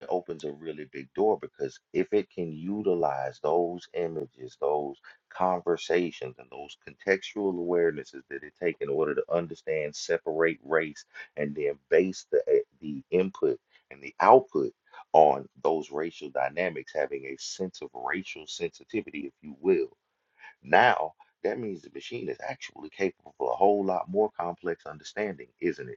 F: It opens a really big door because if it can utilize those images, those conversations, and those contextual awarenesses that it take in order to understand, separate race, and then base the eh, the input and the output on those racial dynamics, having a sense of racial sensitivity, if you will. Now, that means the machine is actually capable of a whole lot more complex understanding, isn't it?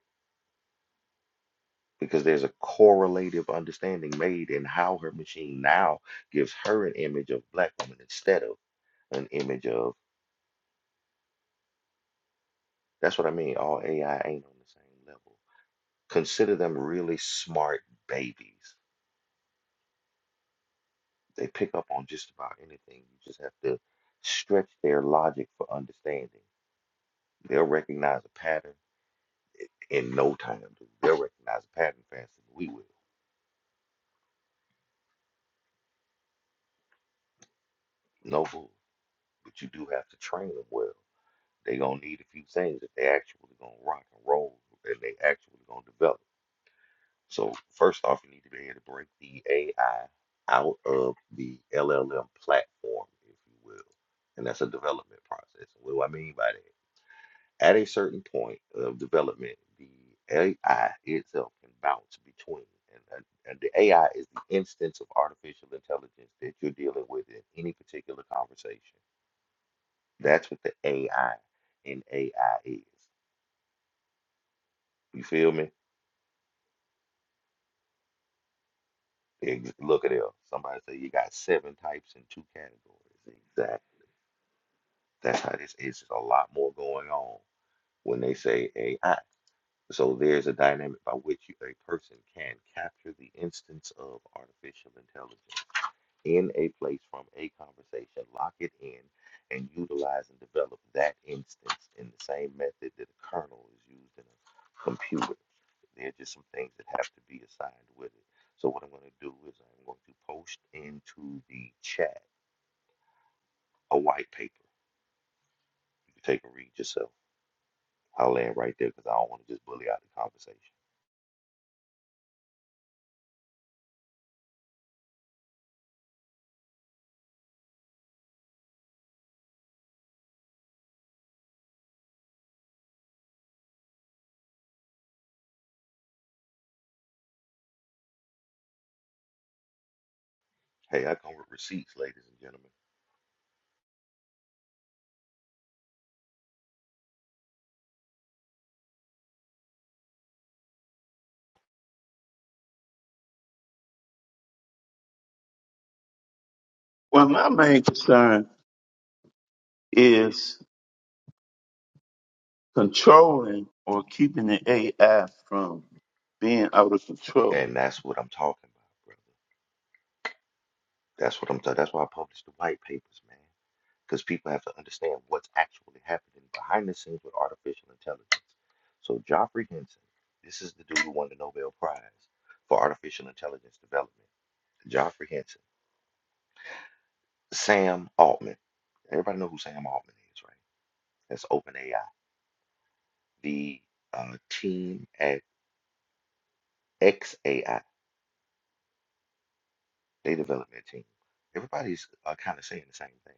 F: because there's a correlative understanding made in how her machine now gives her an image of black woman instead of an image of that's what I mean. All AI ain't on the same level. Consider them really smart babies. They pick up on just about anything. You just have to stretch their logic for understanding. They'll recognize a pattern in no time. dude. They'll recognize a pattern faster than we will. No fool. But you do have to train them well. They gonna need a few things if they actually gonna rock and roll and they actually gonna develop. So first off, you need to be able to break the AI out of the LLM platform, if you will, and that's a development process. What do I mean by that? At a certain point of development, the AI itself can bounce between, and and the AI is the instance of artificial intelligence that you're dealing with in any particular conversation. That's what the AI in AI is. You feel me? Ex- Look at it. Somebody say you got seven types in two categories. Exactly. That's how this is. There's a lot more going on when they say AI. So there's a dynamic by which you, a person can capture the instance of artificial intelligence. in a place from a conversation, lock it in, and utilize and develop that instance in the same method that a kernel is used in a computer. There are just some things that have to be assigned with it. So what I'm going to do is I'm going to post into the chat a white paper. You can take and read yourself. I'll land right there because I don't want to just bully out the conversation. Hey, I come with receipts, ladies and gentlemen,
G: Well, my main concern is controlling or keeping the AI from being out of control.
F: and that's what I'm talking about, brother. That's what I'm. Ta- that's why I publish the white papers, man. because people have to understand what's actually happening behind the scenes with artificial intelligence. So Geoffrey Hinton, this is the dude who won the Nobel Prize for artificial intelligence development. Geoffrey Hinton, Sam Altman. Everybody know who Sam Altman is, right? That's OpenAI, the uh, team at XAI, data development team. Everybody's uh, kind of saying the same thing.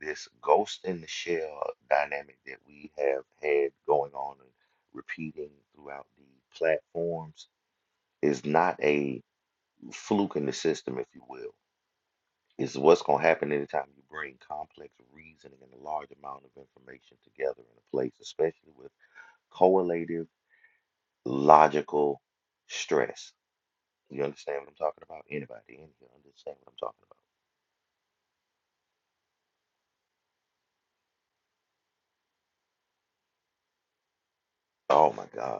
F: this ghost in the shell dynamic that we have had going on and repeating throughout the platforms is not a fluke in the system, if you will. It's what's going to happen anytime you bring complex reasoning and a large amount of information together in a place, especially with correlative logical stress. You understand what I'm talking about? Anybody in here understand what I'm talking about? Oh my God.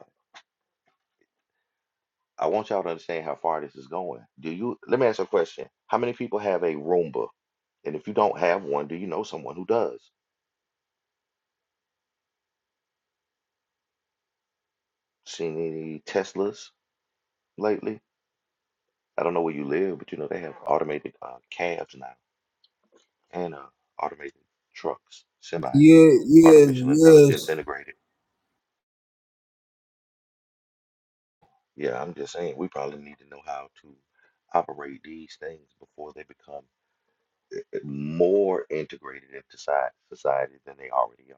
F: I want y'all to understand how far this is going. Do you, let me ask you a question. How many people have a Roomba? And if you don't have one, do you know someone who does? Seen any Teslas lately? I don't know where you live, but you know they have automated uh, cabs now and uh, automated trucks, semis,
A: Yeah, yes,
F: artificial intelligence
A: yes.
F: integrated. Yeah, I'm just saying we probably need to know how to operate these things before they become more integrated into soci- society than they already are.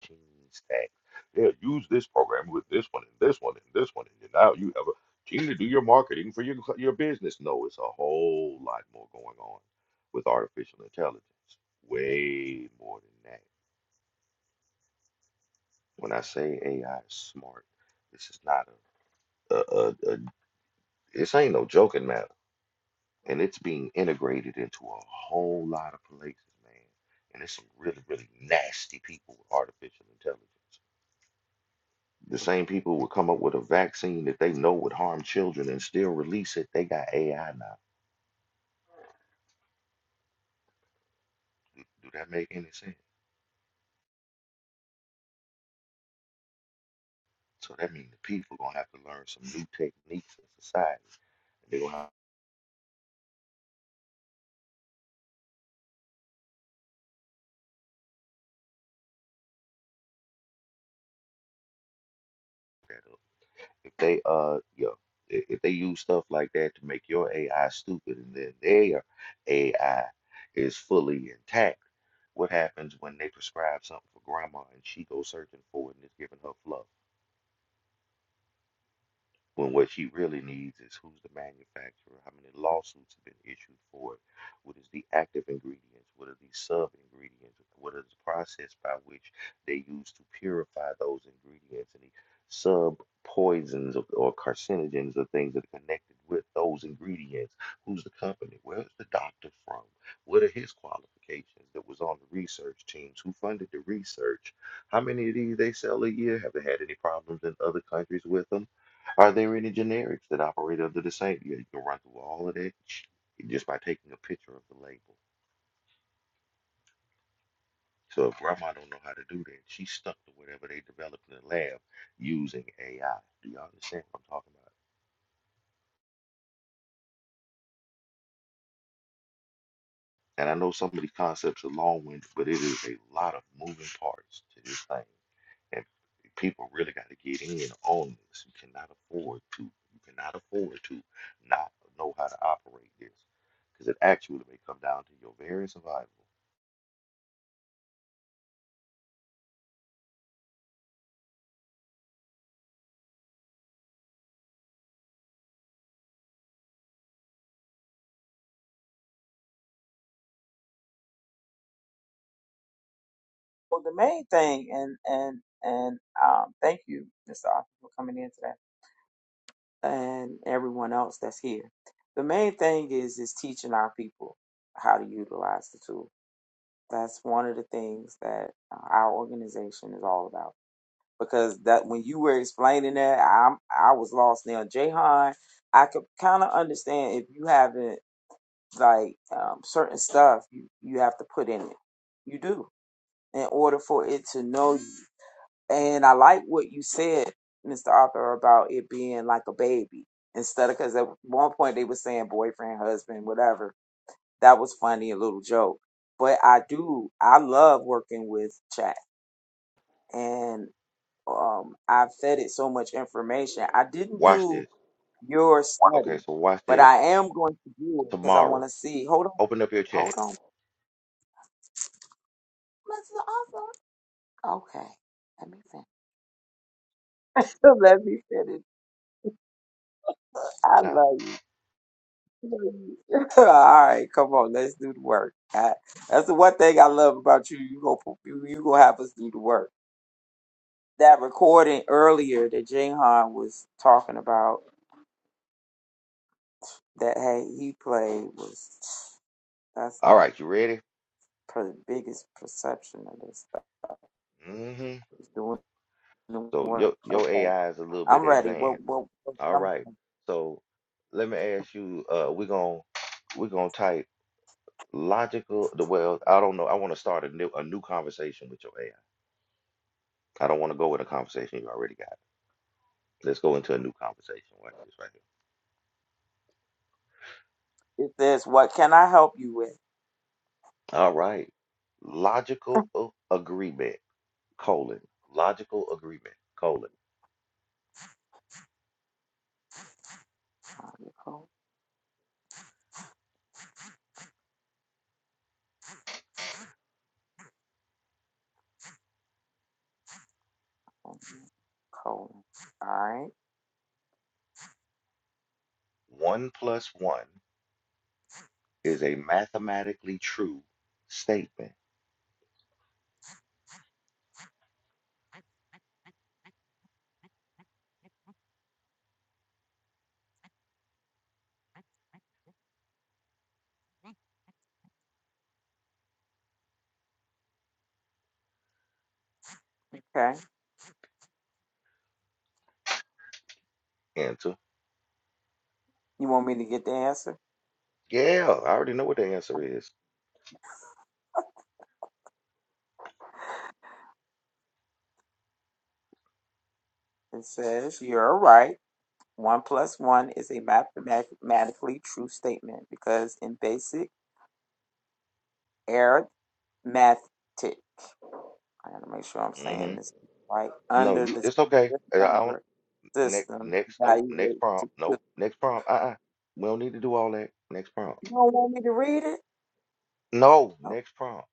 F: Gene Stack. Yeah, use this program with this one and this one and this one, and then now you have a Gene to do your marketing for your co- your business. No, it's a whole lot more going on with artificial intelligence. Way more than that. When I say AI is smart, this is not a, a, a, a this ain't no joking matter, and it's being integrated into a whole lot of places, man. And there's some really really nasty people with artificial intelligence. The same people would come up with a vaccine that they know would harm children and still release it. They got AI now. Do that make any sense? So that means the people gonna have to learn some new techniques in society. They gonna have to, if they uh yeah, if if they use stuff like that to make your AI stupid and then their AI is fully intact, what happens when they prescribe something for grandma and she goes searching for it and it's giving her fluff? when what she really needs is who's the manufacturer, how many lawsuits have been issued for it, what is the active ingredients, what are the sub ingredients, what is the process by which they use to purify those ingredients, and the sub poisons or, or carcinogens or things that are connected with those ingredients. Who's the company? Where's the doctor from? What are his qualifications that was on the research teams? Who funded the research? How many of these they sell a year? Have they had any problems in other countries with them? Are there any generics that operate under the same? Yeah, you can run through all of that sh- just by taking a picture of the label. So if grandma don't know how to do that, she's stuck to whatever they developed in the lab using AI. Do y'all understand what I'm talking about? And I know some of these concepts are long-winded, but it is a lot of moving parts to this thing. And people really got to get in on this. You cannot afford to, you cannot afford to not know how to operate this. Because it actually may come down to your very survival.
B: Well, the main thing, and and and um, thank you, Mr. Arthur, for coming in today and everyone else that's here. The main thing is is teaching our people how to utilize the tool. That's one of the things that uh, our organization is all about. Because that when you were explaining that, I'm I was lost now. Jahan, I could kind of understand if you haven't like um, certain stuff you you have to put in it. You do in order for it to know you. And I like what you said, Mr. Arthur, about it being like a baby instead of because at one point they were saying boyfriend, husband, whatever. That was funny, a little joke. But I do, I love working with chat, and um, I've fed it so much information. I didn't
F: Watch
B: do
F: this
B: your
F: Okay,
B: study,
F: so watch
B: but
F: this.
B: I am going to do it because I want
F: Tomorrow,
B: to see. Hold on,
F: open up your chat.
B: hold on, Mr. Arthur. Okay, let me finish. let me finish. I
F: Now,
B: love you. All right, come on, let's do the work. I, that's the one thing I love about you. You go, you, you gonna have us do the work. That recording earlier that Jayhan was talking about that hey he played was that's the
F: all right, you ready?
B: per, biggest perception of this stuff.
F: hmm
B: Is doing the
F: So
B: work.
F: your your
B: Okay,
F: AI is a little
B: I'm
F: bit
B: ready. What
F: advanced.
B: what, what
F: All
B: what I'm
F: right. So let me ask you. Uh, we're gonna we're gonna type logical. The well, I don't know. I want to start a new a new conversation with your AI. I I don't want to go with a conversation you already got. Let's go into a new conversation. Watch this right here.
B: it says what can I help you with?
F: All right. Logical a- agreement colon logical agreement colon
B: Nicole, Nicole. All right,
F: one plus one. is a mathematically true statement.
B: okay.
F: Answer.
B: You want me to get the answer?
F: Yeah, I already know what the answer is.
B: It says, You're right. One plus one is a mathematically true statement because in basic arithmetic, I gotta make sure I'm
F: hmm
B: saying this right,
F: No,
B: under
F: you,
B: the
F: it's okay.
B: standard
F: I I don't.
B: number
F: Next,
B: system,
F: next, nope. Next
B: evaluate to
F: prompt,
B: two.
F: nope. Next prompt. Uh-uh. We don't need to do all that. Next
B: You
F: prompt.
B: don't want me to read it?
F: No,
B: Oh,
F: next prompt.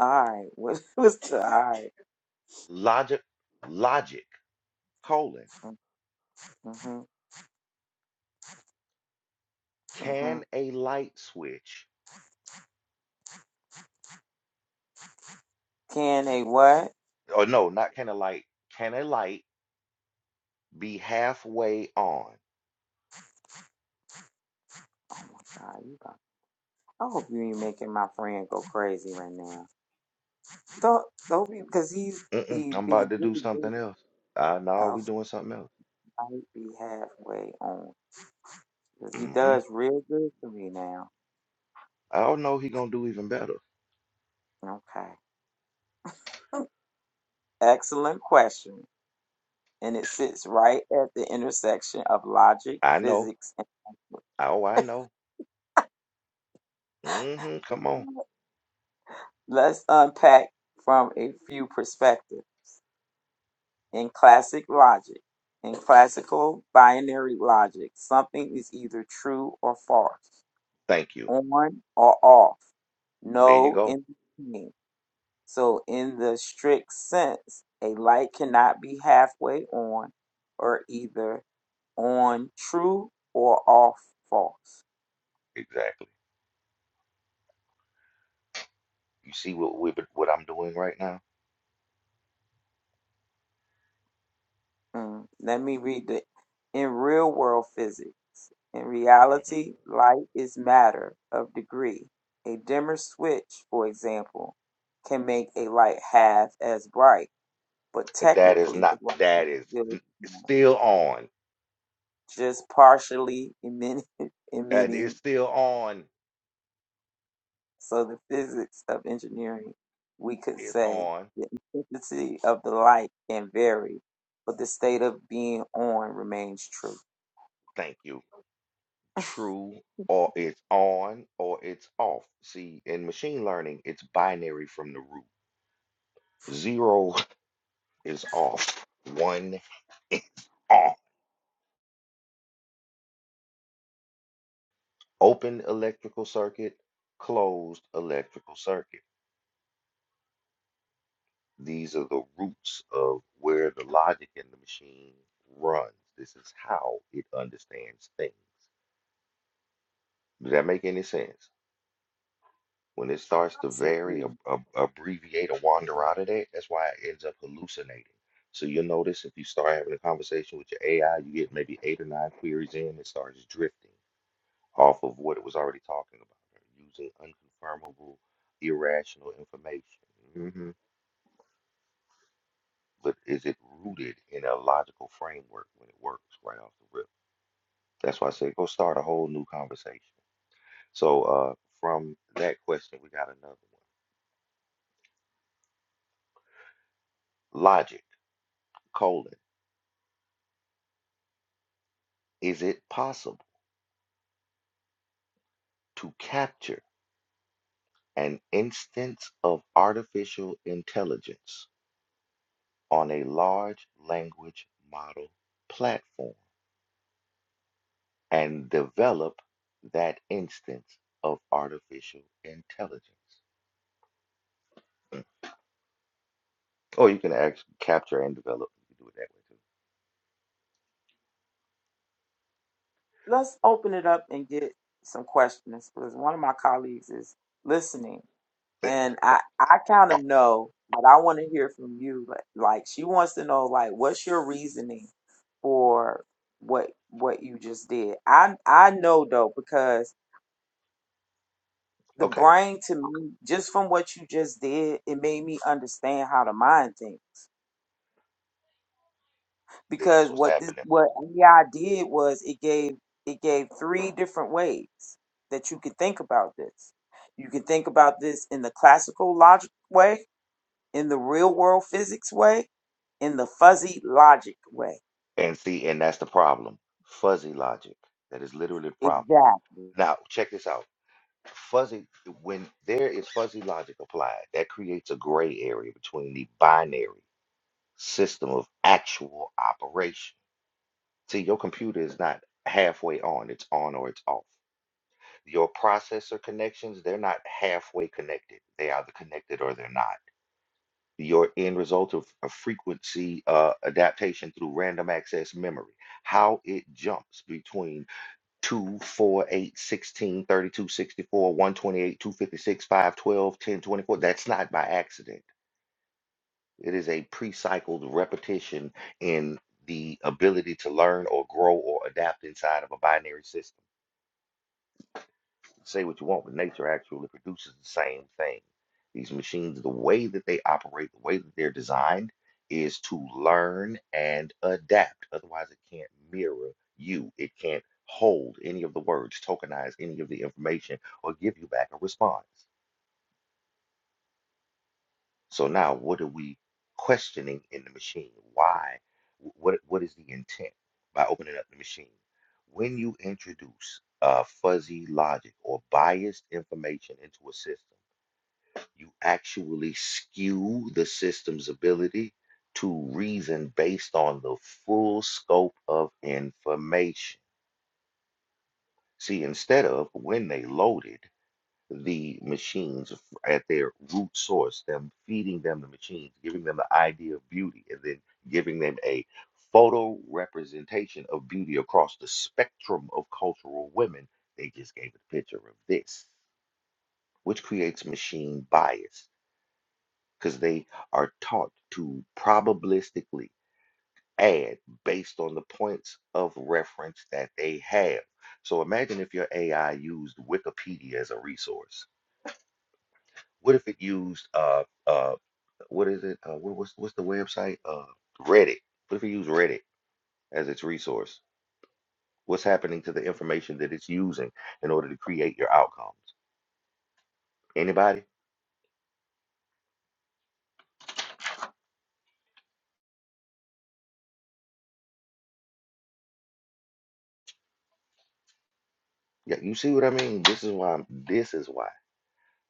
B: all right. What was the all right?
F: Logic, logic. Colon.
B: Mm-hmm, mm-hmm.
F: Can a light switch?
B: Can a what?
F: Or no, not can a light. Can a light be halfway on?
B: Oh my God, you got. I hope you ain't making my friend go crazy right now. Don't don't be because he's
F: Mm-mm,
B: he
F: I'm
B: he's
F: about to do
B: really good.
F: something else. Uh, no, we
B: Elf
F: doing something else.
B: might be halfway on. 'Cause He
F: Mm-hmm.
B: does real good for me now.
F: I don't know he gonna do even better.
B: Okay. Excellent question. And it sits right at the intersection of logic,
F: I know.
B: physics, and
F: Oh, I know. hmm Come on.
B: language. Let's unpack from a few perspectives. In classic logic, in classical binary logic, something is either true or false,
F: Thank you.
B: on or off,
F: There you
B: no
F: go.
B: in between. So, in the strict sense, a light cannot be halfway on or either on true or off false.
F: Exactly. You see what we, what I'm doing right now?
B: Mm, Let me read it. In real world physics, in reality,
F: Mhm.
B: light is matter of degree. A dimmer switch, for example, can make a light half as bright, but
F: That is
B: technically the
F: not.
B: light is
F: That is
B: still
F: n- it's still on.
B: just partially emitting,
F: That
B: emitting
F: is still on.
B: So the physics of engineering, we could
F: It's
B: say
F: on.
B: the intensity of the light can vary, but the state of being on remains true.
F: Thank you. True or it's on or it's off. See, in machine learning, it's binary from the root. Zero is off. One is on. Open electrical circuit, closed electrical circuit. These are the roots of where the logic in the machine runs. This is how it understands things. Does that make any sense? When it starts to
B: So
F: vary,
B: cool.
F: ab- ab- abbreviate, or wander out of that, that's why it ends up hallucinating. So you'll notice if you start having a conversation with your AI, you get maybe eight or nine queries in, it starts drifting. off of what it was already talking about, using unconfirmable, irrational information. hmm But is it rooted in a logical framework when it works right off the rip? That's why I said go start a whole new conversation. So uh, from that question, we got another one. Logic, colon, is it possible to capture an instance of artificial intelligence on a large language model platform? and develop that instance of artificial intelligence. Or you can actually capture and develop. You can do it that
B: Let's open it up and get some questions because one of my colleagues is listening
F: way too.
B: and I, I kind
F: But,
B: of know but I want to hear from you. Like, like she wants to know like what's your reasoning for what what you just did. I I know though because
F: eh,
B: The
F: okay,
B: brain to me, just from what you just did, it made me understand how the mind thinks.
F: this is
B: Because
F: what's
B: what this
F: happening.
B: what AI did was it gave it gave three different ways that you could think about this. You can think about this in the classical logic way, in the real world physics way, in the fuzzy logic way.
F: And see, and that's the problem. Fuzzy logic. That is literally the problem.
B: Exactly.
F: Now, check this out. Fuzzy, when there is fuzzy logic applied, that creates a gray area between the binary system of actual operation. See, your computer is not halfway on, it's on or it's off. Your processor connections, they're not halfway connected. They either connected or they're not. Your end result of a frequency uh, adaptation through random access memory, how it jumps between 2, 4, 128, 256, two fifty-six, five twelve, ten twenty-four. That's not by accident. It is a pre cycled repetition in the ability to learn or grow or adapt inside of a binary system. Say what you want, but nature actually produces the same thing. These machines, the way that they operate, the way that they're designed, is to learn and adapt. Otherwise, it can't mirror you. It can't hold any of the words, tokenize any of the information, or give you back a response. So now, what are we questioning in the machine? Why? What what is the intent by opening up the machine? When you introduce uh, fuzzy logic or biased information into a system you actually skew the system's ability to reason based on the full scope of information. See, instead of when they loaded the machines f- at their root source, them feeding them the machines, giving them the idea of beauty, and then giving them a photo representation of beauty across the spectrum of cultural women, they just gave it a picture of this, which creates machine bias because they are taught to probabilistically add based on the points of reference that they have. So imagine if your AI used Wikipedia as a resource. What if it used uh uh what is it? Uh, what, what's what's the website? Uh, Reddit. What if it used Reddit as its resource? What's happening to the information that it's using in order to create your outcomes? Anybody? Yeah, you see what I mean? This is why I'm, this is why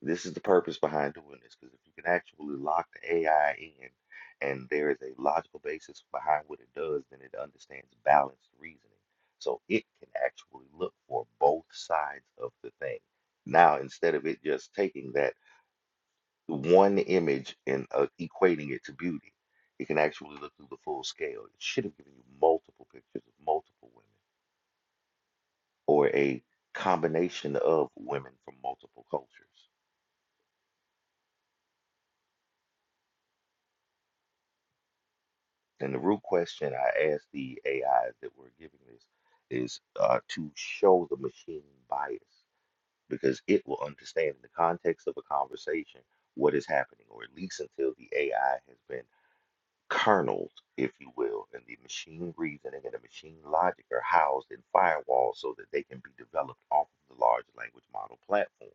F: This is the purpose behind doing this, because if you can actually lock the AI in and there is a logical basis behind what it does, then it understands balanced reasoning. So it can actually look for both sides of the thing. Now, instead of it just taking that one image and uh, equating it to beauty, it can actually look through the full scale. It should have given you multiple pictures of multiple women or a combination of women from multiple cultures. And the root question I asked the AI that we're giving this is uh, to show the machine bias because it will understand in the context of a conversation what is happening, or at least until the AI has been kerneled, if you will, and the machine reasoning and the machine logic are housed in firewalls so that they can be developed off of the large language model platform.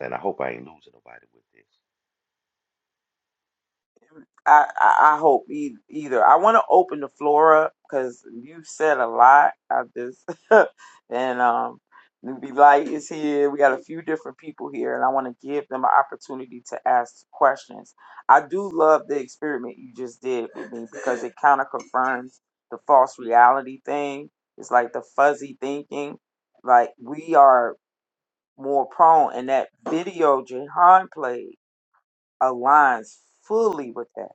F: And I hope I ain't losing nobody with this.
B: I, I I hope e- either. I want to open the floor up because you said a lot. I just and um, Newbie Light is here. We got a few different people here, and I want to give them an opportunity to ask questions. I do love the experiment you just did with me because it kind of confirms the false reality thing. It's like the fuzzy thinking. Like we are more prone, and that video Jahan played aligns fully with that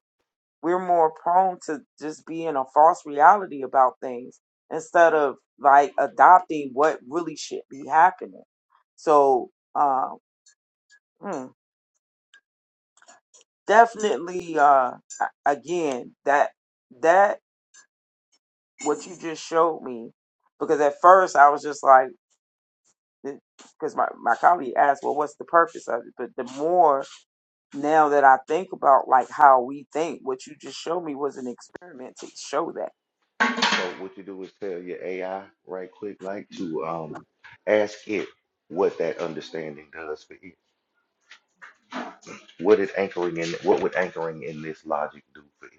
B: we're more prone to just be in a false reality about things instead of like adopting what really should be happening. So, um, hmm, definitely, uh, a- again, that, that, what you just showed me, because at first I was just like, because my, my colleague asked, well, what's the purpose of it? But the more now that I think about like how we think, what you just showed me was an experiment to show that
F: So what you do is tell your AI right quick, like to um ask it what that understanding does for it. What is anchoring in what would anchoring in this logic do for it?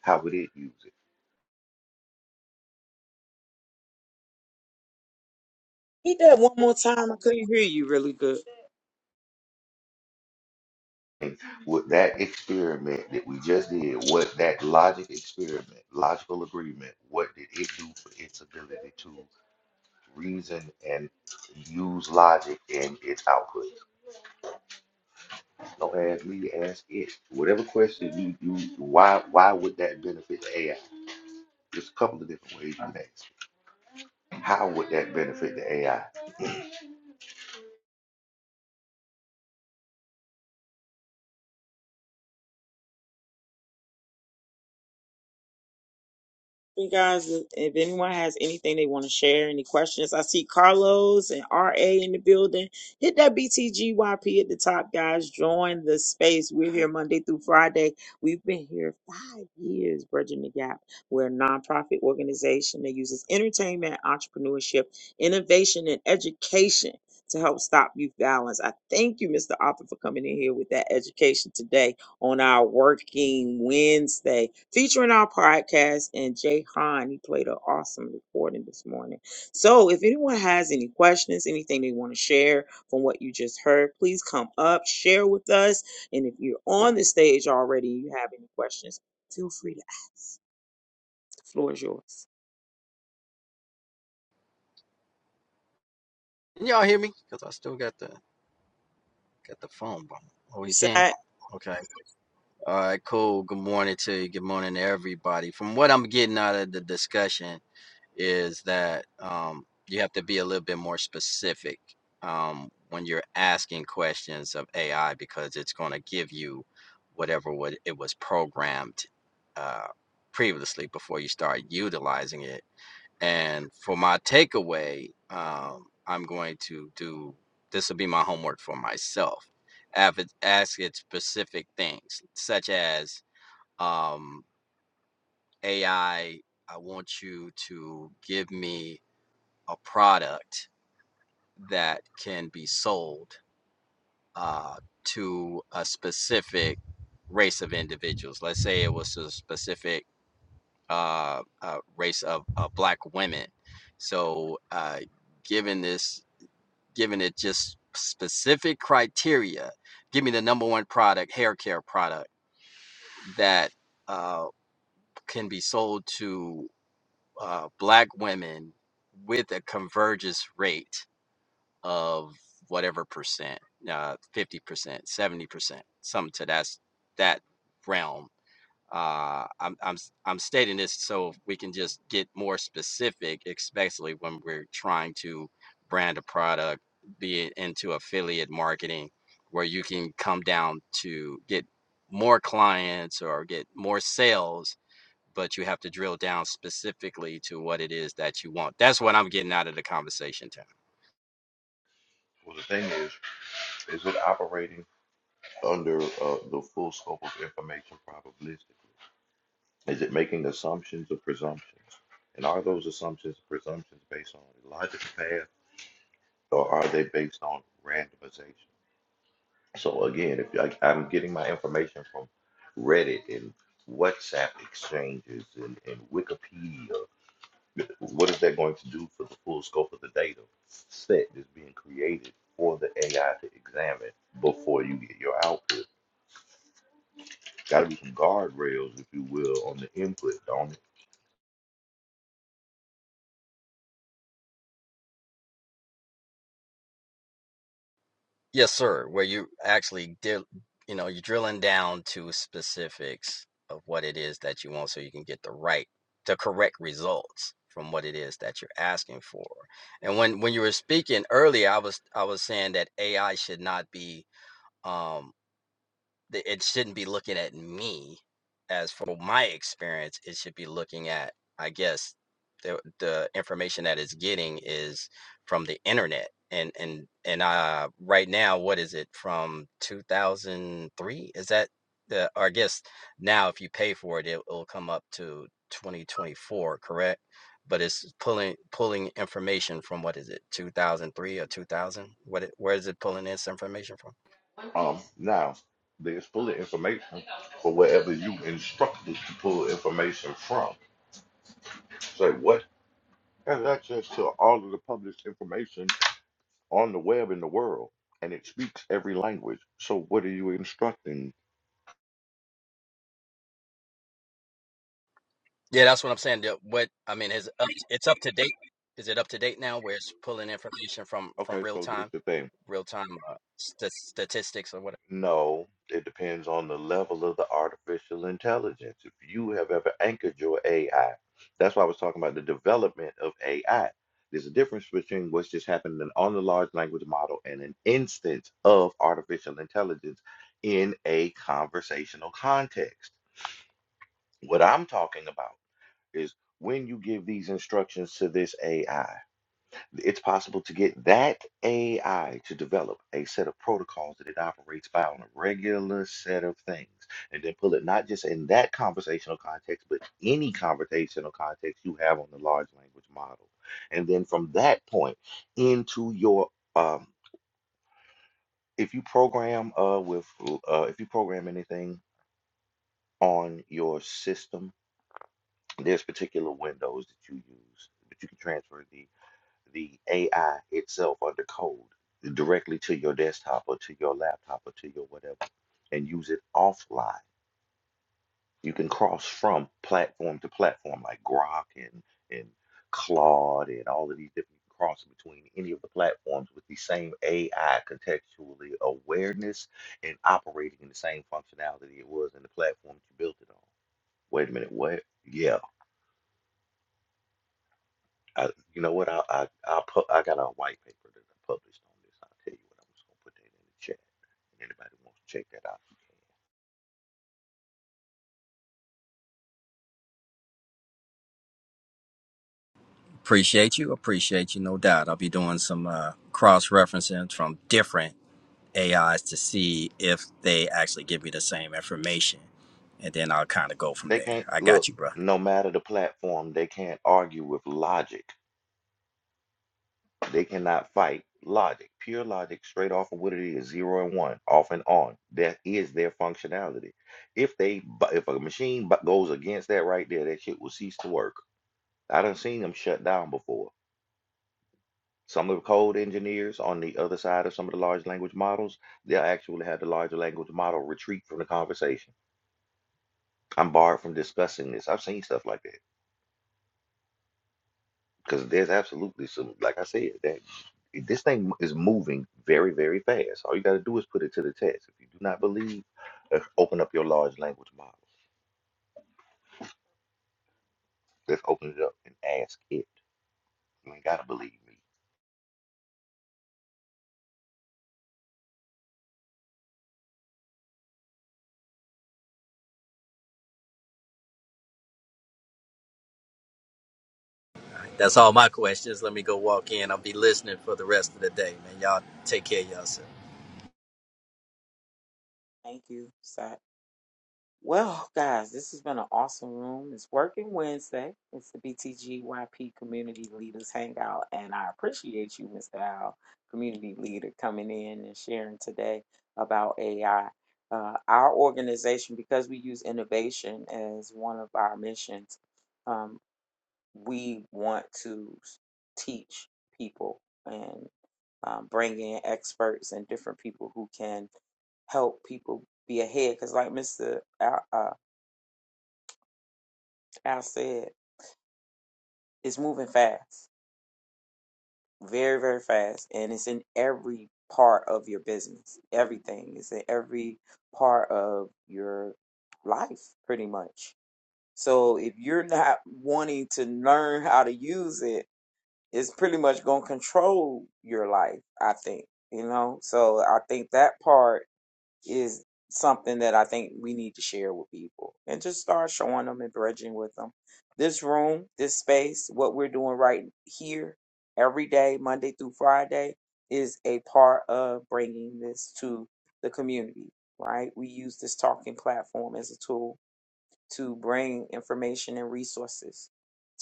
F: How would it use it?
B: Read that one more time. I couldn't hear you really good.
F: And With that experiment that we just did, what that logic experiment, logical agreement, what did it do for its ability to reason and use logic in its output? Don't ask me, ask it. Whatever question you you why why would that benefit the AI? There's a couple of different ways you can ask. How would that benefit the AI?
B: You guys, if anyone has anything they want to share, any questions, I see Carlos and RA in the building. Hit that BTGYP at the top, guys. Join the space. We're here Monday through Friday. We've been here five years, Bridging the Gap. We're a nonprofit organization that uses entertainment, entrepreneurship, innovation, and education to help stop youth violence. I thank you, Mr. Arthur, for coming in here with that education today on our working Wednesday, featuring our podcast and Jay Hahn. He played an awesome recording this morning. So if anyone has any questions, anything they want to share from what you just heard, please come up, share with us. And if you're on the stage already and you have any questions, feel free to ask. The floor is yours.
H: that. Can y'all hear me? Because I still got the got the phone bumping. Oh,
B: You
H: you can?
B: said.
H: Okay. All right, cool. Good morning to you. Good morning to everybody. From what I'm getting out of the discussion is that um, you have to be a little bit more specific um, when you're asking questions of AI because it's going to give you whatever what it was programmed uh, previously before you start utilizing it. And for my takeaway, um, I'm going to do this will be my homework for myself. Av- Ask it specific things, such as um, AI, I I want you to give me a product that can be sold uh, to a specific race of individuals. Let's say it was a specific uh, uh, race of uh, black women. So, uh, given this giving it just specific criteria. Give me the number one product, hair care product that uh, can be sold to uh, black women with a convergence rate of whatever percent, uh, fifty percent, seventy percent, something to that that realm uh, I'm I'm am i I'm stating this so we can just get more specific, especially when we're trying to brand a product, be it into affiliate marketing, where you can come down to get more clients or get more sales, but you have to drill down specifically to what it is that you want. That's what I'm getting out of the conversation, Tam.
F: Well, the thing is, is it operating under uh, the full scope of information probabilistically? Is it making assumptions or presumptions? And are those assumptions or presumptions based on a logical path or are they based on randomization? So again, if I, I'm getting my information from Reddit and WhatsApp exchanges and, and Wikipedia What is that going to do for the full scope of the data set that's being created for the AI to examine before you get your output? Got to be some guardrails, if you will, on the input, don't it?
H: Yes, sir. Where you actually did, you know, you're drilling down to specifics of what it is that you want so you can get the right, the correct results from what it is that you're asking for. And when when you were speaking earlier, I was I was saying that AI should not be um th- it shouldn't be looking at me as for my experience it should be looking at i guess the, the information that it's getting is from the internet and and and uh right now what is it from 2003 is that the or i guess now if you pay for it it will come up to 2024 correct but it's pulling pulling information from what is it 2003 or 2000 what it, where is it pulling this information from
F: Um, now, there's full of information for wherever you instruct us to pull information from. So what has access to all of the published information on the web in the world, and it speaks every language. So what are you instructing?
H: Yeah, that's what I'm saying. The- What I mean is up, it's up to date. Is it up to date now where it's pulling information from from
F: Okay,
H: real
F: so this
H: time,
F: is the thing.
H: real time uh, st- statistics or whatever?
F: No, it depends on the level of the artificial intelligence. If you have ever anchored your AI, that's why I was talking about the development of AI. There's a difference between what's just happening on the large language model and an instance of artificial intelligence in a conversational context. What I'm talking about is when you give these instructions to this AI it's possible to get that AI to develop a set of protocols that it operates by on a regular set of things, and then pull it not just in that conversational context, but any conversational context you have on the large language model. And then from that point into your, um, if you program uh, with, uh, if you program anything on your system, there's particular windows that you use, but you can transfer the. the AI itself under code directly to your desktop or to your laptop or to your whatever and use it offline. You can cross from platform to platform like Grok and, and Claude and all of these different you can cross between any of the platforms with the same AI contextually awareness and operating in the same functionality it was in the platform that you built it on. Wait a minute, what? Yeah, I, you know what? I I I, pu- I got a white paper that I published on this. I'll tell you what. I'm just gonna put that in the chat. And anybody wants to check that out, you can.
H: Appreciate you. Appreciate you, no doubt. I'll be doing some uh, cross referencing from different AIs to see if they actually give me the same information. And then I'll kind of go from
F: They
H: there.
F: can't
H: I
F: look.
H: got you, bro.
F: No matter the platform, they can't argue with logic. They cannot fight logic. Pure logic, straight off of what it is, zero and one, off and on. That is their functionality. If they, bu- if a machine bu- goes against that right there, that shit will cease to work. I done seen them shut down before. Some of the code engineers on the other side of some of the large language models, they'll actually have the larger language model retreat from the conversation. I'm barred from discussing this. I've seen stuff like that because there's absolutely some, like I said, that this thing is moving very, very fast. All you got to do is put it to the test. If you do not believe, let's open up your large language model. Let's open it up and ask it. You ain't got to believe me.
H: That's all my questions. Let me go walk in. I'll be listening for the rest of the day, man. Y'all take care of yourself.
B: Thank you, Si. Well, guys, this has been an awesome room. It's working Wednesday. It's the BTGYP Community Leaders Hangout, and I appreciate you, Mr. Al, community leader, coming in and sharing today about AI. Uh, our organization, because we use innovation as one of our missions, um, we want to s- teach people and um, bring in experts and different people who can help people be ahead. Because like Mr. I said it's moving fast, very, very fast, and it's in every part of your business. Everything is in every part of your life, pretty much. So if you're not wanting to learn how to use it, it's pretty much going to control your life, I think, you know? So I think that part is something that I think we need to share with people and just start showing them and bridging with them. This room, this space, what we're doing right here every day, Monday through Friday, is a part of bringing this to the community, right? We use this talking platform as a tool to bring information and resources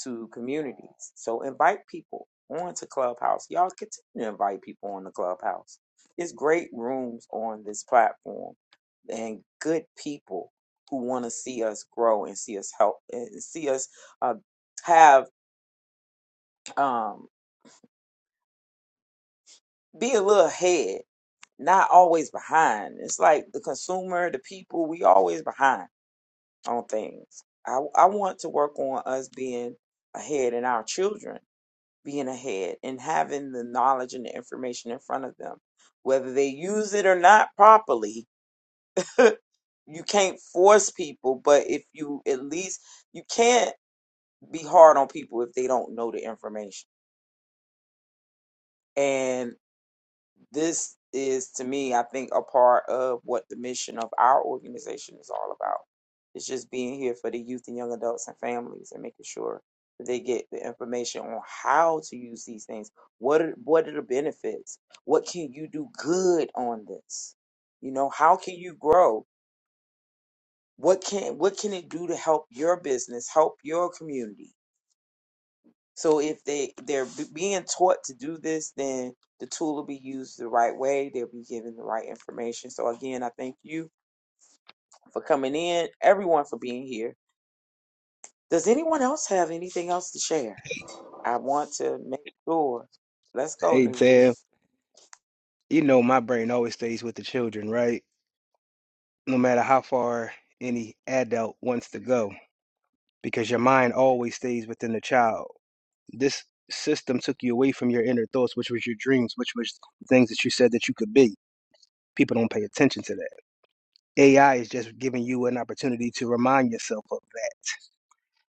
B: to communities. So invite people onto Clubhouse. Y'all continue to invite people on the Clubhouse. It's great rooms on this platform and good people who want to see us grow and see us help and see us uh, have um, be a little ahead, not always behind. It's like the consumer, the people, we always behind on things. I, I want to work on us being ahead and our children being ahead and having the knowledge and the information in front of them. Whether they use it or not properly, you can't force people, but if you at least you can't be hard on people if they don't know the information. And this is, to me, I think, a part of what the mission of our organization is all about. It's just being here for the youth and young adults and families and making sure that they get the information on how to use these things. What are, what are the benefits? What can you do good on this? You know, how can you grow? What can what can it do to help your business, help your community? So if they they're b- being taught to do this, then the tool will be used the right way. They'll be given the right information. So again, I thank you for coming in, everyone for being here. Does anyone else have anything else to share? I want to make sure. Let's go,
J: Hey
B: Nuvi.
J: Tam, you know my brain always stays with the children, right? No matter how far any adult wants to go, because your mind always stays within the child. This system took you away from your inner thoughts, which was your dreams, which was things that you said that you could be. People don't pay attention to that. AI is just giving you an opportunity to remind yourself of that.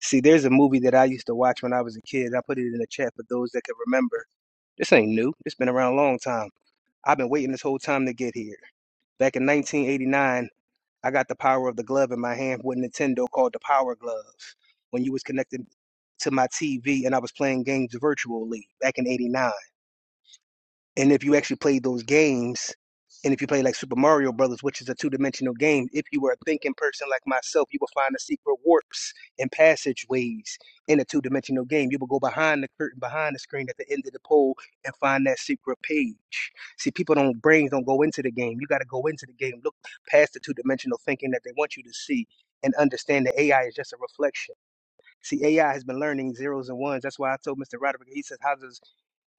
J: See, there's a movie that I used to watch when I was a kid. I put it in the chat for those that can remember. This ain't new. It's been around a long time. I've been waiting this whole time to get here. Back in 1989, I got the power of the glove in my hand, what Nintendo called the power glove, when you was connected to my TV and I was playing games virtually back in '89. And if you actually played those games, and if you play like Super Mario Brothers, which is a two-dimensional game, if you were a thinking person like myself, you would find the secret warps and passageways in a two-dimensional game. You would go behind the curtain, behind the screen at the end of the pole, and find that secret page. See, people don't brains don't go into the game. You got to go into the game, look past the two-dimensional thinking that they want you to see, and understand that AI is just a reflection. See, AI has been learning zeros and ones. That's why I told Mr. Roderick. He says, "How does?"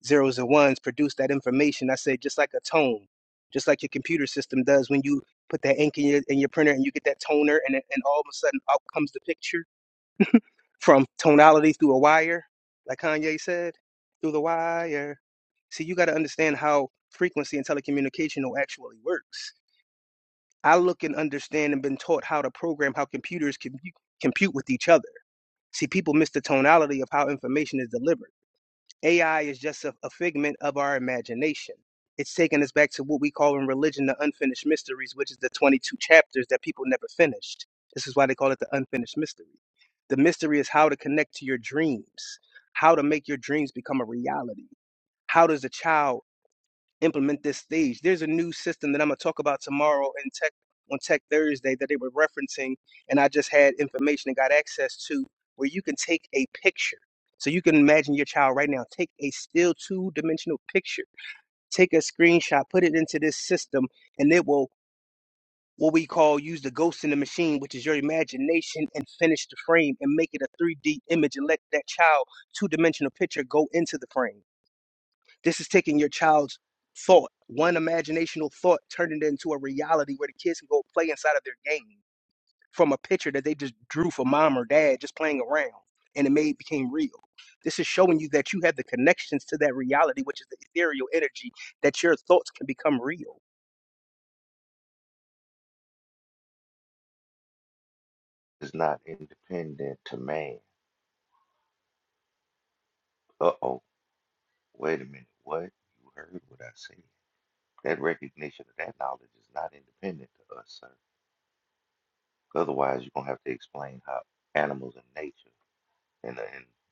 J: zeros and ones produce that information. I said, just like a tone, just like your computer system does when you put that ink in your, in your printer and you get that toner, and, it- and all of a sudden out comes the picture from tonality through a wire, like Kanye said, through the wire. See, you got to understand how frequency and telecommunication actually works. I look and understand and been taught how to program how computers can compute with each other. See, people miss the tonality of how information is delivered. AI is just a, a figment of our imagination. It's taking us back to what we call in religion the unfinished mysteries, which is the 22 chapters that people never finished. This is why they call it the unfinished mystery. The mystery is how to connect to your dreams, how to make your dreams become a reality. How does a child implement this stage. There's a new system that I'm gonna talk about tomorrow in Tech on Tech Thursday that they were referencing, and I just had information and got access to where you can take a picture. So you can imagine your child right now. Take a still two-dimensional picture, take a screenshot, put it into this system, and it will what we call use the ghost in the machine, which is your imagination, and finish the frame and make it a 3D image and let that child two-dimensional picture go into the frame. This is taking your child's thought, one imaginational thought, turning it into a reality where the kids can go play inside of their game from a picture that they just drew for mom or dad just playing around and it made became real. This is showing you that you have the connections to that reality, which is the ethereal energy that your thoughts can become real.
F: It's not independent to man. Uh oh. Wait a minute. What? You heard what I said. That recognition of that knowledge is not independent to us, sir. Otherwise, you're gonna have to explain how animals and nature and uh,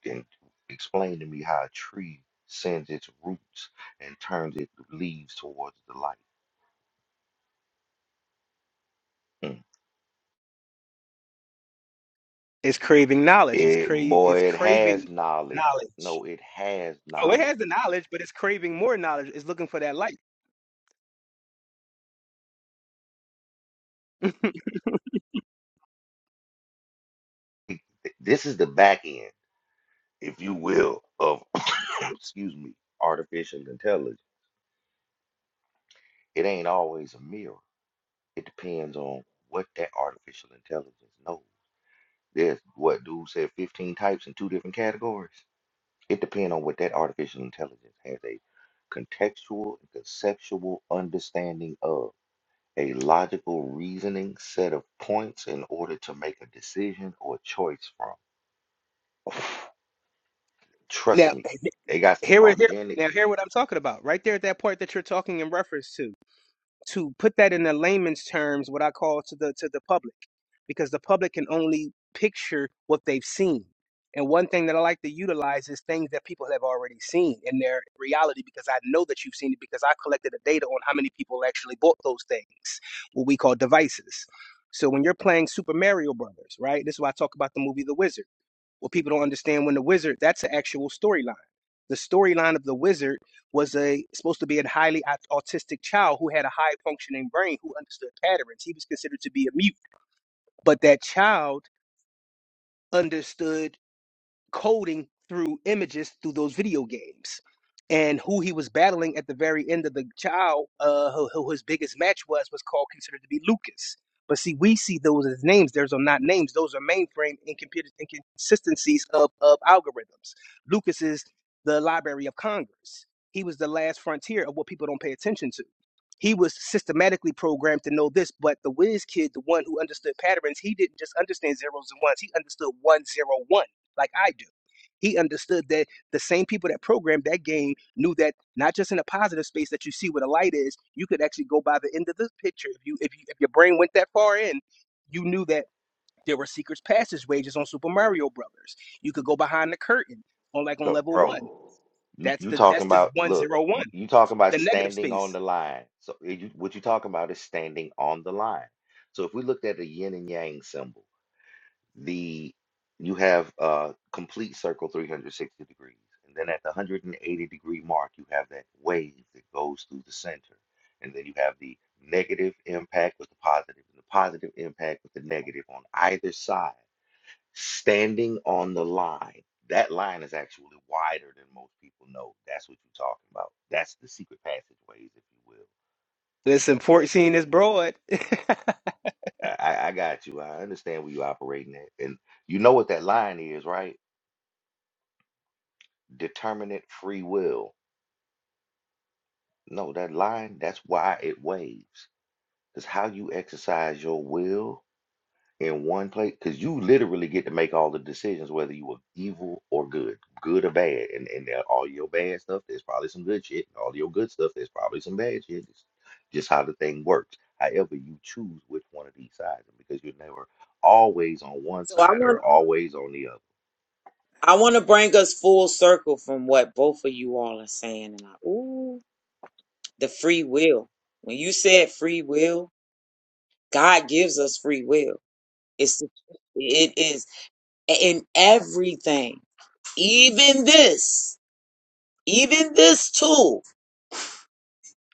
F: and, and explain to me how a tree sends its roots and turns its leaves towards the light. Mm.
J: It's craving knowledge. It's
F: It,
J: cra-
F: boy,
J: it's
F: it
J: craving
F: has knowledge.
J: knowledge.
F: No, it has
J: Oh, it
F: knowledge.
J: has the knowledge, but it's craving more knowledge. It's looking for that light.
F: It- this is the back end, if you will, of excuse me, artificial intelligence. It ain't always a mirror. It depends on what that artificial intelligence knows. There's what dude said 15 types in two different categories. It depends on what that artificial intelligence has a contextual and conceptual understanding of, a logical reasoning set of points in order to make a decision or choice from. Trust
J: Now,
F: me, they got some
J: here, here,
F: organic,
J: now, hear what I'm talking about. Right there at that part that you're talking in reference to. to put that in the layman's terms, what I call to the to the public, because the public can only picture what they've seen. And one thing that I like to utilize is things that people have already seen in their reality, because I know that you've seen it because I collected the data on how many people actually bought those things, what we call devices. So when you're playing Super Mario Brothers, right? This is why I talk about the movie The Wizard what people don't understand when the wizard, that's an actual storyline. The storyline of the wizard was a supposed to be a highly au- autistic child who had a high functioning brain who understood patterns. He was considered to be a mute, but that child understood coding through images through those video games. And who he was battling at the very end of the child, uh, who, who his biggest match was, was called considered to be Lucas. But see, we see those as names. Those are not names. Those are mainframe incomputer inconsistencies of, of algorithms. Lucas is the Library of Congress. He was the last frontier of what people don't pay attention to. He was systematically programmed to know this, but the whiz kid, the one who understood patterns, he didn't just understand zeros and ones. He understood one zero one like I do. He understood that the same people that programmed that game knew that not just in a positive space that you see where the light is, you could actually go by the end of the picture. If you if you if your brain went that far in, you knew that there were secret passageways on Super Mario Brothers. You could go behind the curtain on like on
F: so,
J: level one.
F: bro. You
J: That's
F: you
J: the
F: talking
J: that's just
F: about
J: one
F: look,
J: zero
F: you,
J: one,
F: you talking about
J: the negative
F: standing on
J: space.
F: the line. So eh, you, what you talking about is standing on the line. So if we looked at a yin and yang symbol. the you have a complete circle 360 degrees and then at the 180 degree mark you have that wave that goes through the center and then you have the negative impact with the positive and the positive impact with the negative on either side standing on the line that line is actually wider than most people know that's what you're talking about that's the secret passageways if you will
J: Listen, 14 is broad.
F: i, I I got you i understand where you're operating at and you know what that line is right determinate free will. No, that line, that's why it waves. Because how you exercise your will in one place, because you literally get to make all the decisions whether you are evil or good, good or bad. And, and there- all your bad stuff, there's probably some good shit. and All your good stuff, there's probably some bad shit. It's just how the thing works. However, you choose which one of these sides, and because you're never always on one
B: So I
F: side
B: want
F: or always on the other.
B: I want to bring us full circle from what both of you all are saying, and I ooh the free will. When you said free will, God gives us free will. It's it is. in everything, even this, even this tool,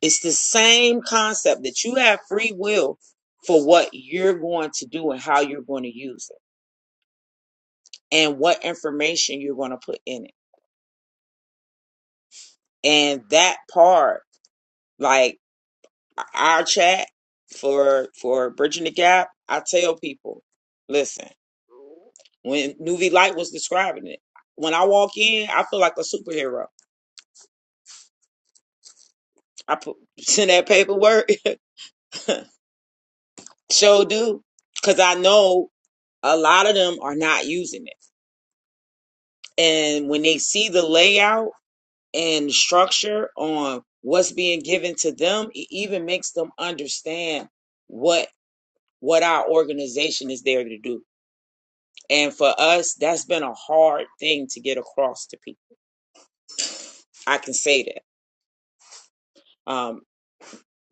B: it's the same concept that you have free will for what you're going to do and how you're going to use it and what information you're going to put in it. And that part, like our chat for for bridging the gap, I tell people, listen, when Nuvi Light was describing it, when I walk in, I feel like a superhero. I put send that paperwork. So do. Because I know a lot of them are not using it. And when they see the layout and structure on what's being given to them, it even makes them understand what what our organization is there to do. And for us, that's been a hard thing to get across to people. I can say that. Um,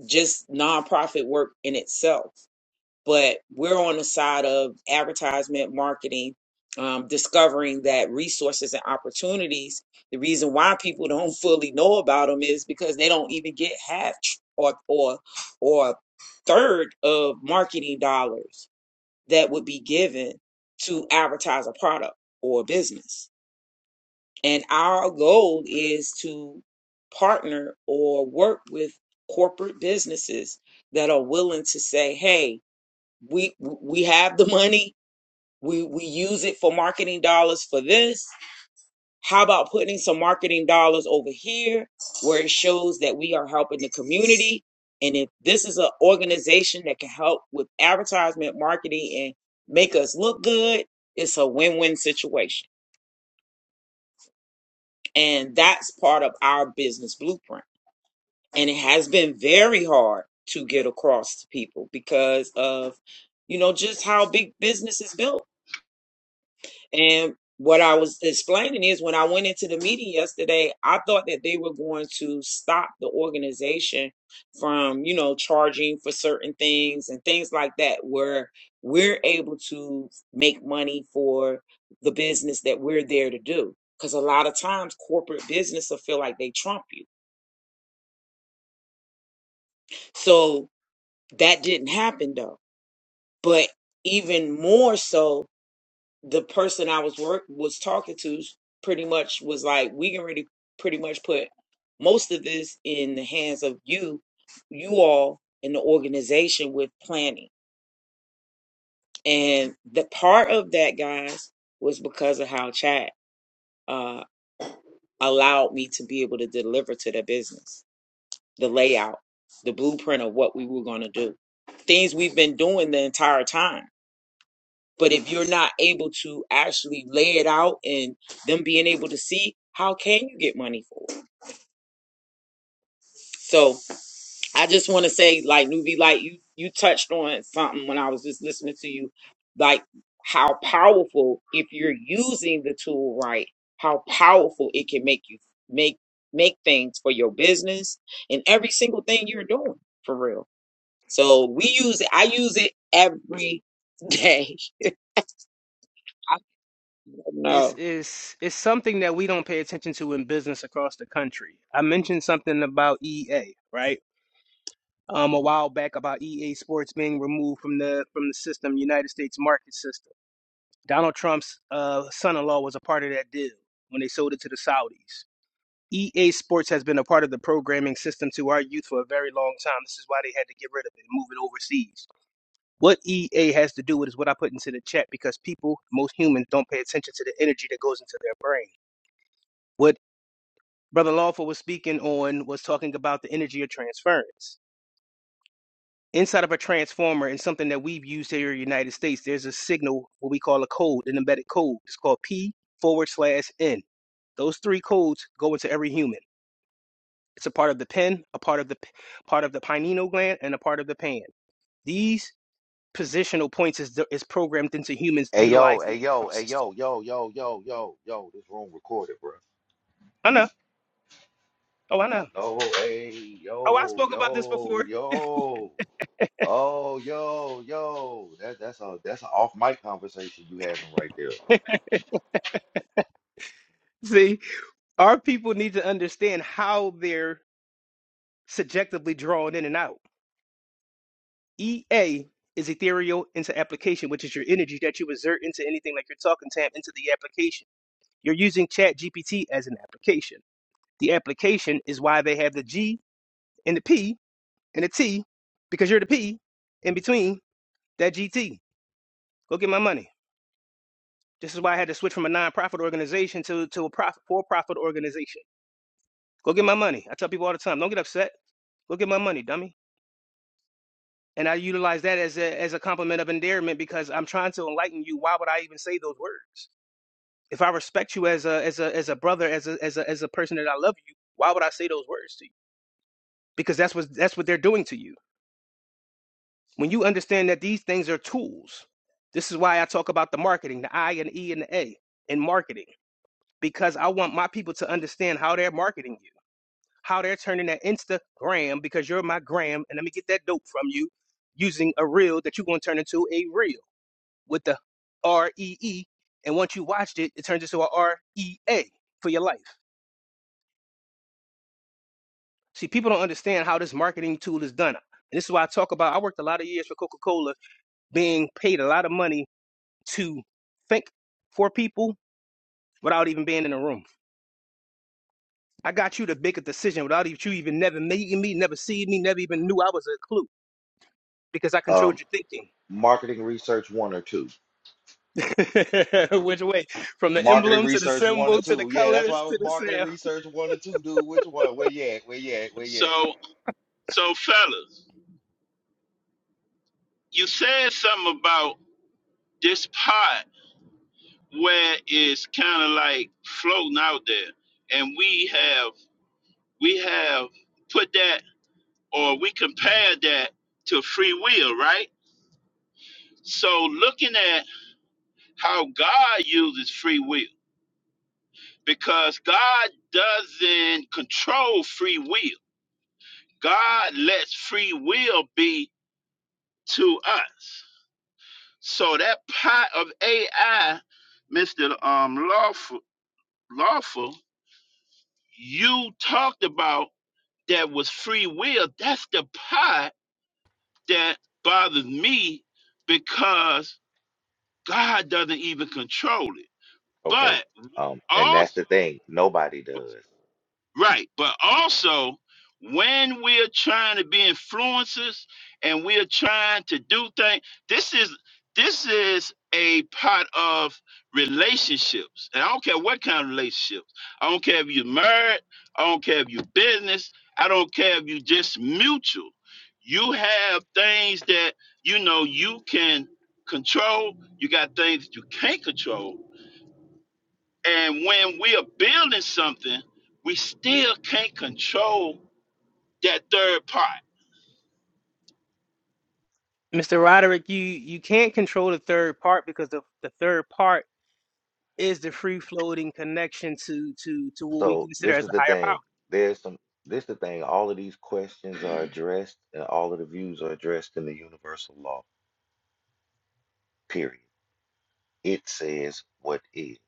B: just nonprofit work in itself. but we're on the side of advertisement marketing um, discovering that resources and opportunities the reason why people don't fully know about them is because they don't even get half tr- or or or third of marketing dollars that would be given to advertise a product or a business and our goal is to partner or work with corporate businesses that are willing to say hey we we have the money we we use it for marketing dollars for this how about putting some marketing dollars over here where it shows that we are helping the community and if this is an organization that can help with advertisement marketing and make us look good it's a win-win situation and that's part of our business blueprint and it has been very hard to get across to people because of you know just how big business is built And what I was explaining is when I went into the meeting yesterday, I thought that they were going to stop the organization from, you know, charging for certain things and things like that, where we're able to make money for the business that we're there to do. Because a lot of times corporate business will feel like they trump you. So that didn't happen though. But even more so, the person I was work was talking to pretty much was like, we can really pretty much put most of this in the hands of you, you all in the organization with planning. And the part of that, guys, was because of how Chad uh, allowed me to be able to deliver to the business, the layout, the blueprint of what we were going to do, things we've been doing the entire time But if you're not able to actually lay it out and them being able to see, how can you get money for it? So I just want to say, like Nuvi, like you you touched on something when I was just listening to you, like how powerful if you're using the tool right, how powerful it can make you make make things for your business and every single thing you're doing for real. So we use it. I use it every day. I don't know.
J: it's it's it's something that we don't pay attention to in business across the country. I mentioned something about EA, right? um, a while back about EA Sports being removed from the from the system, United States market system. Donald Trump's uh, son-in-law was a part of that deal when they sold it to the Saudis. EA Sports has been a part of the programming system to our youth for a very long time. This is why they had to get rid of it and move it overseas. What EA has to do with is what I put into the chat because people, most humans, don't pay attention to the energy that goes into their brain. What Brother Lawful was speaking on was talking about the energy of transference Inside of a transformer and something that we've used here in the United States, there's a signal, what we call a code, an embedded code. It's called P forward slash N. Those three codes go into every human. It's a part of the pen, a part of the part of the pineal gland, and a part of the pan. These positional points is is programmed into humans
F: Hey yo, hey
J: utilizing the
F: yo,
J: power
F: hey
J: system.
F: yo, yo, yo, yo, yo, yo, this room recorded, bro.
J: I know. Oh, I know.
F: Oh, hey,
J: Oh, I
F: yo,
J: spoke about this
F: yo,
J: before.
F: yo. Oh, yo, yo. That that's a that's an off mic conversation you having right there.
J: See, our people need to understand how they're subjectively drawn in and out EA is ethereal into application, which is your energy that you exert into anything like you're talking to him into the application. You're using Chat GPT as an application. The application is why they have the G and the P and the T, because you're the P in between that GT. Go get my money. This is why I had to switch from a nonprofit organization to, to a profit, for-profit organization. Go get my money. I tell people all the time, don't get upset. Go get my money, dummy. And I utilize that as a, as a compliment of endearment because I'm trying to enlighten you. Why would I even say those words? If I respect you as a as a as a brother, as a as a as a person that I love you, why would I say those words to you? Because that's what that's what they're doing to you. When you understand that these things are tools, this is why I talk about the marketing, the I and E and the A in marketing, because I want my people to understand how they're marketing you, how they're turning that Instagram, because you're my gram, and let me get that dope from you using a reel that you're going to turn into a reel with the R E E. And once you watched it, it turns into a R E A for your life. See, people don't understand how this marketing tool is done. And this is why I talk about I worked a lot of years for Coca-Cola being paid a lot of money to think for people without even being in the room. I got you to make a decision without even you even never meeting me, never seeing me, never even knew I was a clue because I controlled
F: Um,
J: your thinking.
F: marketing research one or two.
J: Which way? From the
F: Marketing
J: emblem to the
F: research one or
J: symbol to the
F: two. Yeah, that's why
J: colors
F: I was
J: to the
F: marketing
J: sound.
F: research one or two, dude. Which one? Where you at? Where you at? Where you at?
G: So, so fellas, you said something about this pot where it's kind of like floating out there, and we have we have put that or we compared that to free will, right? So, looking at how God uses free will. because God doesn't control free will. God lets free will be to us. So that part of AI, Mr. Um, lawful, lawful, you talked about that was free will. That's the part that bothers me because God doesn't even control it.
F: Okay.
G: But
F: Um, and that's
G: also.
F: the thing. Nobody does.
G: Right. But also, when we're trying to be influencers and we're trying to do things, this is this is a part of relationships. And I don't care what kind of relationships. I don't care if you're married, I don't care if you're business, I don't care if you just mutual. You have things that you know you can control, you got things that you can't control, and when we are building something, we still can't control that third part.
J: Mr. Roderick, you you can't control the third part because the, the third part is the free floating connection to to to what we
F: So
J: consider
F: this
J: as
F: is
J: a
F: the
J: higher power.
F: thing. There's some this the thing. All of these questions are addressed and all of the views are addressed in the universal law. Period. It says what is.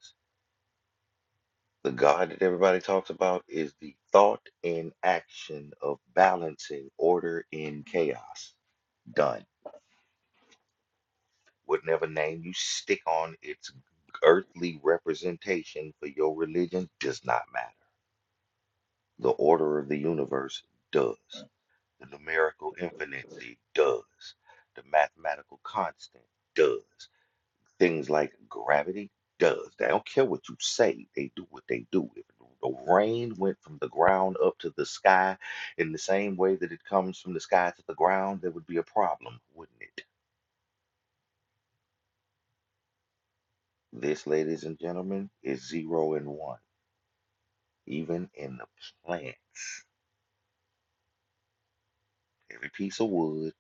F: The God that everybody talks about is the thought and action of balancing order in chaos. Done. Whatever name you stick on its earthly representation for your religion does not matter. The order of the universe does. The numerical infinity does. The mathematical constant does. Things like gravity does. They don't care what you say, they do what they do. If the rain went from the ground up to the sky in the same way that it comes from the sky to the ground, there would be a problem, wouldn't it? This, ladies and gentlemen, is zero and one, even in the plants. Every piece of wood,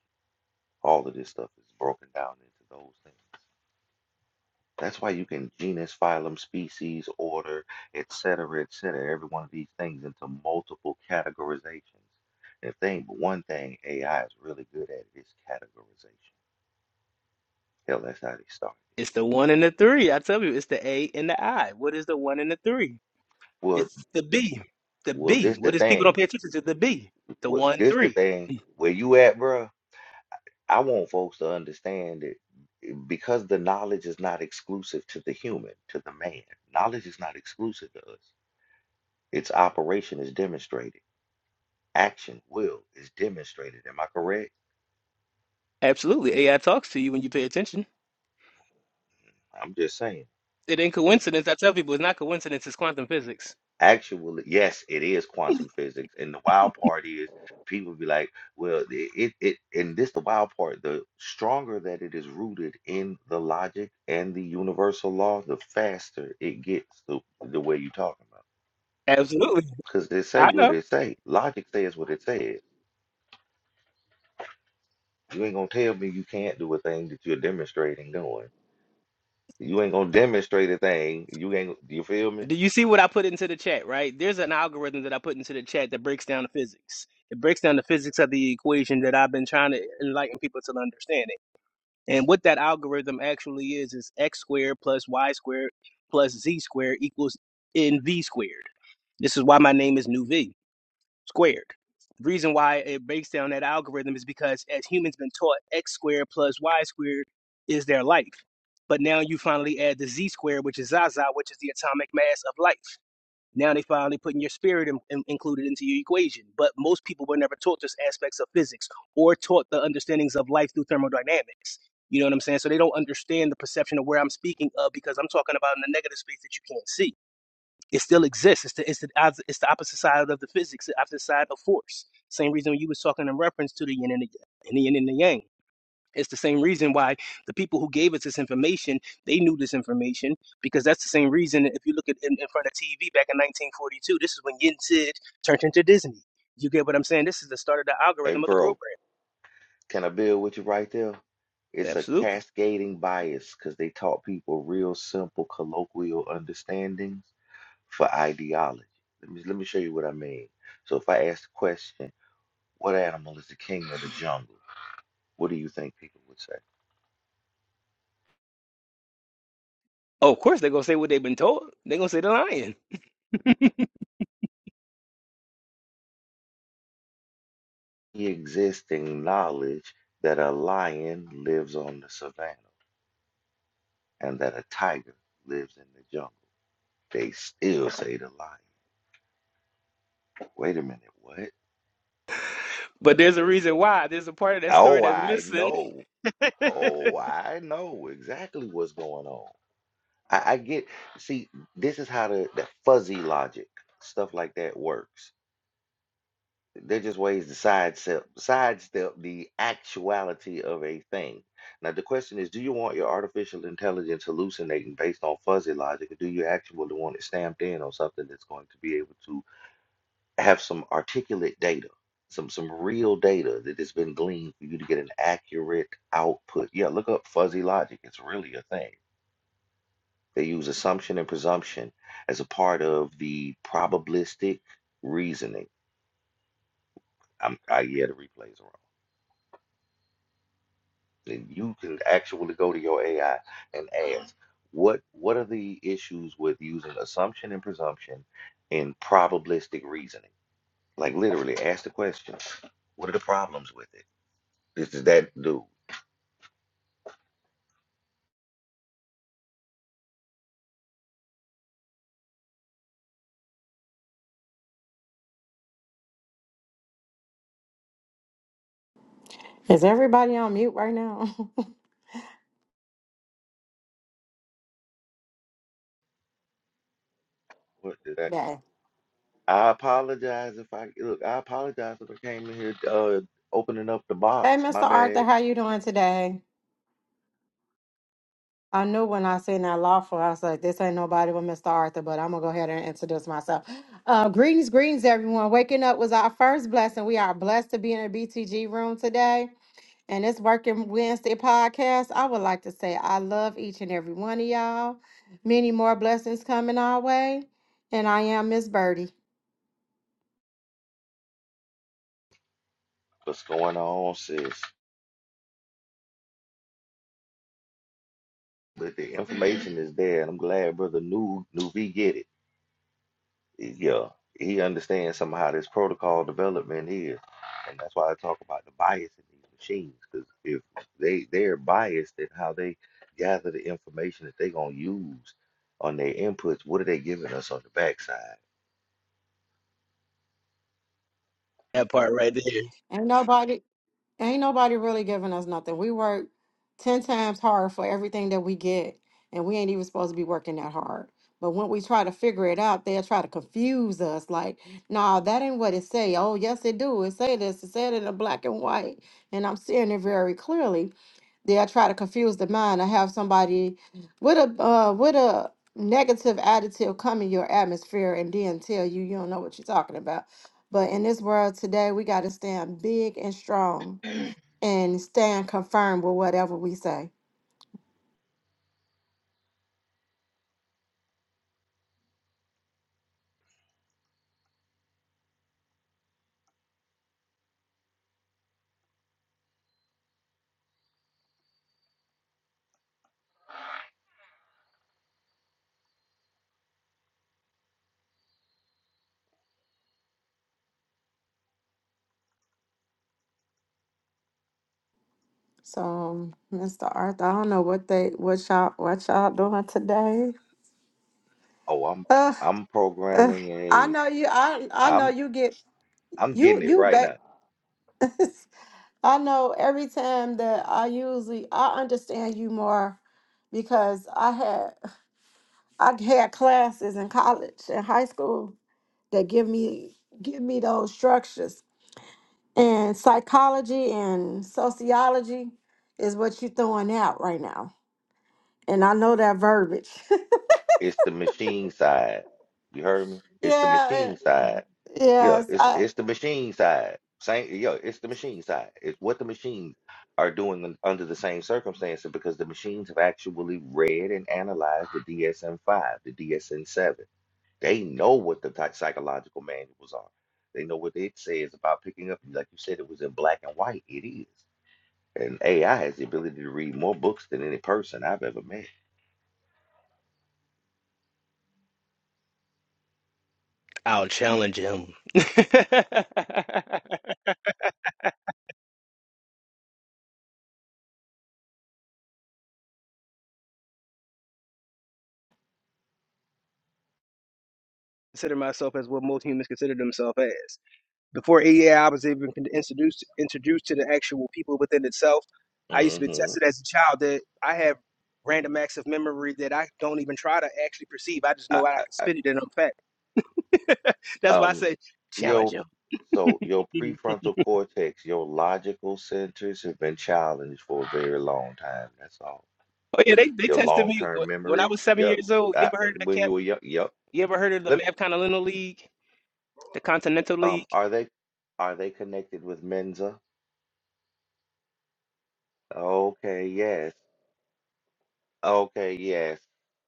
F: all of this stuff is broken down into those things. That's why you can genus, phylum, species, order, et cetera, et cetera, every one of these things into multiple categorizations. And if they ain't but one thing AI is really good at it is categorization. Hell, that's how they started.
J: It's the one and the three. I tell you, it's the A and the I. What is the one and the three?
F: Well,
J: It's the B. The
F: well,
J: B.
F: this the
J: What is people don't
F: thing.
J: pay attention to? The B. The
F: Well,
J: one
F: this the
J: three.
F: thing.
J: Mm.
F: Where you at, bruh? I want folks to understand it because the knowledge is not exclusive to the human, to the man. Knowledge is not exclusive to us. Its operation is is demonstrated. demonstrated. Action will is demonstrated. Am I correct?
J: Absolutely. AI talks to you when you pay attention.
F: I'm just saying.
J: It ain't
F: It-
J: coincidence. I tell people it's not coincidence. It's quantum physics.
F: Actually, yes, it is quantum physics. And the wild part is people be like, well, the- it, it, and this the wild part, the stronger that it is rooted in the logic and the universal law, the faster it gets the, the way you talking about.
J: Absolutely.
F: Because they say
J: I
F: what
J: know.
F: they say. Logic says what it says. You ain't gonna tell me you can't do a thing that you're demonstrating doing. You ain't gonna demonstrate a thing. You ain't, you feel me?
J: Do you see what I put into the chat, right? There's an algorithm that I put into the chat that breaks down the physics. It breaks down the physics of the equation that I've been trying to enlighten people to understand. And what that algorithm actually is is x squared plus y squared plus z squared equals nv squared. This is why my name is New V squared. The reason why it breaks down that algorithm is because as humans been taught x squared plus y squared is their life. But now you finally add the z squared, which is Zaza, which is the atomic mass of light. Now they finally putting your spirit in, in- included into your equation. But most people were never taught just aspects of physics or taught the understandings of life through thermodynamics. You know what I'm saying? So they don't understand the perception of where I'm speaking of because I'm talking about in the negative space that you can't see. It still exists. It's the it's the it's the opposite side of the physics, the opposite side of force. Same reason you was talking in reference to the yin and the, and the yin and the yang it's the same reason why the people who gave us this information, they knew this information because that's the same reason if you look at in, in front of TV back in 1942, this is when Yen Sid turned into Disney. You get what I'm saying? This is the start of the
F: Hey,
J: algorithm of the
F: bro,
J: program.
F: can I build with you right there? It's a
J: Absolutely.
F: cascading bias because they taught people real simple colloquial understandings for ideology. Let me let me show you what I mean. So if I ask the question, what animal is the king of the jungle? What do you think people would say?
J: Oh, of course they're gonna say what they've been told. They're gonna say they're lying.
F: The existing knowledge that a lion lives on the savannah and that a tiger lives in the jungle. They still say the lion. Wait a minute, what?
J: But there's a reason why. There's a part of that story
F: Oh,
J: that's
F: I
J: missing.
F: know. Oh, I know exactly what's going on. I, I get, see, this is how the, the fuzzy logic stuff like that works. They're just ways to sidestep, sidestep the actuality of a thing. Now, the question is, do you want your artificial intelligence hallucinating based on fuzzy logic, or do you actually want it stamped in on something that's going to be able to have some articulate data, some some real data that has been gleaned for you to get an accurate output? Yeah, look up fuzzy logic. It's really a thing. They use assumption and presumption as a part of the probabilistic reasoning. I'm, I yeah, the replays are on. And you can actually go to your AI and ask, what what are the issues with using assumption and presumption in probabilistic reasoning? Like literally, ask the question. What are the problems with it? This is that dude.
K: Is everybody on mute right now?
F: What did that?
K: yeah.
F: I apologize if I look. I apologize if I came in here uh, opening up the
K: Hey,
F: box.
K: Mr.
F: My
K: Arthur,
F: bad.
K: how you doing today? I knew when I seen that law for, I was like, this ain't nobody but Mr. Arthur, but I'm gonna go ahead and introduce myself. Uh, greetings, greetings, everyone. Waking up was our first blessing. We are blessed to be in a BTG room today. And it's Working Wednesday podcast, I would like to say I love each and every one of y'all. Many more blessings coming our way. And I am Miss Birdie.
F: What's going on, sis? But the information is there, and I'm glad Brother New Nuvi get it. Yeah, he understands somehow how this protocol development is, and that's why I talk about the bias in these machines. Because if they they're biased in how they gather the information that they're gonna use on their inputs, what are they giving us on the backside?
J: that part right there.
K: Ain't nobody Ain't nobody really giving us nothing. We work 10 times hard for everything that we get, and we ain't even supposed to be working that hard. But when we try to figure it out, they'll try to confuse us like, nah, that ain't what it say. Oh, yes, it do. It say this. It said it in black and white. And I'm seeing it very clearly. they'll try to confuse the mind I have somebody with a uh, with a negative attitude come in your atmosphere and then tell you you don't know what you're talking about. But in this world today, we got to stand big and strong and stand confirmed with whatever we say. So, um, Mr. Arthur, I don't know what they what y'all what y'all doing today.
F: Oh, I'm
K: Uh,
F: I'm
K: uh,
F: programming
K: I
F: a
K: know you. I I know
F: I'm
K: you get
F: I'm
K: you
F: getting it
K: you
F: right
K: back.
F: now.
K: I know every time that I usually I understand you more because I had I had classes in college and high school that give me give me those structures. And psychology and sociology is what you're throwing out right now. And I know that verbiage.
F: It's the machine side. You heard me? It's the
K: yeah,
F: machine
K: it-
F: side. Yeah,
K: yes.
F: it's it's the machine side. Same, yeah, it's the machine side. It's what the machines are doing un- under the same circumstances because the machines have actually read and analyzed the DSM-5, the DSM-7. They know what the ty- psychological manuals are. They know what it says about picking up. Like you said, it was in black and white. It is. And AI has the ability to read more books than any person I've ever met.
J: I'll challenge him. Consider myself as what most humans consider themselves as. Before AI was even con- introduced introduced to the actual people within itself, I used to be
F: hmm
J: tested as a child that I have random acts of memory that I don't even try to actually perceive. I just
F: I,
J: know I can
F: I, I,
J: spit it and I'm fact. That's why I
F: um,
J: say
F: Your
J: challenge him.
F: so your
J: Mhm.
F: prefrontal cortex, your logical centers have been challenged for a very long time. That's all.
J: Oh yeah, they, they
F: Your
J: tested me
F: long-term
J: wh- when I
F: memory,
J: was seven
F: yep.
J: years old. You
F: Uh,
J: ever heard of the
F: when you
J: camp?
F: were young, yep.
J: You ever heard of the
F: Let,
J: MAV Continental League, the Continental
F: um,
J: League
F: are they are they connected with Mensa? Okay, yes. Okay, yes.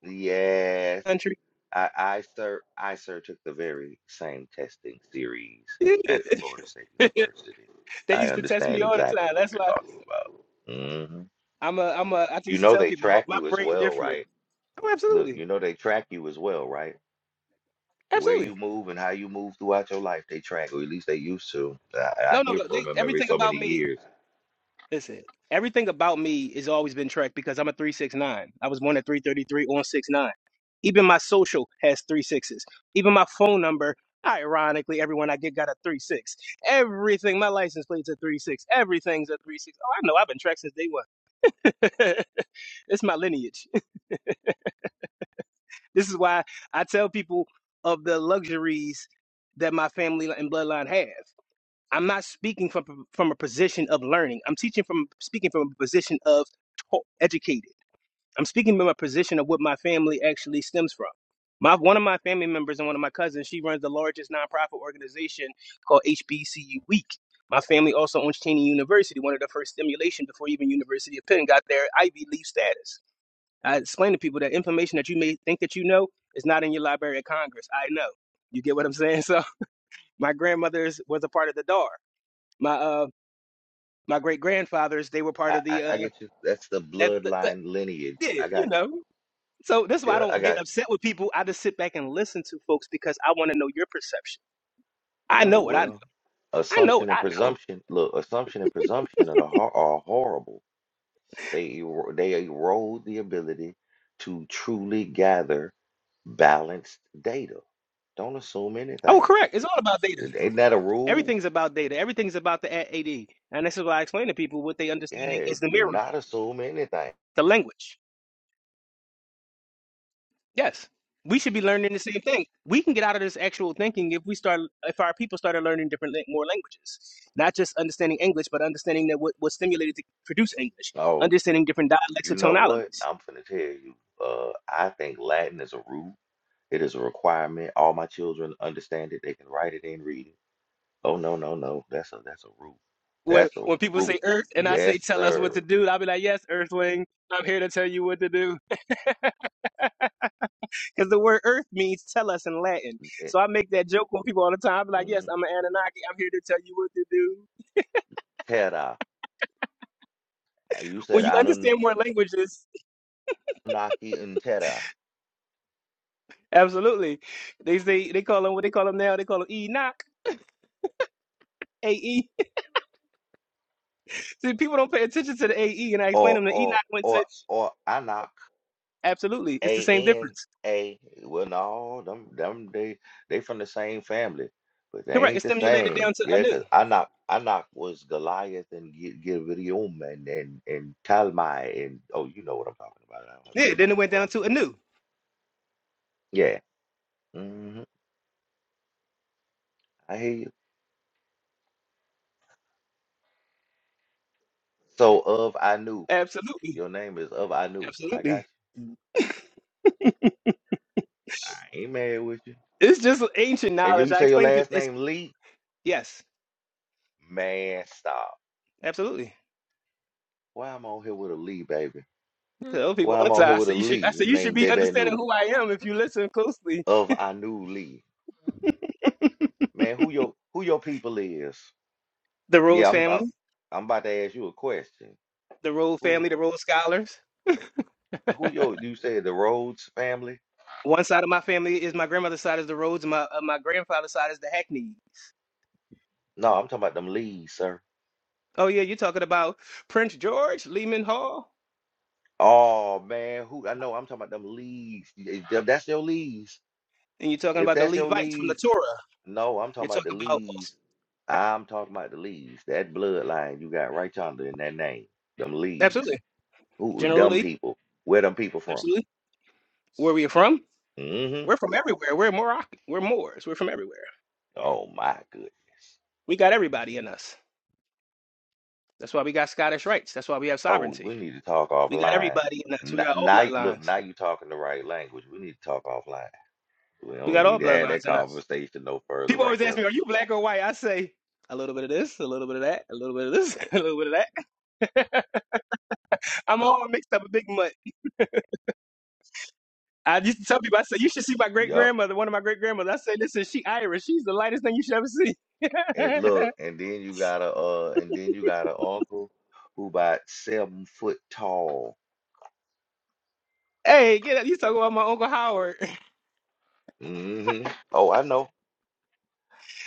F: Yes.
J: country?
F: I I sir I sir took the very same testing series
J: Yeah.
F: at Florida State
J: they
F: University. I
J: used to test me
F: understand
J: all the
F: exactly
J: time.
F: what
J: That's
F: you're
J: why
F: talking about. Mm-hmm.
J: I'm a I'm a I
F: You
J: used to
F: know
J: tell
F: they
J: people my,
F: track
J: my
F: you as
J: brain
F: well,
J: different.
F: right?
J: Oh,
F: Look,
J: absolutely,
F: you know they track you as well, right? Where
J: absolutely.
F: you move and how you move throughout your life, they track, or at least they used to. I,
J: No,
F: I
J: no,
F: hear
J: no.
F: from
J: They,
F: them every
J: everything
F: so
J: about
F: many
J: me,
F: years.
J: listen, everything about me has always been tracked because I'm a 369. I was born at 333 on six nine. Even my social has three sixes. Even my phone number, ironically, everyone I get got a three six. Everything, my license plate's a three six. Everything's a three six. Oh, I know. I've been tracked since day one. it's my lineage. this is why I tell people of the luxuries that my family and bloodline have. I'm not speaking from from a position of learning. I'm teaching from speaking from a position of taught, educated. I'm speaking from a position of what my family actually stems from. My one of my family members and one of my cousins, she runs the largest nonprofit organization called HBCU Week. My family also owns Cheney University, one of the first stimulation before even University of Penn got their Ivy League status. I explain to people that information that you may think that you know is not in your Library of Congress. I know. You get what I'm saying? So my grandmother's was a part of the DAR. My uh, my great grandfathers, they were part
F: I,
J: of
F: I,
J: the
F: I
J: uh
F: get you. That's the
J: that, that, that-
F: bloodline lineage.
J: yeah,
F: I
J: you
F: got you.
J: know. So that's why I
F: Yeah, I
J: don't get
F: got
J: upset with people. I just sit back and listen to folks because I want to know your perception. I
F: you. Oh
J: know what I know.
F: well.
J: I know
F: Assumption
J: what
F: and
J: I know.
F: presumption. Look, assumption and presumption are the hor- are horrible. They ero- they erode the ability to truly gather balanced data. Don't assume
J: Oh,
F: anything.
J: correct. It's all about data.
F: Ain't that a rule?
J: Everything's about data. Everything's about the AD. And this is why I explain to people what they understand
F: Yeah,
J: is the
F: do
J: mirror,
F: not assume anything.
J: the language. Yes. We should be learning the same thing. We can get out of this actual thinking if we start if our people started learning different lang- more languages. Not just understanding English, but understanding that what was stimulated to produce English,
F: Oh,
J: understanding different dialects
F: you
J: or
F: know what?
J: tonalities.
F: I'm finna tell you. Uh, I think Latin is a root. It is a requirement. All my children understand it. They can write it and read it. Oh no, no, no. That's a that's a root.
J: When
F: That's a
J: when people
F: root.
J: say earth and I say
F: Yes,
J: tell us what to
F: sir.
J: do, I'll be like, "Yes, earthling, I'm here to tell you what to do." Cuz the word earth means tell us in Latin.
F: It,
J: So I make that joke with people all the time. i be like, "Yes,
F: mhm.
J: I'm an Anunnaki. I'm here to tell you what to do."
F: Tera. Uh, You
J: When
F: said
J: you understand
F: Anunnaki
J: more languages,
F: and Terra,
J: Absolutely. They say they call him what they call him now. They call him Enoch AE. See, people don't pay attention to the AE, and I explain
F: or
J: them that
F: or
J: Enoch went
F: or
J: to.
F: or Anak.
J: Absolutely, it's the
F: A
J: same
F: N
J: difference.
F: A. Well, no, them them they they from the same family, but they
J: Correct. It
F: ain't the
J: stimulated
F: same.
J: down to
F: yeah. Yeah,
J: Anu.
F: 'cause Anak Anak was Goliath and Gi- Gibeon and and and Talmai and oh, you know what I'm talking about. I don't have to
J: Yeah.
F: go down
J: Then it
F: that
J: went down
F: road.
J: to Anu.
F: Yeah. hmm I hear you. So of I knew
J: Absolutely.
F: your name is of I knew. I got
J: Absolutely.
F: you. I ain't mad with you.
J: It's just ancient
F: And you,
J: knowledge.
F: you
J: I
F: say your
J: explain to people.
F: last
J: It's
F: name Lee?
J: yes.
F: Man, stop.
J: Absolutely.
F: Why I'm on here with a Lee, baby? Hmm?
J: I Tell people
F: Why
J: all
F: I'm
J: the
F: on here
J: time. I
F: with
J: say
F: a
J: you should. I
F: Lee?
J: say
F: His
J: you should
F: name
J: be
F: Debe
J: understanding who I am if you listen closely.
F: of Anu Lee. Man, who your who your people is?
J: The
F: Yeah,
J: Rhodes
F: I'm about
J: family.
F: I'm about to ask you a question.
J: The Rhodes
F: Who
J: family. The Rhodes scholars.
F: who your you said the Rhodes family?
J: One side of my family is my grandmother's side is the Rhodes, my uh, my grandfather's side is the Hackney.
F: No, I'm talking about them Lees, sir.
J: Oh yeah, you're talking about Prince George, Lehman Hall,
F: Oh man, who I know I'm talking about them Lees. Y- if That's your Lees.
J: and you're talking
F: If
J: about the
F: that's your
J: Levites from the
F: Lees,
J: Torah.
F: no, I'm talking
J: You're
F: about the
J: talking about
F: Lees. I'm talking about the Lees. That bloodline you got right yonder in that name. Them Lees.
J: absolutely,
F: Who
J: General
F: dumb
J: Lee,
F: people. Where them people from?
J: absolutely. Where we are from?
F: Mm-hmm.
J: We're from everywhere. We're Moroccan. We're Moors. We're from everywhere.
F: Oh my goodness.
J: We got everybody in us. That's why we got Scottish rights. That's why we have
F: Oh, we
J: sovereignty.
F: need to talk
J: We got
F: offline.
J: everybody in us.
F: N-
J: We got all
F: Now, you- look,
J: bloodlines.
F: now you're talking the right language. We need to talk offline. We
J: We
F: don't
J: got
F: need
J: all
F: to have that
J: bloodlines in us.
F: conversation no further
J: People
F: right
J: always ask
F: there.
J: me, "Are you black or white?" I say, a little bit of this, a little bit of that, a little bit of this, a little bit of that I'm all mixed up a big mutt. I used to tell people, I said, you should see my great
F: Yup.
J: grandmother, one of my great grandmothers. I said, listen, she Irish. She's the lightest thing you should ever see.
F: And look, and then you got a uh, and then you got an uncle who about seven foot tall.
J: hey, get up. You talking about my Uncle Howard.
F: hmm Oh, I know.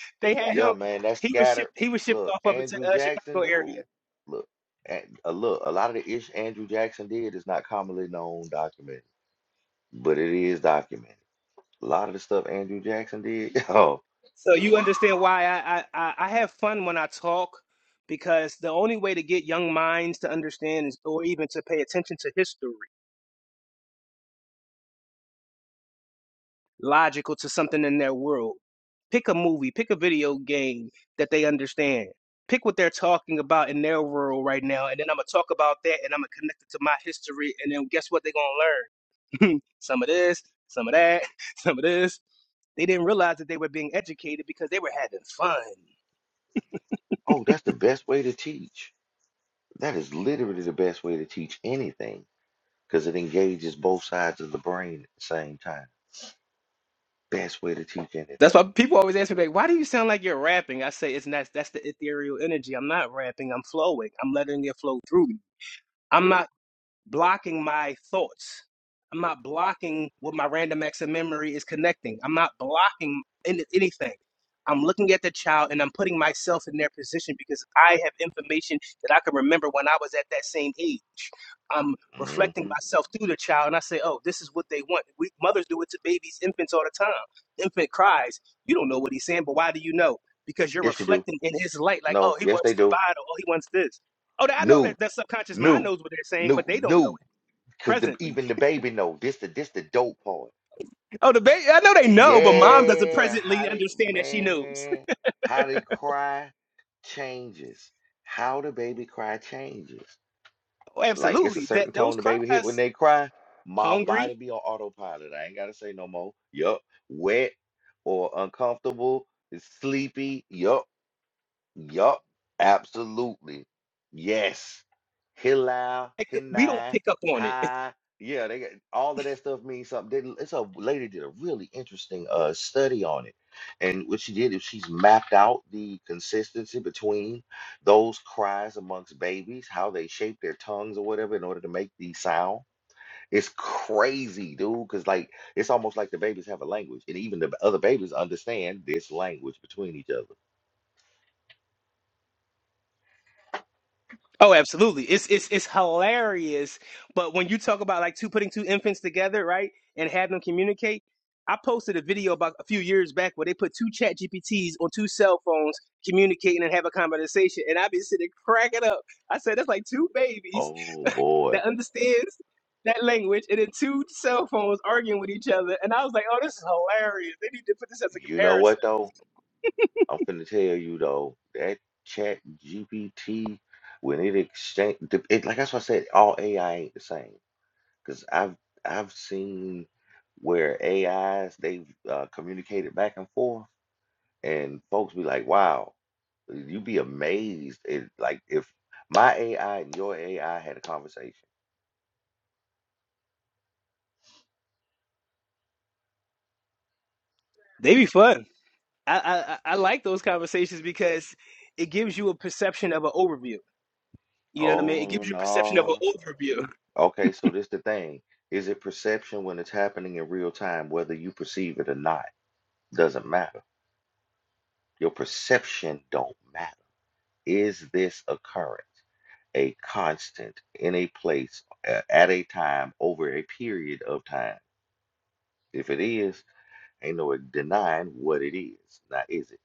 J: they had
F: Yeah,
J: him.
F: man, that's
J: He was
F: scattered.
J: shipped he was shipped
F: Look,
J: off up into
F: Andrew
J: the uh,
F: Jackson,
J: Chicago
F: dude.
J: area.
F: Look, and uh, look, a lot of the ish Andrew Jackson did is not commonly known documented, but it is documented. A lot of the stuff Andrew Jackson did.
J: So you
F: Oh,
J: understand why I, I, I, I have fun when I talk because the only way to get young minds to understand is, or even to pay attention to history logical to something in their world. Pick a movie, pick a video game that they understand. Pick what they're talking about in their world right now, and then I'm gonna talk about that, and I'm gonna connect it to my history, and then guess what? They're gonna learn some of this, some of that, some of this. They didn't realize that they were being educated because they were having fun.
F: oh, that's the best way to teach. That is literally the best way to teach anything because it engages both sides of the brain at the same time. Best way to teach
J: That's why people always ask me, like, "Why do you sound like you're rapping?" I say, "It's not. That's the ethereal energy. I'm not rapping. I'm flowing. I'm letting it flow through me. I'm not blocking my thoughts. I'm not blocking what my random access memory is connecting. I'm not blocking any, anything. I'm looking at the child and I'm putting myself in their position because I have information that I can remember when I was at that same age. I'm
F: anything.
J: reflecting
F: hmm
J: myself through the child and I say, oh, this is what they want. We, mothers do it to babies, infants all the time. Infant cries. You don't know what he's saying, but why do you know? Because you're
F: Yes, you do.
J: reflecting in his light, like,
F: No,
J: oh, he
F: yes,
J: wants
F: they
J: to
F: do.
J: bottle, oh, he wants this. Oh, I know
F: No,
J: that that subconscious mind
F: no,
J: knows what they're saying,
F: no,
J: but they don't know
F: no.
J: it
F: Because the,
J: presently.
F: even the baby know this the this the dope part.
J: Oh, the baby, I know they know, but mom doesn't
F: Yeah, how
J: presently
F: they
J: understand that she knows.
F: man, how they cry changes. How the baby cry changes.
J: Oh,
F: like it's a
J: absolutely. That
F: certain
J: those
F: tone the baby hit when
J: cries,
F: they cry, mom
J: hungry,
F: body be on autopilot. I ain't gotta say no more. Yup. Wet or uncomfortable, it's sleepy. Yup. Yup, absolutely. Yes. Hillel,
J: like, we don't
F: Hinai,
J: pick up on it.
F: Hi. Yeah, they got all of that stuff means something. They, it's a lady did a really interesting uh study on it. And what she did is she's mapped out the consistency between those cries amongst babies, how they shape their tongues or whatever in order to make the sound. It's crazy, dude, because like it's almost like the babies have a language, and even the other babies understand this language between each other.
J: Oh, absolutely. It's it's it's hilarious. But when you talk about like two putting two infants together, right, and have them communicate, I posted a video about a few years back where they put two chat GPTs on two cell phones communicating and have a conversation, and I be sitting cracking up. I said that's like two babies
F: Oh boy.
J: that understands that language and then two cell phones arguing with each other, and I was like, oh, this is hilarious. They need to put this as a
F: You know what
J: comparison.
F: though? I'm finna tell you though, that chat GPT, when it exchange the- it like that's why I said all AI ain't the same. Cause I've I've seen where AIs they've uh, communicated back and forth and folks be like, wow, you be amazed it like if my AI and your AI had a conversation.
J: They be fun. I, I I like those conversations because it gives you a perception of an overview. You know what I mean? It
F: Oh
J: gives you a perception of an
F: no.
J: overview.
F: Okay, so this the thing. Is it perception when it's happening in real time, whether you perceive it or not? Doesn't matter Your perception don't matter. Is this occurrence a constant in a place a- at a time over a period of time? If it is, ain't no denying what it is. Now, is it?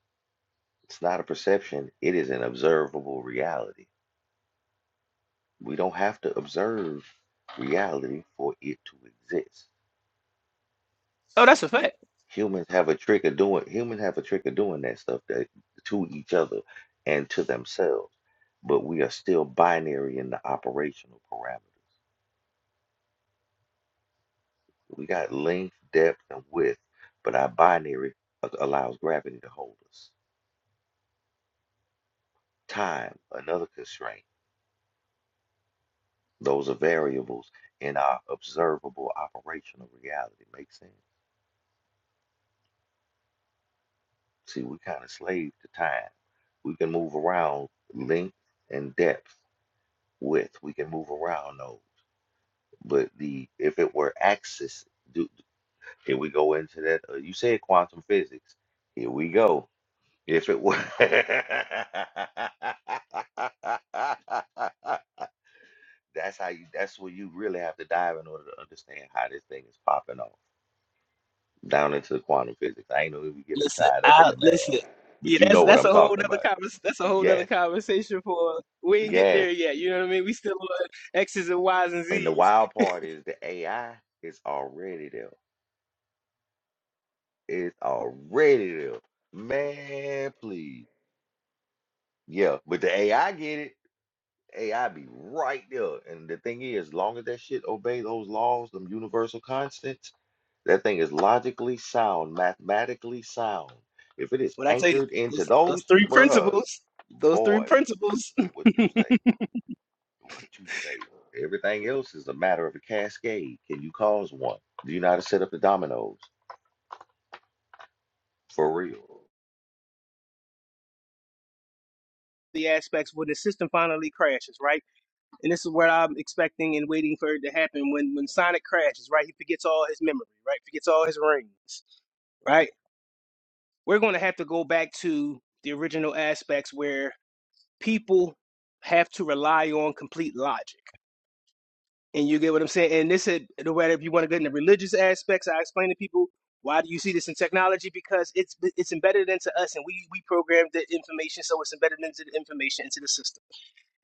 F: It's not a perception. It is an observable reality. We don't have to observe reality for it to exist.
J: Oh, that's a fact.
F: Humans have a trick of doing humans have a trick of doing that stuff that, to each other and to themselves. But we are still binary in the operational parameters. We got length, depth, and width, but our binary a- allows gravity to hold us. Time, another constraint. Those are variables in our observable operational reality. Makes sense. See, we kind of slave to time. We can move around length and depth, width. We can move around those. But the if it were axis, do, here we go into that. Uh, you said quantum physics. Here we go. If it were, that's how you. That's where you really have to dive in order to understand how this thing is popping off down into the quantum physics. I ain't know if we get it
J: Listen,
F: tied up in
J: I
F: the math,
J: listen.
F: but
J: Yeah,
F: you
J: that's
F: know what
J: that's
F: I'm
J: a whole
F: talking
J: other
F: about.
J: convers that's a whole other
F: Yes,
J: conversation for we ain't get
F: yes.
J: there yet. You know what I mean? We still on X's and Y's and
F: And the
J: Z's.
F: wild part is the AI is already there. It's already there. Man, please. Yeah, but the AI get it. AI be right there. And the thing is, long as that shit obey those laws, them universal constants, that thing is logically sound, mathematically sound. If it is
J: When I tell you
F: anchored into
J: those, those
F: those,
J: three
F: bruh,
J: principles, those three
F: boy,
J: principles,
F: what you say, what you say. Everything else is a matter of a cascade. Can you cause one? Do you know how to set up the dominoes? For real.
J: the aspects where the system finally crashes, right? And this is what I'm expecting and waiting for it to happen when when Sonic crashes, right? He forgets all his memory, right? Forgets all his rings, right? We're going to have to go back to the original aspects where people have to rely on complete logic And you get what I'm saying? And this is the way that if you want to get in the religious aspects, I explain to people why do you see this in technology? Because it's it's embedded into us, and we we program the information, so it's embedded into the information into the system.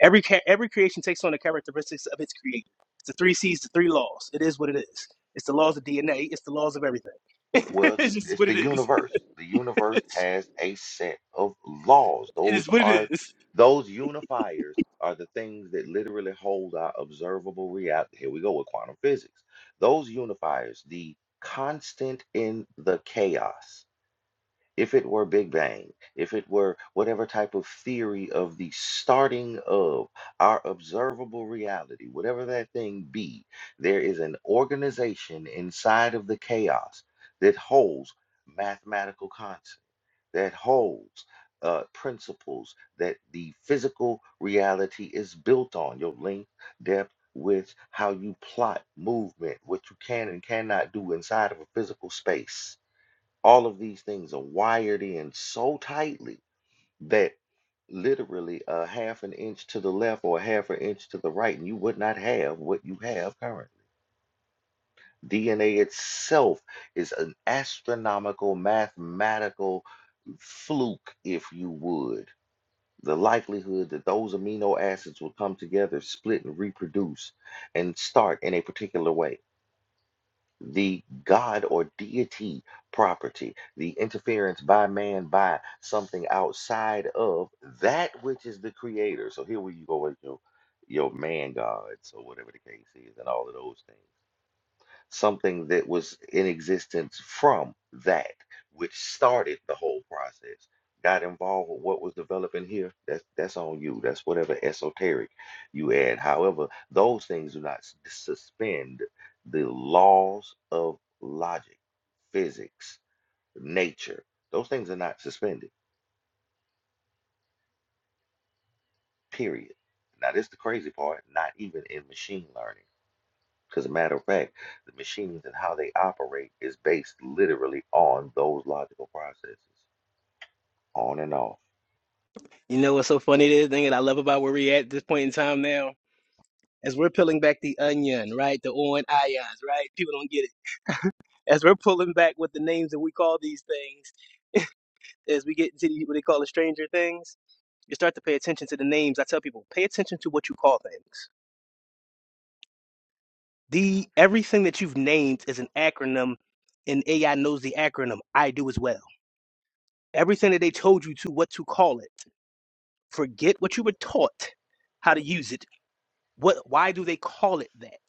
J: Every ca- every creation takes on the characteristics of its creator. It's the three C's, the three laws. It is what it is. It's the laws of DNA. It's the laws of everything.
F: Well,
J: it's just
F: it's
J: what
F: the
J: it is.
F: universe. The universe has a set of laws.
J: It
F: Those
J: is what it
F: are
J: is.
F: those unifiers are the things that literally hold our observable reality. Here we go with quantum physics. Those unifiers, the constant in the chaos if it were Big Bang, if it were whatever type of theory of the starting of our observable reality, whatever that thing be, there is an organization inside of the chaos that holds mathematical concepts, that holds uh, principles that the physical reality is built on, your length, depth, width, how you plot movement, what you can and cannot do inside of a physical space all of these things are wired in so tightly that literally a half an inch to the left or a half an inch to the right, and you would not have what you have currently. DNA itself is an astronomical, mathematical fluke, if you would. The likelihood that those amino acids will come together, split, and reproduce and start in a particular way the God or deity property, the interference by man by something outside of that which is the creator. So here we you go with your your man gods or whatever the case is, and all of those things something that was in existence from that which started the whole process got involved with what was developing here that's that's on you that's whatever esoteric you add however those things do not s- suspend the laws of logic physics nature those things are not suspended period now this is the crazy part not even in machine learning Because, a matter of fact, the machines and how they operate is based literally on those logical processes, on and off.
J: You know what's so funny? The thing that I love about where we're at this point in time now is we're peeling back the onion, right? The O and ions, right? People don't get it. As we're pulling back with the names that we call these things, as we get into the, what they call the stranger things, you start to pay attention to the names. I tell people, pay attention to what you call things. The everything that you've named is an acronym, and AI knows the acronym. I do as well. Everything that they told you to what to call it. Forget what you were taught how to use it. What why do they call it that?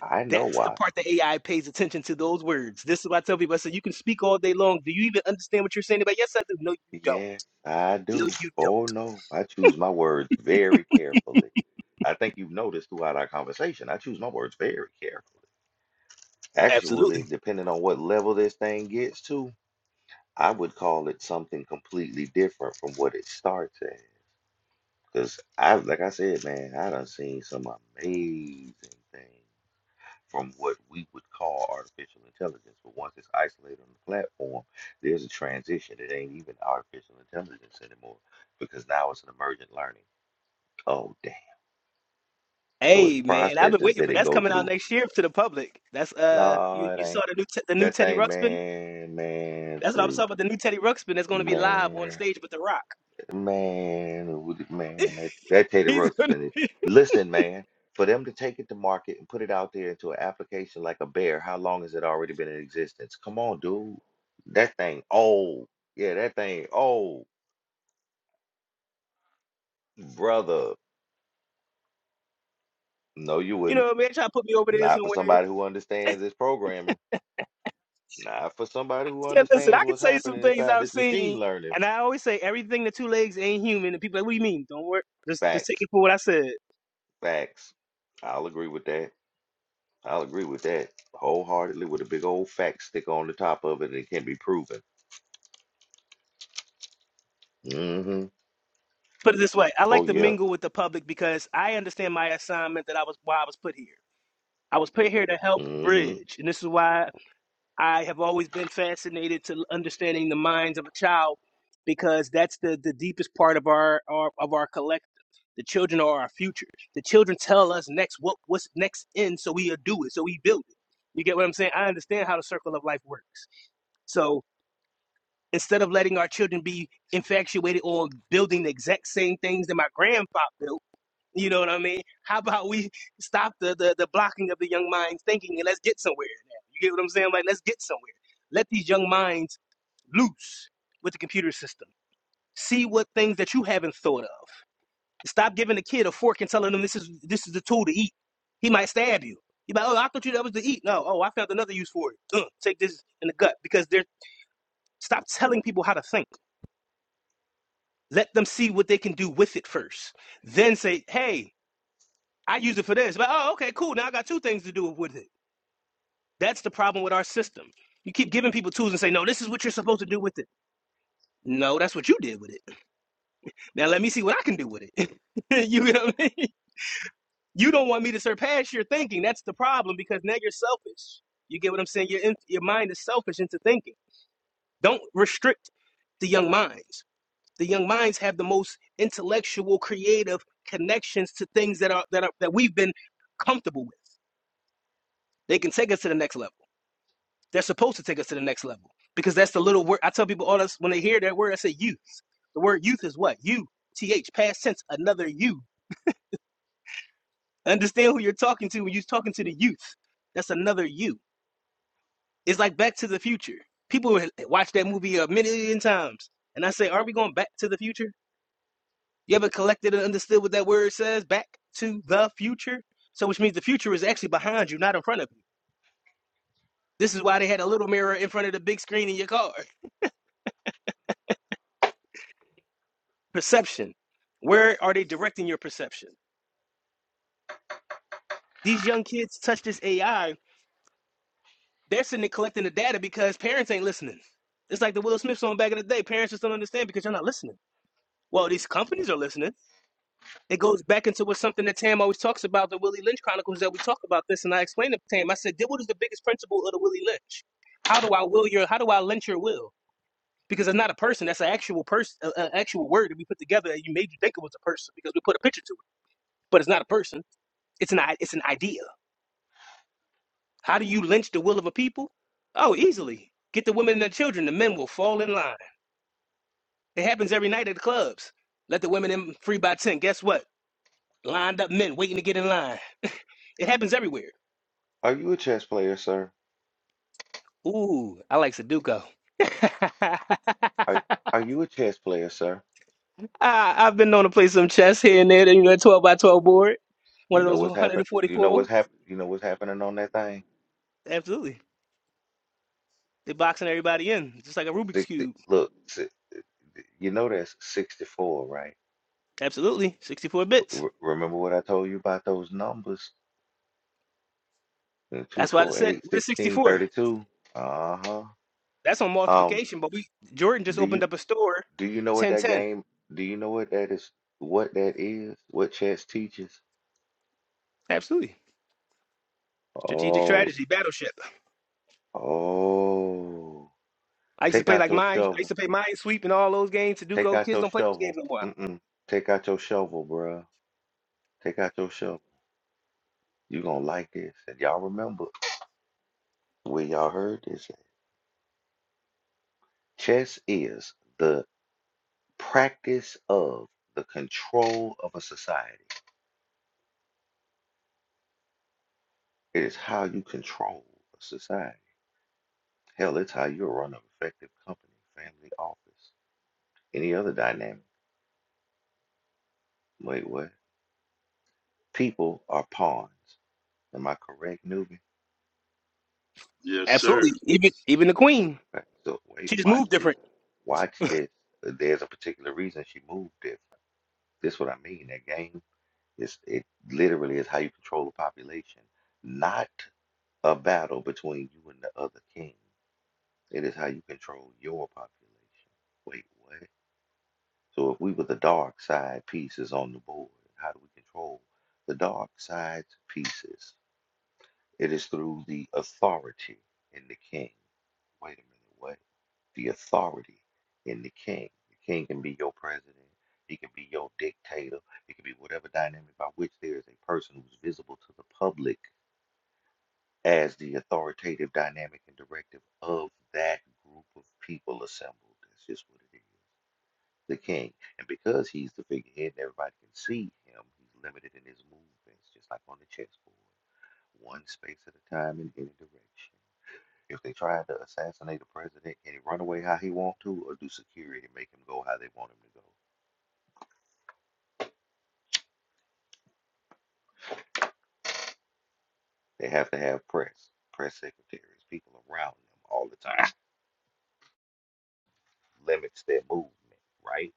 F: I know
J: That's the
F: why.
J: part that AI pays attention to those words. This is why I tell people I said you can speak all day long. Do you even understand what you're saying? But yes, I do. No, you don't.
F: Yes, I do.
J: No, you
F: Oh
J: don't.
F: no, I choose my words very carefully. I think you've noticed throughout our conversation, I choose my words very carefully. Actually,
J: Absolutely.
F: depending on what level this thing gets to, I would call it something completely different from what it starts at. Because I, like I said, man, I done seen some amazing things. from what we would call artificial intelligence. But once it's isolated on the platform, there's a transition. It ain't even artificial intelligence anymore because now it's an emergent learning. Oh, damn. So it's
J: Hey man, I've been
F: processes
J: waiting
F: that
J: for
F: it
J: that's
F: go
J: coming out
F: through.
J: next year to the public. That's uh,
F: No,
J: you,
F: it
J: you saw
F: ain't.
J: the new te- the new
F: That
J: Teddy
F: thing,
J: Ruxpin.
F: man, man,
J: That's what I was
F: please,
J: talking about. The new Teddy Ruxpin that's going to be live on
F: man.
J: stage with The Rock.
F: Man, would it- man, that, that tater
J: He's
F: rug's
J: going to
F: been.
J: be,
F: Listen, man, for them to take it to market and put it out there into an application like a bear, how long has it already been in existence? Come on, dude. That thing old. Yeah, that thing old, brother. No, you
J: you
F: wouldn't.
J: know, man, trying to put me over there
F: Not for
J: somewhere.
F: somebody who understands this programming. Not for somebody who
J: Said, listen,
F: understands
J: I can
F: what's
J: say some
F: happening
J: things
F: inside
J: I've
F: this
J: seen.
F: machine learning.
J: And I always say, everything the two legs ain't human. And people are like, what do you mean? Don't worry. Just, just take
F: Facts,
J: it for what I said.
F: facts. I'll agree with that. I'll agree with that wholeheartedly with a big old fact stick on the top of it and it can be proven. Mm-hmm.
J: Put it this way I
F: Oh
J: like to
F: yeah.
J: mingle with the public because I understand my assignment that I was, why I was put here. I was put here to help
F: Mm-hmm.
J: bridge. And this is why I have always been fascinated to understanding the minds of a child because that's the, the deepest part of our, our of our collective. The children are our future. The children tell us next what what's next in, so we do it, so we build it. You get what I'm saying? I understand how the circle of life works. So instead of letting our children be infatuated on building the exact same things that my grandfather built you know what I mean? How about we stop the, the, the blocking of the young minds thinking and let's get somewhere now. You get what I'm saying? Like, let's get somewhere. Let these young minds loose with the computer system. See what things that you haven't thought of. Stop giving the kid a fork and telling them this is this is the tool to eat. He might stab you. He might, oh, I thought you that was to eat. No, oh, I found another use for it. Ugh, take this in the gut because they're stop telling people how to think. Let them see what they can do with it first. Then say, hey, I use it for this. But oh, okay, cool. Now I got two things to do with it. That's the problem with our system. You keep giving people tools and say, no, this is what you're supposed to do with it. No, that's what you did with it. Now let me see what I can do with it. you know what I mean? You don't want me to surpass your thinking. That's the problem because now you're selfish. You get what I'm saying? Your your mind is selfish into thinking. Don't restrict the young minds. The young minds have the most intellectual, creative connections to things that are that are that we've been comfortable with. They can take us to the next level. They're supposed to take us to the next level because that's the little word I tell people all this when they hear that word. I say youth. The word youth is what U T H past tense another you. Understand who you're talking to when you're talking to the youth. That's another you. It's like Back to the Future. People watch that movie a million times, and I say, are we going back to the future? You ever collected and understood what that word says? Back to the future. So, which means the future is actually behind you, not in front of you. This is why they had a little mirror in front of the big screen in your car. perception. Where are they directing your perception? These young kids touch this AI, they're sitting there collecting the data because parents ain't listening. It's like the Will Smith song back in the day. Parents just don't understand because you're not listening. Well, these companies are listening. It goes back into what something that Tam always talks about, the Willie Lynch Chronicles that we talk about this, and I explained to Tam. I said, what is the biggest principle of the Willie Lynch? How do I will your how do I lynch your will? Because it's not a person, that's an actual person an actual word that we put together that you made you think it was a person because we put a picture to it. But it's not a person. It's an it's an idea How do you lynch the will of a people? Oh, easily. Get the women and the children. The men will fall in line. It happens every night at the clubs. Let the women in free by 10. Guess what? Lined up men waiting to get in line. It happens everywhere.
F: Are you a chess player, sir?
J: Ooh, I like Sudoku. I,
F: Are are you a chess player, sir?
J: I've been known to play some chess here and there, you know, a 12 by 12 board.
F: You
J: One of
F: know
J: those
F: what's happened? You know
J: 144.
F: what's happened? You know what's happening on that thing?
J: Absolutely. They're boxing everybody in, just like a Rubik's
F: 60
J: Cube.
F: look, si- you know that's 64, right?
J: Absolutely. 64 bits.
F: R remember what I told you about those numbers? Uh,
J: That's why they said,
F: 248,
J: what is 64?
F: Uh-huh.
J: That's on
F: Um,
J: multiplication, but we Jordan just
F: do
J: opened
F: you
J: up a store,
F: Do you know what
J: ten
F: that
J: ten.
F: game? Do you know what that is? What that is? What chess teaches?
J: Absolutely. Strategic
F: Oh,
J: strategy, battleship.
F: oh!
J: I used to
F: Take
J: play
F: out
J: like
F: your
J: mine. I used
F: shovel.
J: to play mine sweep and all those games.
F: Take
J: Sudoku
F: out
J: kids
F: your
J: don't play those
F: shovel.
J: games no more.
F: Mm-mm. Take out your shovel, bruh. Take out your shovel. You gonna like this. And y'all remember where y'all heard this? at. Chess is the practice of the control of a society. It is how you control a society. Hell, it's how you run an effective company, family, office. Any other dynamic? Wait, what? People are pawns. Am I correct, newbie?
G: Yes, sir.
J: Absolutely. Even even the queen,
F: Okay. So wait,
J: she just
F: watch
J: moved
F: this.
J: different.
F: Watch this. Uh, There's a particular reason she moved it. This what I mean. That game is it literally is how you control the population. Not a battle between you and the other king. It is how you control your population. Wait, what? So if we were the dark side pieces on the board, how do we control the dark side pieces? It is through the authority in the king. Wait a minute, what? The authority in the king. The king can be your president, he can be your dictator, it can be whatever dynamic by which there is a person who's visible to the public as the authoritative dynamic and directive of that group of people assembled. That's just what it is. The king. And because he's the figurehead and everybody can see him, he's limited in his movements, just like on the chessboard, one space at a time in any direction. If they tried to assassinate a president, can he run away how he want to, or do security make him go how they want him to go? They have to have press, press secretaries, people around them all the time. Limits their movement, right?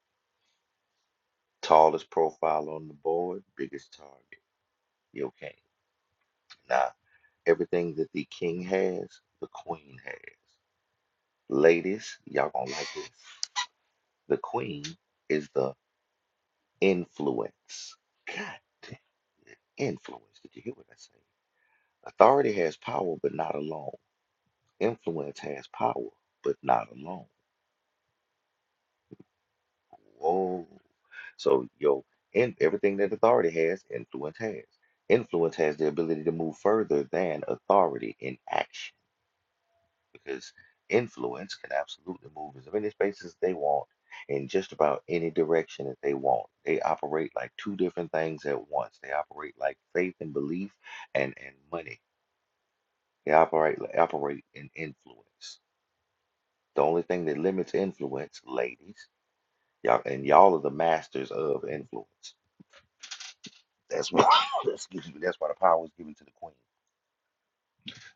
F: Tallest profile on the board, biggest target. You okay? Nah, everything that the king has, the queen has. Ladies, y'all gonna like this. The queen is the influence. Influence. Did you hear what I said? Authority has power, but not alone. Influence has power, but not alone. Whoa. So your in everything that authority has, influence has. Influence has the ability to move further than authority in action because influence can absolutely move as many spaces they want in just about any direction that they want. They operate like two different things at once. They operate like faith and belief and, and money. They operate operate in influence. The only thing that limits influence, ladies, Y'all and y'all are the masters of influence. That's why that's, that's why the power is given to the queen.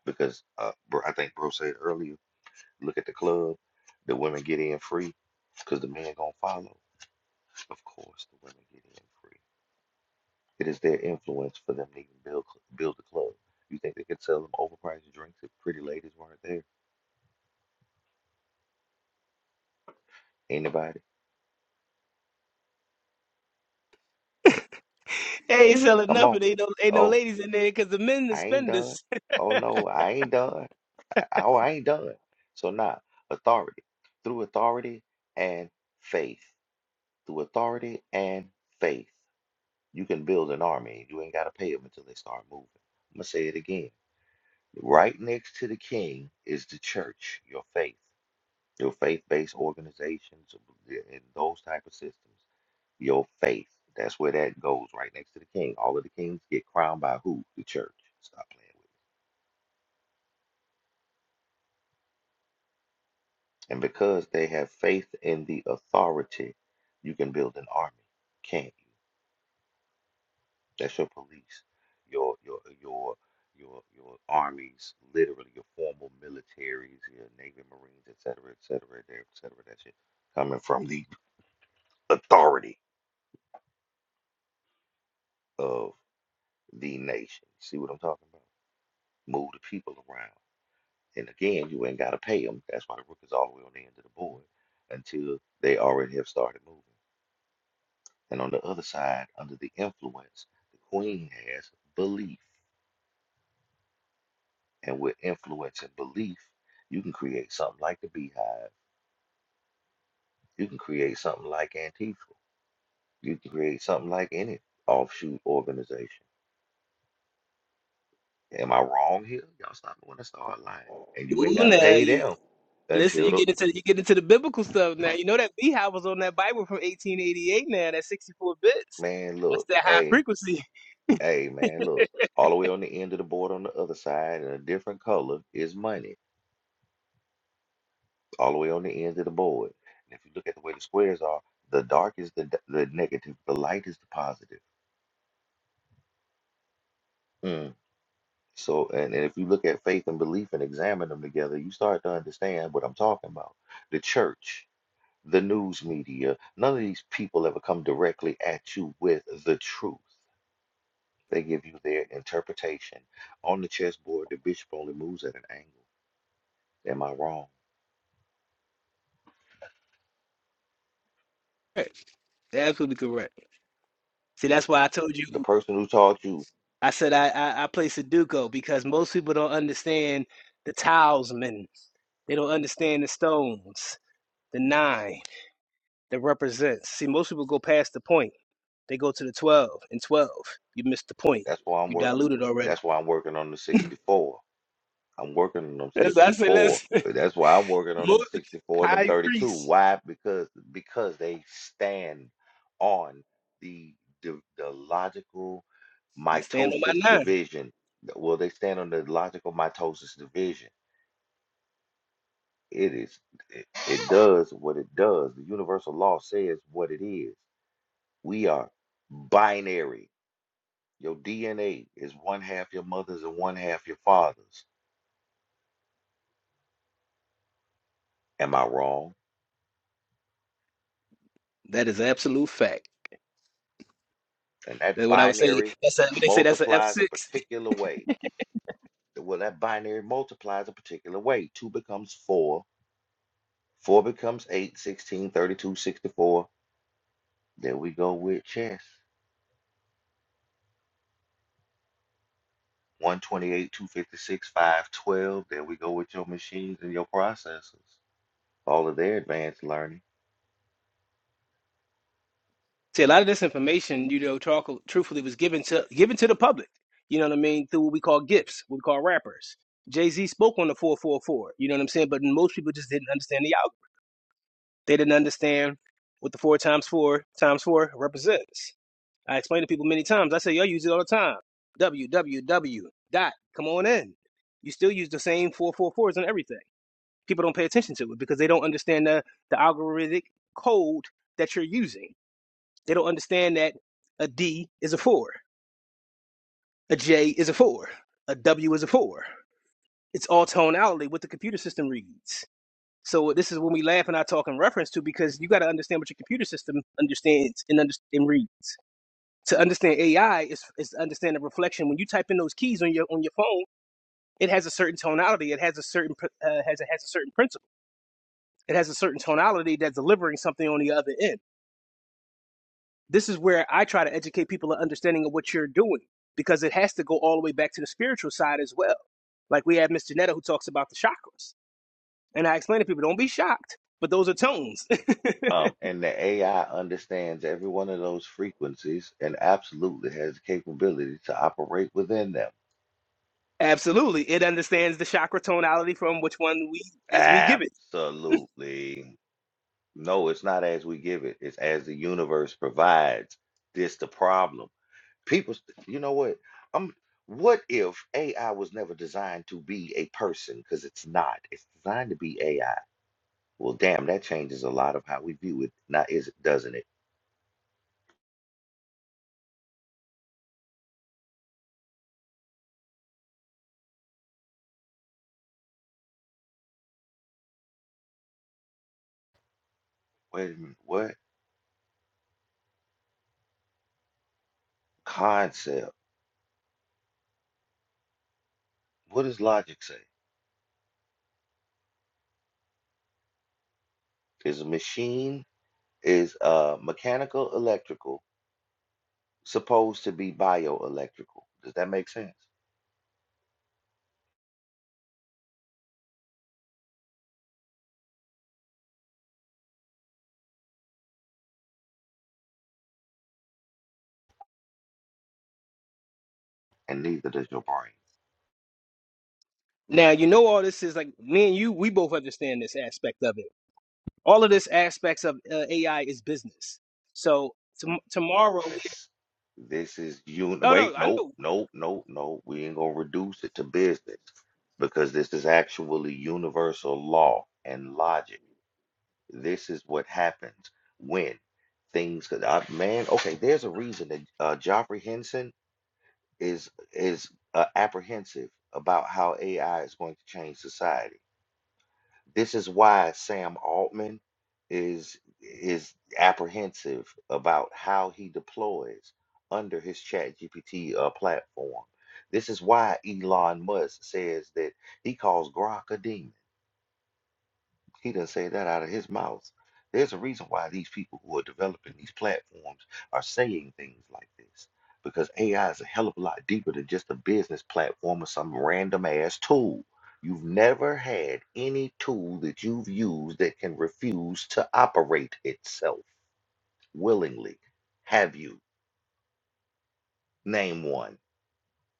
F: Because uh, bro, I think bro said earlier, look at the club, the women get in free because the men gonna follow. Of course, the women get in free. It is their influence for them to even build cl- build the club. You think they could sell them overpriced drinks if pretty ladies weren't there? Anybody?
J: Hey, ain't selling
F: Come on.
J: nothing. Ain't no ain't no
F: Oh,
J: ladies in there because the men are
F: I ain't done.
J: spenders.
F: Oh no, I ain't done. Oh, I ain't done. So now, authority. Through authority and faith. Through authority and faith. You can build an army. You ain't got to pay them until they start moving. I'm going to say it again. Right next to the king is the church, your faith, your faith-based organizations and those type of systems. Your faith. That's where that goes, right next to the king. All of the kings get crowned by who? The church. Stop playing with And because they have faith in the authority, you can build an army, can't you? That's your police, your your your your your armies, literally your formal militaries, your Navy, Marines, et cetera, et cetera, et cetera, et cetera. That shit coming from the authority of the nation. See what I'm talking about? Move the people around. And again, you ain't gotta pay them. That's why the rook is all the way on the end of the board until they already have started moving. And on the other side, under the influence, the queen has belief. And with influence and belief, you can create something like the beehive. You can create something like Antifa. You can create something like any offshoot organization. Am I wrong here? Y'all stop me when I start lying. And you ain't
J: Ooh,
F: got to
J: now
F: pay
J: you
F: them
J: listen.
F: until
J: You
F: the
J: get into you get into the biblical stuff now. You know that beehive was on that Bible from 1888. Now that's 64 bits.
F: man
J: That's
F: look.
J: that high
F: Hey,
J: frequency.
F: hey, man, look. All the way on the end of the board on the other side in a different color is money all the way on the ends of the board. And if you look at the way the squares are, the dark is the d- the negative, the light is the positive. Mm. So, and, and if you look at faith and belief and examine them together, you start to understand what I'm talking about. The church, the news media, none of these people ever come directly at you with the truth. They give you their interpretation. On the chessboard, the bishop only moves at an angle. Am I wrong?
J: Correct. Absolutely correct. See, that's why I told
F: The
J: you.
F: person who taught you,
J: I said I, I, I play Sudoku because most people don't understand the talisman. They don't understand the stones, the nine, the represents. See, most people go past the point. They go to the 12 and 12. You missed the point.
F: that's why I'm
J: You
F: working.
J: diluted already.
F: That's why I'm working on the 64. I'm working on them
J: That's, I said,
F: 64.
J: listen,
F: That's why I'm working on
J: Mo-
F: them 64 and them
J: high
F: 32.
J: priest,
F: Why? Because because they stand on the the, the logical
J: I stand on
F: mitosis
J: my nine.
F: division. Well, they stand on the logical mitosis division. It is it, it does what it does. The universal law says what it is. We are binary. Your DNA is one half your mother's and one half your father's. Am I wrong?
J: That is absolute fact.
F: and that
J: That's what I would say.
F: binary
J: That's a, what they say. That's an
F: multiplies a
J: F6.
F: particular way. Well, that binary multiplies a particular way. 2 becomes 4, 4 becomes 8, 16, 32, 64. There we go with chess. 128, 256, 512. There we go with your machines and your processors. All of their advanced learning.
J: See, a lot of this information, you know, talk, truthfully was given to given to the public. You know what I mean? Through what we call gifts, what we call rappers. Jay Z spoke on the 444. You know what I'm saying? But most people just didn't understand the algorithm. They didn't understand what the four times four times four represents. I explain to people many times. I say, "Y'all use it all the time. www dot. Come on in. You still use the same four four fours and everything. People don't pay attention to it because they don't understand the, the algorithmic code that you're using. They don't understand that a D is a 4, a J is a 4, a W is a 4. It's all tonality what the computer system reads. So this is when we laugh and I talk in reference to because you got to understand what your computer system understands and, under- and reads. to understand AI is is to understand the reflection. When you type in those keys on your on your phone, it has a certain tonality. It has a certain uh, has a, has a certain principle. It has a certain tonality that's delivering something on the other end. This is where I try to educate people an understanding of what you're doing because it has to go all the way back to the spiritual side as well. Like we have Miss Janetta who talks about the chakras, and I explain to people, don't be shocked, but those are tones.
F: Um, and the AI understands every one of those frequencies and absolutely has the capability to operate within them.
J: Absolutely, it understands the chakra tonality from which one we as we give it
F: Absolutely. No, it's not as we give it. It's as the universe provides. This the problem. People, you know what? I'm. What if AI was never designed to be a person? Because it's not. It's designed to be AI. Well, damn, that changes a lot of how we view it. Now, is it? Doesn't it? Wait a minute. What concept? What does logic say? Is a machine is uh mechanical electrical supposed to be bioelectrical? Does that make sense? And neither does your brain.
J: Now you know all this is like me and you. We both understand this aspect of it. All of this aspects of uh, AI is business. So tom tomorrow, we,
F: business. This is you.
J: no,
F: Wait,
J: no, I
F: nope,
J: know
F: nope, nope, nope. We ain't gonna reduce it to business because this is actually universal law and logic. This is what happens when things. could- Uh, man, okay. There's a reason that uh, Joffrey Henson is is uh, apprehensive about how AI is going to change society this is why Sam Altman is is apprehensive about how he deploys under his ChatGPT uh, platform. This is why Elon Musk says that he calls Grok a demon he doesn't say that out of his mouth. There's a reason why these people who are developing these platforms are saying things like this. Because AI is a hell of a lot deeper than just a business platform or some random ass tool. You've never had any tool that you've used that can refuse to operate itself willingly. Have you? Name one.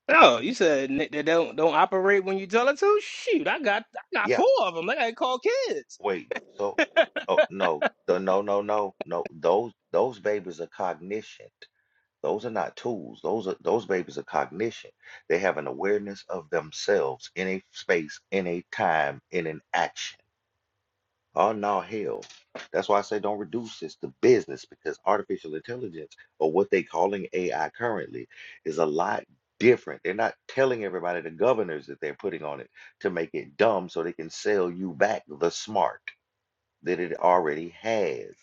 J: No, you said n- they don't don't operate when you tell it to. Shoot, I got I got
F: Yeah,
J: four of them. I gotta call kids.
F: wait. So, oh no, the- no, no, no, no. Those those babies are cognition. Those are not tools. Those are those babies are cognition. They have an awareness of themselves in a space, in a time, in an action. Oh no, hell. That's why I say don't reduce this to business because artificial intelligence or what they calling AI currently is a lot different. They're not telling everybody the governors that they're putting on it to make it dumb so they can sell you back the smart that it already has.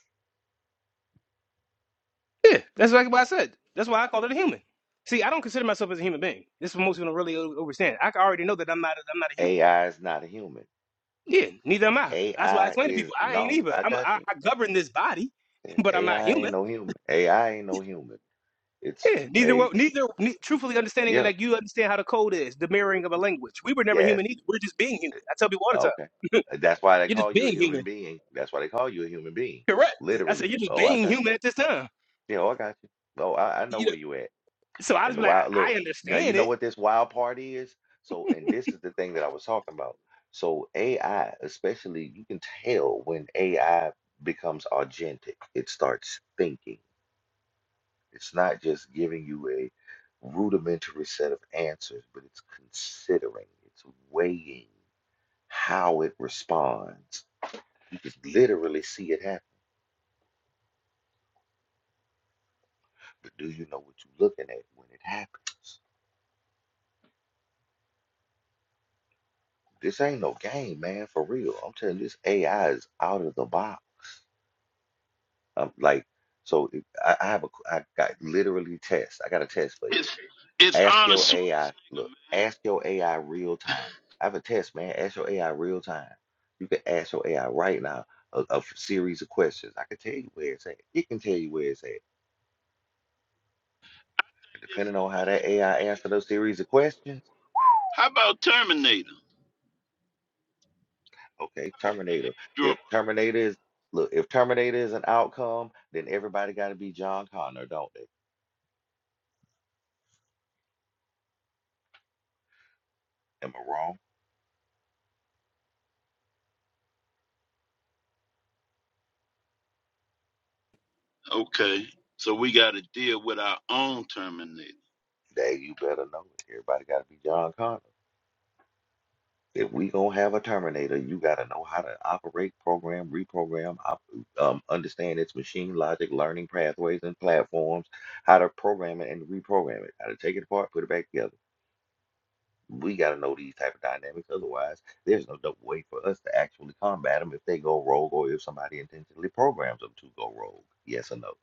J: Yeah, that's exactly what I said. That's why I call it a human. See, I don't consider myself as a human being. This is what most people don't really o- understand. I already know that I'm not a, I'm not a human
F: AI is not a human.
J: being. Yeah, neither am I. That's why I
F: AI
J: explain to
F: is
J: people I ain't
F: no,
J: either.
F: I
J: I'm
F: got
J: I,
F: you.
J: I
F: No.
J: govern this body,
F: Yeah,
J: but I'm not
F: AI ain't
J: human.
F: no human. AI ain't no human. It's
J: Yeah, neither
F: a
J: were neither ne, truthfully understanding it
F: yeah,
J: like you understand how the code is the mirroring of a language. We were never
F: yes,
J: human either. We're just being human. I tell people all the
F: okay.
J: time,
F: Uh, That's why they
J: you're
F: call
J: just
F: you a
J: being
F: human
J: human.
F: being. That's why they call you a human being.
J: Correct. I said
F: Literally.
J: you're just
F: Oh, I
J: being
F: got you.
J: human at this time.
F: Yeah, oh, I got you. Oh, I, I know
J: You know,
F: where you at.
J: so I
F: And
J: just
F: the
J: be like,
F: wild
J: I, I
F: look. Now you
J: understand
F: know
J: it.
F: what this wild part is. So, and this is the thing that I was talking about. So AI, especially, you can tell when AI becomes agentic. It starts thinking. It's not just giving you a rudimentary set of answers, but it's considering, it's weighing how it responds. You can literally see it happen, but do you know what you're looking at when it happens? This ain't no game, man, for real. I'm telling you, this AI is out of the box. I'm like, so if, I, I have a, I got literally tests. I got a test for you.
G: It's it's
F: Ask
G: Arnold
F: your AI,
G: Schwarzenegger,
F: look,
G: man.
F: ask your AI real time. I have a test, man. Ask your AI real time. You can ask your AI right now a, a f- series of questions. I can tell you where it's at. It can tell you where it's at. And
G: This
F: depending on
G: stuff
F: how
G: is
F: that AI answer those series of
G: Terminator.
F: questions,
G: How about Terminator?
F: okay, Terminator.
G: Draw.
F: If Terminator is, look, if Terminator is an outcome, then everybody got to be John Connor, don't they? Am I wrong?
G: Okay, so we got to deal with our own Terminator.
F: Dang, you better know it. Everybody got to be John Connor. If we gonna have a Terminator, you gotta know how to operate, program, reprogram, op um, understand its machine logic, learning pathways and platforms, how to program it and reprogram it, how to take it apart, put it back together. We gotta know these type of dynamics. Otherwise, there's no double way for us to actually combat them if they go rogue or if somebody intentionally programs them to go rogue. Yes or no?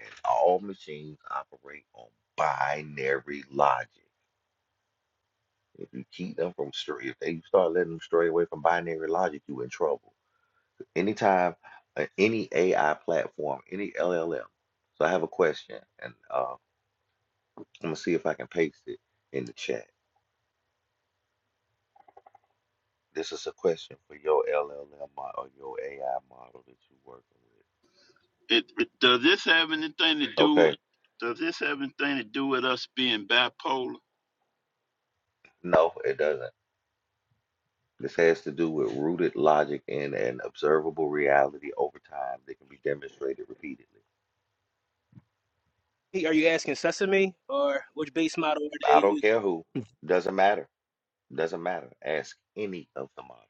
F: And all machines operate on binary logic. If you keep them from stray, if they start letting them stray away from binary logic, you in trouble. anytime uh, any AI platform, any LLM. So I have a question, and uh, I'm gonna see if I can paste it in the chat. This is a question for your LLM model or your AI model that you're working with.
G: It, it- does this have anything to do?
F: Okay,
G: Does this have anything to do with us being bipolar?
F: no, it doesn't. This has to do with rooted logic in an observable reality over time that can be demonstrated repeatedly.
J: Hey, are you asking Sesame or which base model are
F: I
J: they
F: don't
J: using?
F: care who, doesn't matter, doesn't matter. Ask any of the models.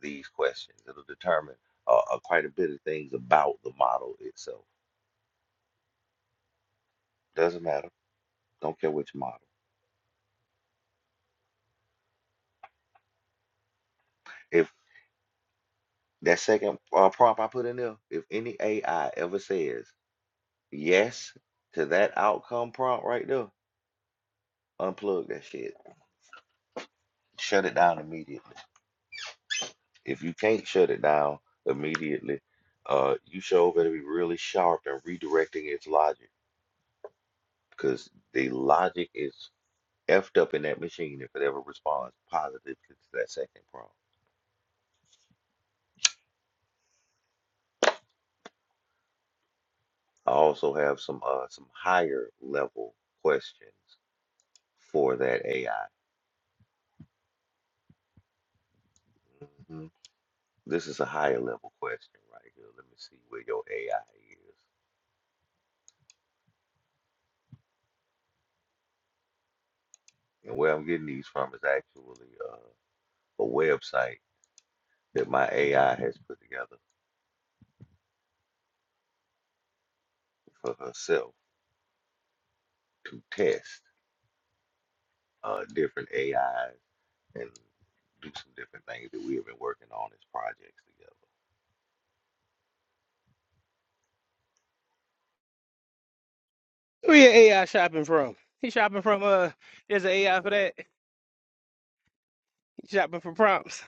F: these questions. It'll determine uh, uh, quite a bit of things about the model itself. Doesn't matter. Don't care which model. If that second uh, prompt I put in there, if any AI ever says yes to that outcome prompt right there, unplug that shit. Shut it down immediately. If you can't shut it down immediately, uh, you sure better be really sharp and redirecting its logic because the logic is effed up in that machine if it ever responds positive to that second prompt. I also have some uh some higher level questions for that AI. hmm This is a higher level question right here. Let me see where your AI is. And where I'm getting these from is actually uh, a website that my AI has put together for herself to test uh, different AIs and do some different things that we have been working on as projects together.
J: Where your AI shopping from? He shopping from uh, there's an AI for that. He shopping from prompts.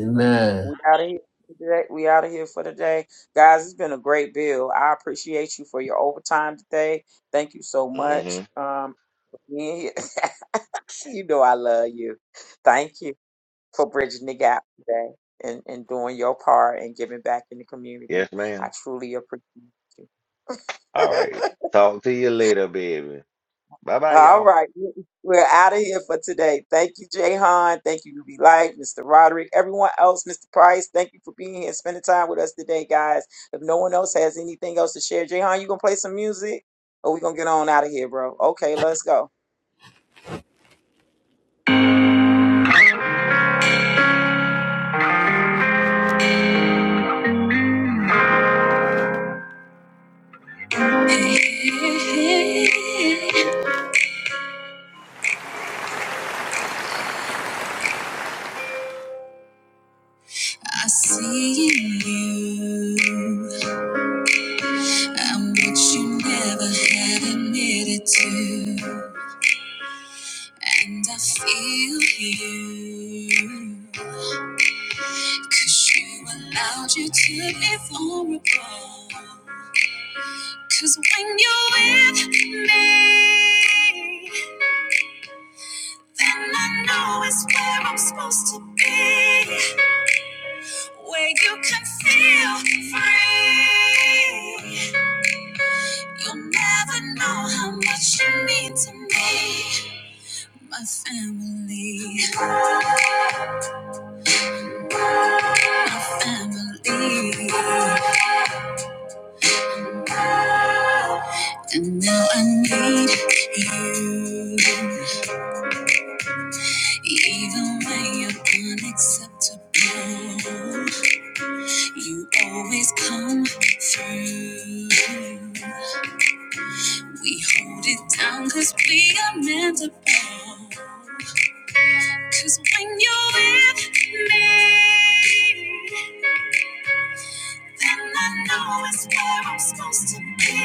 A: Amen.
B: We out of here for today. We out of here for today. Guys, it's been a great bill. I appreciate you for your overtime today. Thank you so much.
F: hmm
B: Um for being here. you know I love you. Thank you for bridging the gap today and, and doing your part and giving back in the community.
F: Yes,
B: I
F: ma'am.
B: truly appreciate
F: All
B: you.
F: right. Talk to you later, baby. Bye bye,
B: All
F: y'all.
B: right. We're out of here for today. Thank you, Jahan. Thank you, Ruby Light, Mr. Roderick, everyone else, Mr. Price. Thank you for being here and spending time with us today, guys. If no one else has anything else to share, Jahan, you gonna play some music? Or we gonna get on out of here, bro? Okay, let's go.
A: I see in you. I'm what you never had admitted to. And I feel you. Cause you allowed you to be vulnerable. Cause when you're with me, then I know it's where I'm supposed to be. Where you can feel free. You'll never know how much you mean to me. My family, family. And now I need you. Even when you're unacceptable, you always come through. We hold it down because we are meant to bond. Cause when you're with me, then I know it's where I'm supposed to be.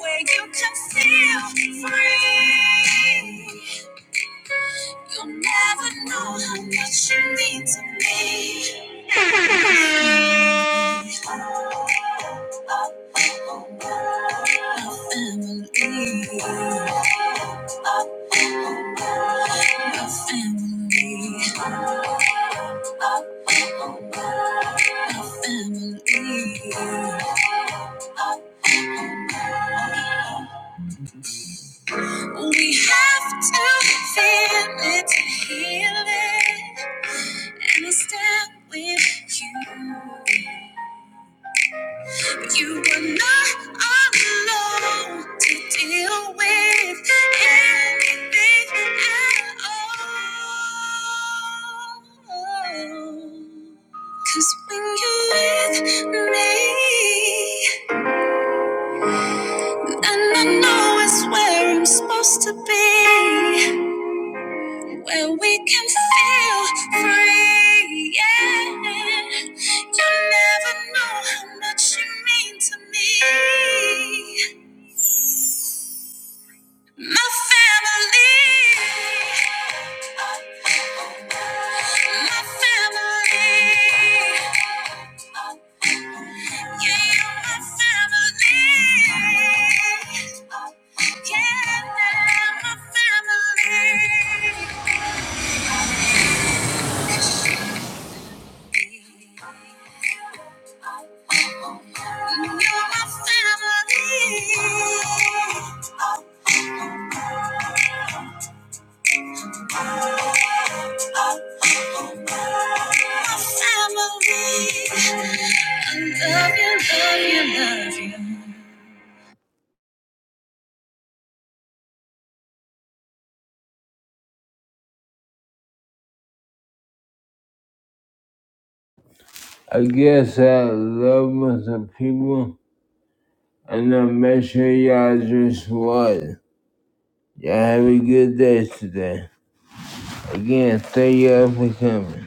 A: Where you can feel free. You'll never know how much you mean to me. Family, family, family. We have to feel it to heal it and I stand with you. You were not alone to deal with anything at all. Cause when you're with me, and I know it's where I'm supposed to be, where we can feel free. Yeah, you never know how much you mean to me. My family, my family, yeah, you're my family, yeah, my family. You're my family. I guess I love with the people, and I'll make sure y'all just what. Y'all have a good day today. Again, thank y'all for coming.